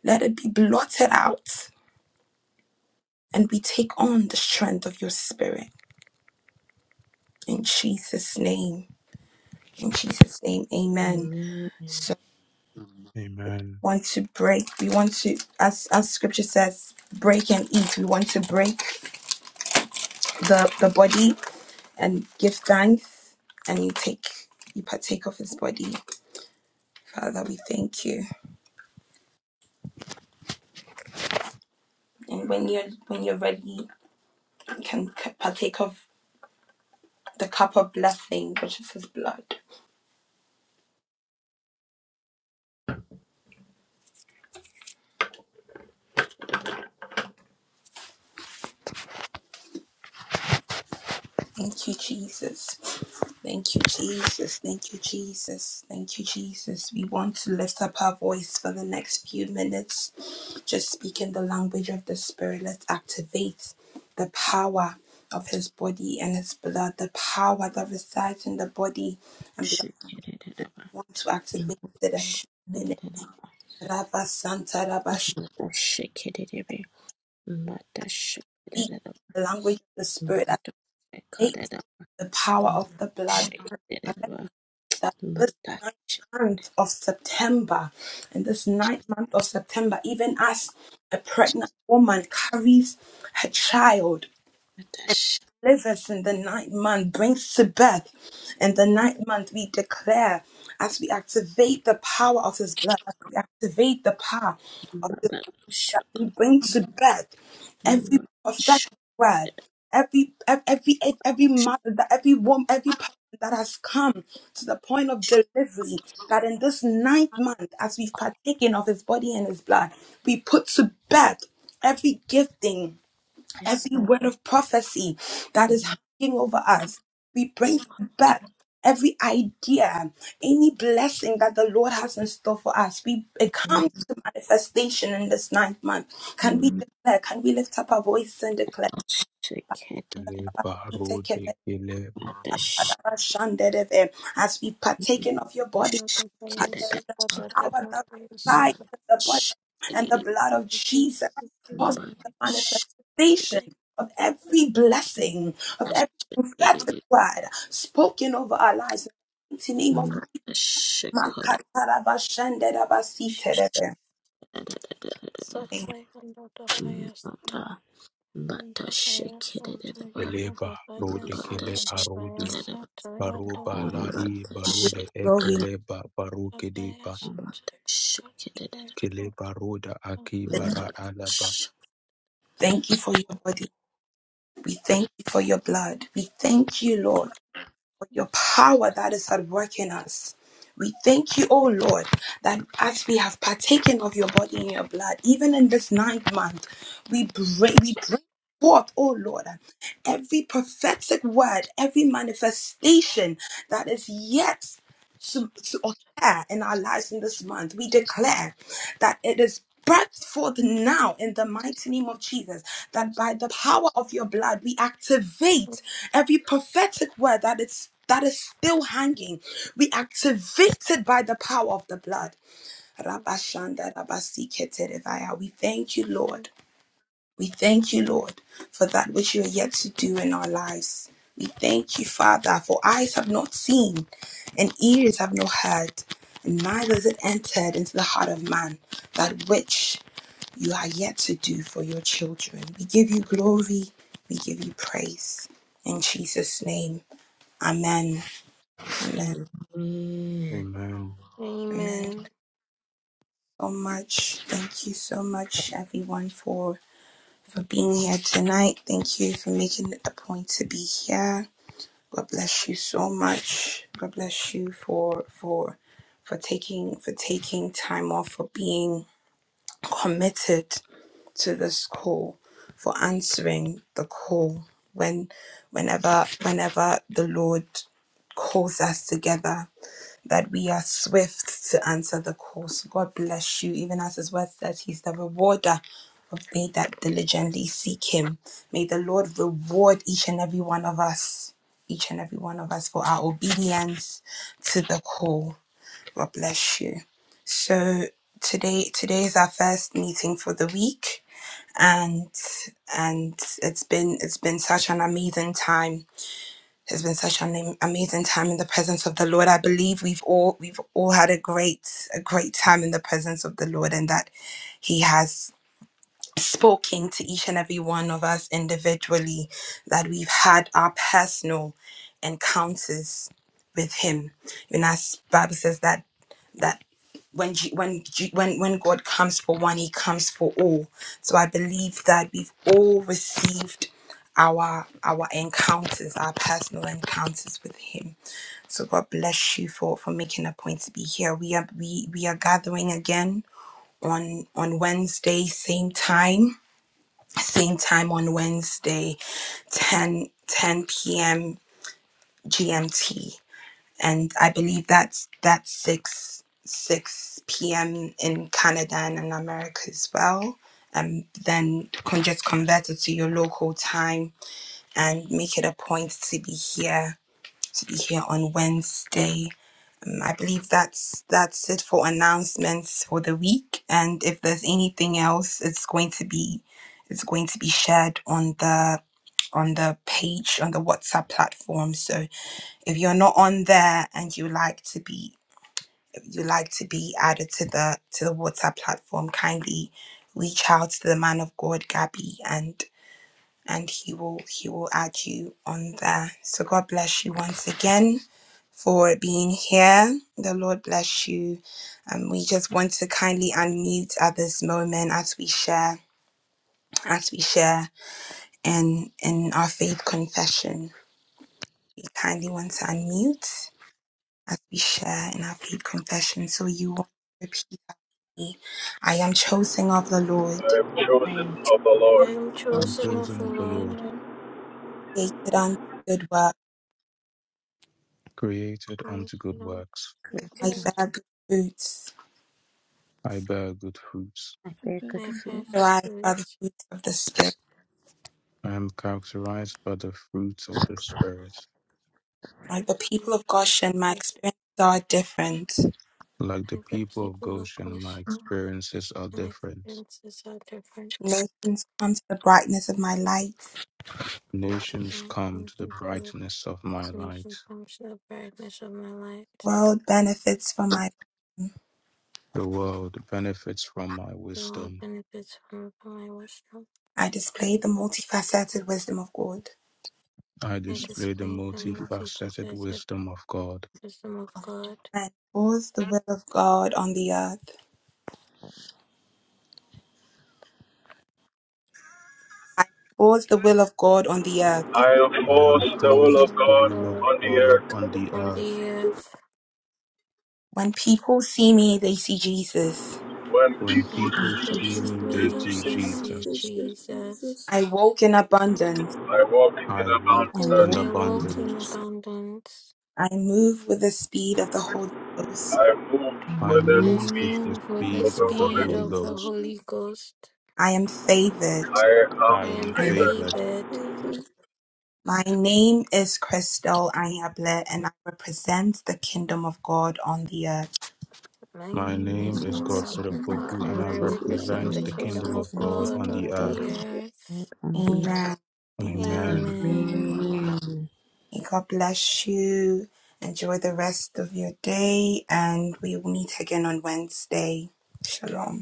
S4: Let it be blotted out and we take on the strength of your spirit. In Jesus' name. In Jesus' name. Amen.
S3: Amen.
S4: So
S2: Amen.
S4: we want to break. We want to, as as scripture says, break and eat. We want to break the, the body and give thanks and you take you partake of his body. Father, we thank you. And when you're when you're ready, you can c- partake of the cup of blessing, which is his blood. Thank you, Jesus. Thank you, Jesus. Thank you, Jesus. Thank you, Jesus. We want to lift up our voice for the next few minutes. Just speak in the language of the Spirit. Let's activate the power of His body and His blood, the power that resides in the body and blood.
S3: Shake it, it,
S4: We
S3: it,
S4: want to
S3: it,
S4: activate it in the
S3: shake it,
S4: minute.
S3: it,
S4: Rabba Santa Rabba,
S3: it, it, shake it, it, it, it, but the shake it, it, it, but the shake it, it, shake it, it, it, but the shake it, it, shake but
S4: speak the language of the Spirit. Activate the power of the blood. that this ninth month of September, in this ninth month of September, even as a pregnant woman carries her child,
S3: the
S4: delivers in the ninth month, brings to birth in the ninth month, we declare as we activate the power of His blood, as we activate the power. of His
S3: shake,
S4: that
S3: but
S4: He brings to birth every
S3: the
S4: perfect
S3: shake.
S4: word, every ev- every every mother, that every woman, every person that has come to the point of delivery. That in this ninth month, as we've partaken of His body and His blood, we put to birth every gifting
S3: Yes,
S4: every
S3: Lord.
S4: word of prophecy that is
S3: Yes,
S4: hanging over us. We bring it back every idea, any blessing that the Lord has in store for us. We it
S3: Lord.
S4: comes to manifestation in this ninth month. Can we
S3: Mata
S4: declare? Can we lift up our voice and declare?
S3: Shake it, it, it,
S2: Ele barode ele
S3: but the shake.
S4: As we partaken of your body.
S3: Amen.
S4: power, the light in the body, and the blood of Jesus causes the manifestation of every blessing, of every prophetic word spoken over our lives. In the name of
S5: Jesus.
S4: Makatarabashanderabasiterebe.
S5: So tired, Mandabaya Satoya
S2: ele
S5: Mandabaya
S2: barode kele
S5: Shikandabaya
S2: arode
S5: Satoya
S2: baroba la
S5: Mandabaya
S2: i barode
S4: Glory.
S2: ekele ba baruke de
S5: Mandabaya
S2: ba kele
S5: Satoya
S2: baroda aki bara alaba.
S4: Thank you for your body. We thank you for your blood. We thank you, Lord. for your power that is at work in us. We thank you, O Lord, that as we have partaken of your body and your blood, even in this ninth month, we bring, we bring forth, O Lord, every prophetic word, every manifestation that is yet to, to occur in our lives in this month. We declare that it is brought forth now in the mighty name of Jesus, that by the power of your blood, we activate every prophetic word that is that is still hanging. We activate it by the power of the blood. Rabashanda, Rabasiketerevaya. We thank you, Lord. We thank you, Lord, for that which you are yet to do in our lives. We thank you, Father, for eyes have not seen and ears have not heard, and neither has it entered into the heart of man that which you are yet to do for your children. We give you glory, we give you praise. In Jesus' name, amen. Amen.
S2: Amen.
S4: Amen.
S5: Amen.
S4: So much. Thank you so much, everyone, for for being here tonight. Thank you for making it a point to be here. God bless you so much. God bless you for for for taking for taking time off for being committed to this call, for answering the call when whenever whenever the Lord calls us together that we are swift to answer the call. So God bless you, even as His word says, He's the rewarder of they that diligently seek Him. May the Lord reward each and every one of us, each and every one of us for our obedience to the call. God bless you. So today, today is our first meeting for the week, and and it's been it's been such an amazing time it's been such an am- amazing time in the presence of the Lord. I believe we've all we've all had a great a great time in the presence of the Lord, and that He has spoken to each and every one of us individually, that we've had our personal encounters with Him. You know, as Bible says that that when G, when G, when when God comes for one, He comes for all. So I believe that we've all received our our encounters, our personal encounters with Him. So God bless you for for making a point to be here. We are we we are gathering again on on Wednesday, same time same time on Wednesday, 10 10 p.m. GMT. And I believe that's that's 6 6 p.m. in Canada and in America as well. And then can just convert it to your local time and make it a point to be here to be here on Wednesday. Um, I believe that's that's it for announcements for the week. And if there's anything else, it's going to be it's going to be shared on the on the page on the WhatsApp platform. So if you're not on there and you like to be you like to be added to the to the WhatsApp platform, kindly reach out to the man of God Gabby and and he will he will add you on there. So God bless you once again for being here. The Lord bless you. And we just want to kindly unmute at this moment as we share as we share in in our faith confession. You kindly want to unmute as we share in our faith confession. So you want to repeat me. I am chosen of the Lord,
S3: I am
S5: I am
S3: truly
S2: And
S5: chosen
S8: Thank
S5: of
S2: chosen
S5: the
S8: you,
S2: of the
S5: Lord,
S2: Lord,
S8: Lord
S4: created unto good work.
S2: created
S5: carried
S2: unto good
S5: along
S2: works,
S3: created
S4: I
S3: unto
S4: bear good fruits,
S2: I bear good fruits.
S3: I bear good
S5: my
S3: fruit.
S5: path of
S4: derived by the
S5: grace,
S4: fruits of the Spirit.
S2: I am characterized by the fruits of the Spirit.
S4: Like the
S5: compared
S4: people of
S5: with
S4: Goshen, my
S5: others.
S4: experiences are different.
S2: Like
S5: I
S2: the
S5: the
S2: people of
S5: people of
S2: Goshen, my
S5: Russia,
S2: experiences are
S5: my
S2: different.
S5: princes are different,
S4: Nations come to the brightness of my light.
S2: Nations
S5: all
S2: come
S5: things
S2: to the
S5: are true.
S2: brightness of my light.
S5: Nations come to the brightness of my light.
S4: World benefits from my.
S2: The world benefits from my
S5: The world
S2: wisdom.
S5: benefits from my wisdom.
S4: I display the multifaceted wisdom of God.
S2: I
S5: I
S3: This
S2: display the
S5: display the
S2: multifaceted
S5: multifaceted
S2: wisdom of God.
S5: wisdom of God.
S4: And was the will of God on the earth? Was the will of God on the earth?
S2: I
S5: I bring the
S2: enforce
S5: word
S2: the
S5: of
S2: will of
S5: God
S2: God on the
S5: on
S2: earth.
S5: the earth.
S4: When people see me, they see Jesus.
S2: When
S5: When
S3: I
S2: people
S5: people
S2: see
S5: see
S2: me, they
S5: me,
S8: Jesus.
S2: see
S5: they
S2: Jesus.
S5: see
S8: Thank you, Lord
S5: Jesus.
S8: Jesus.
S4: I walk in abundance.
S1: I walked in
S2: I
S1: the
S8: I've
S2: walk
S3: walk,
S2: in
S1: mountain.
S8: spoken
S5: I walk in
S2: abundance.
S8: repentance.
S5: abundance.
S4: I move with the speed of the Holy Ghost.
S1: I moved
S3: I
S2: I
S1: with the
S5: I
S3: move,
S2: move with
S1: speed
S2: the
S5: move with the
S1: of
S2: speed
S1: the
S2: of the
S1: Holy.
S5: speed
S2: Holy
S5: of the
S2: Ghost.
S5: Holy Ghost.
S4: I am favored.
S1: I
S5: I
S2: I am
S1: am
S5: am
S3: I
S1: favored.
S2: favored.
S5: favored.
S8: Failure.
S4: My name is Crystal Ayable, and I represent the kingdom of God on the earth.
S5: My
S2: My
S5: name
S8: My
S2: name
S5: is
S2: is
S3: Meals
S8: name is
S3: in
S2: Godfrey
S3: the
S5: Rajapoka,
S8: Benedict
S2: Opoku, and
S5: and
S2: I
S5: I
S3: faculty
S8: McCarthy, and
S5: represent
S3: and
S2: represent
S5: the
S8: I
S2: the
S3: the
S5: kingdom
S2: Kingdom
S8: represent
S5: of
S2: of
S8: the
S2: God
S3: saints
S5: God
S2: on
S8: kingdom of
S2: the
S5: on
S3: in
S8: God
S5: the
S2: earth.
S8: on
S3: the
S8: earth.
S3: Lord
S5: earth.
S3: and the
S4: Amen. Amen.
S2: Amen.
S5: Amen.
S8: Amen.
S3: Amen.
S4: May God bless you. Enjoy the rest of your day, and we will meet again on Wednesday. Shalom.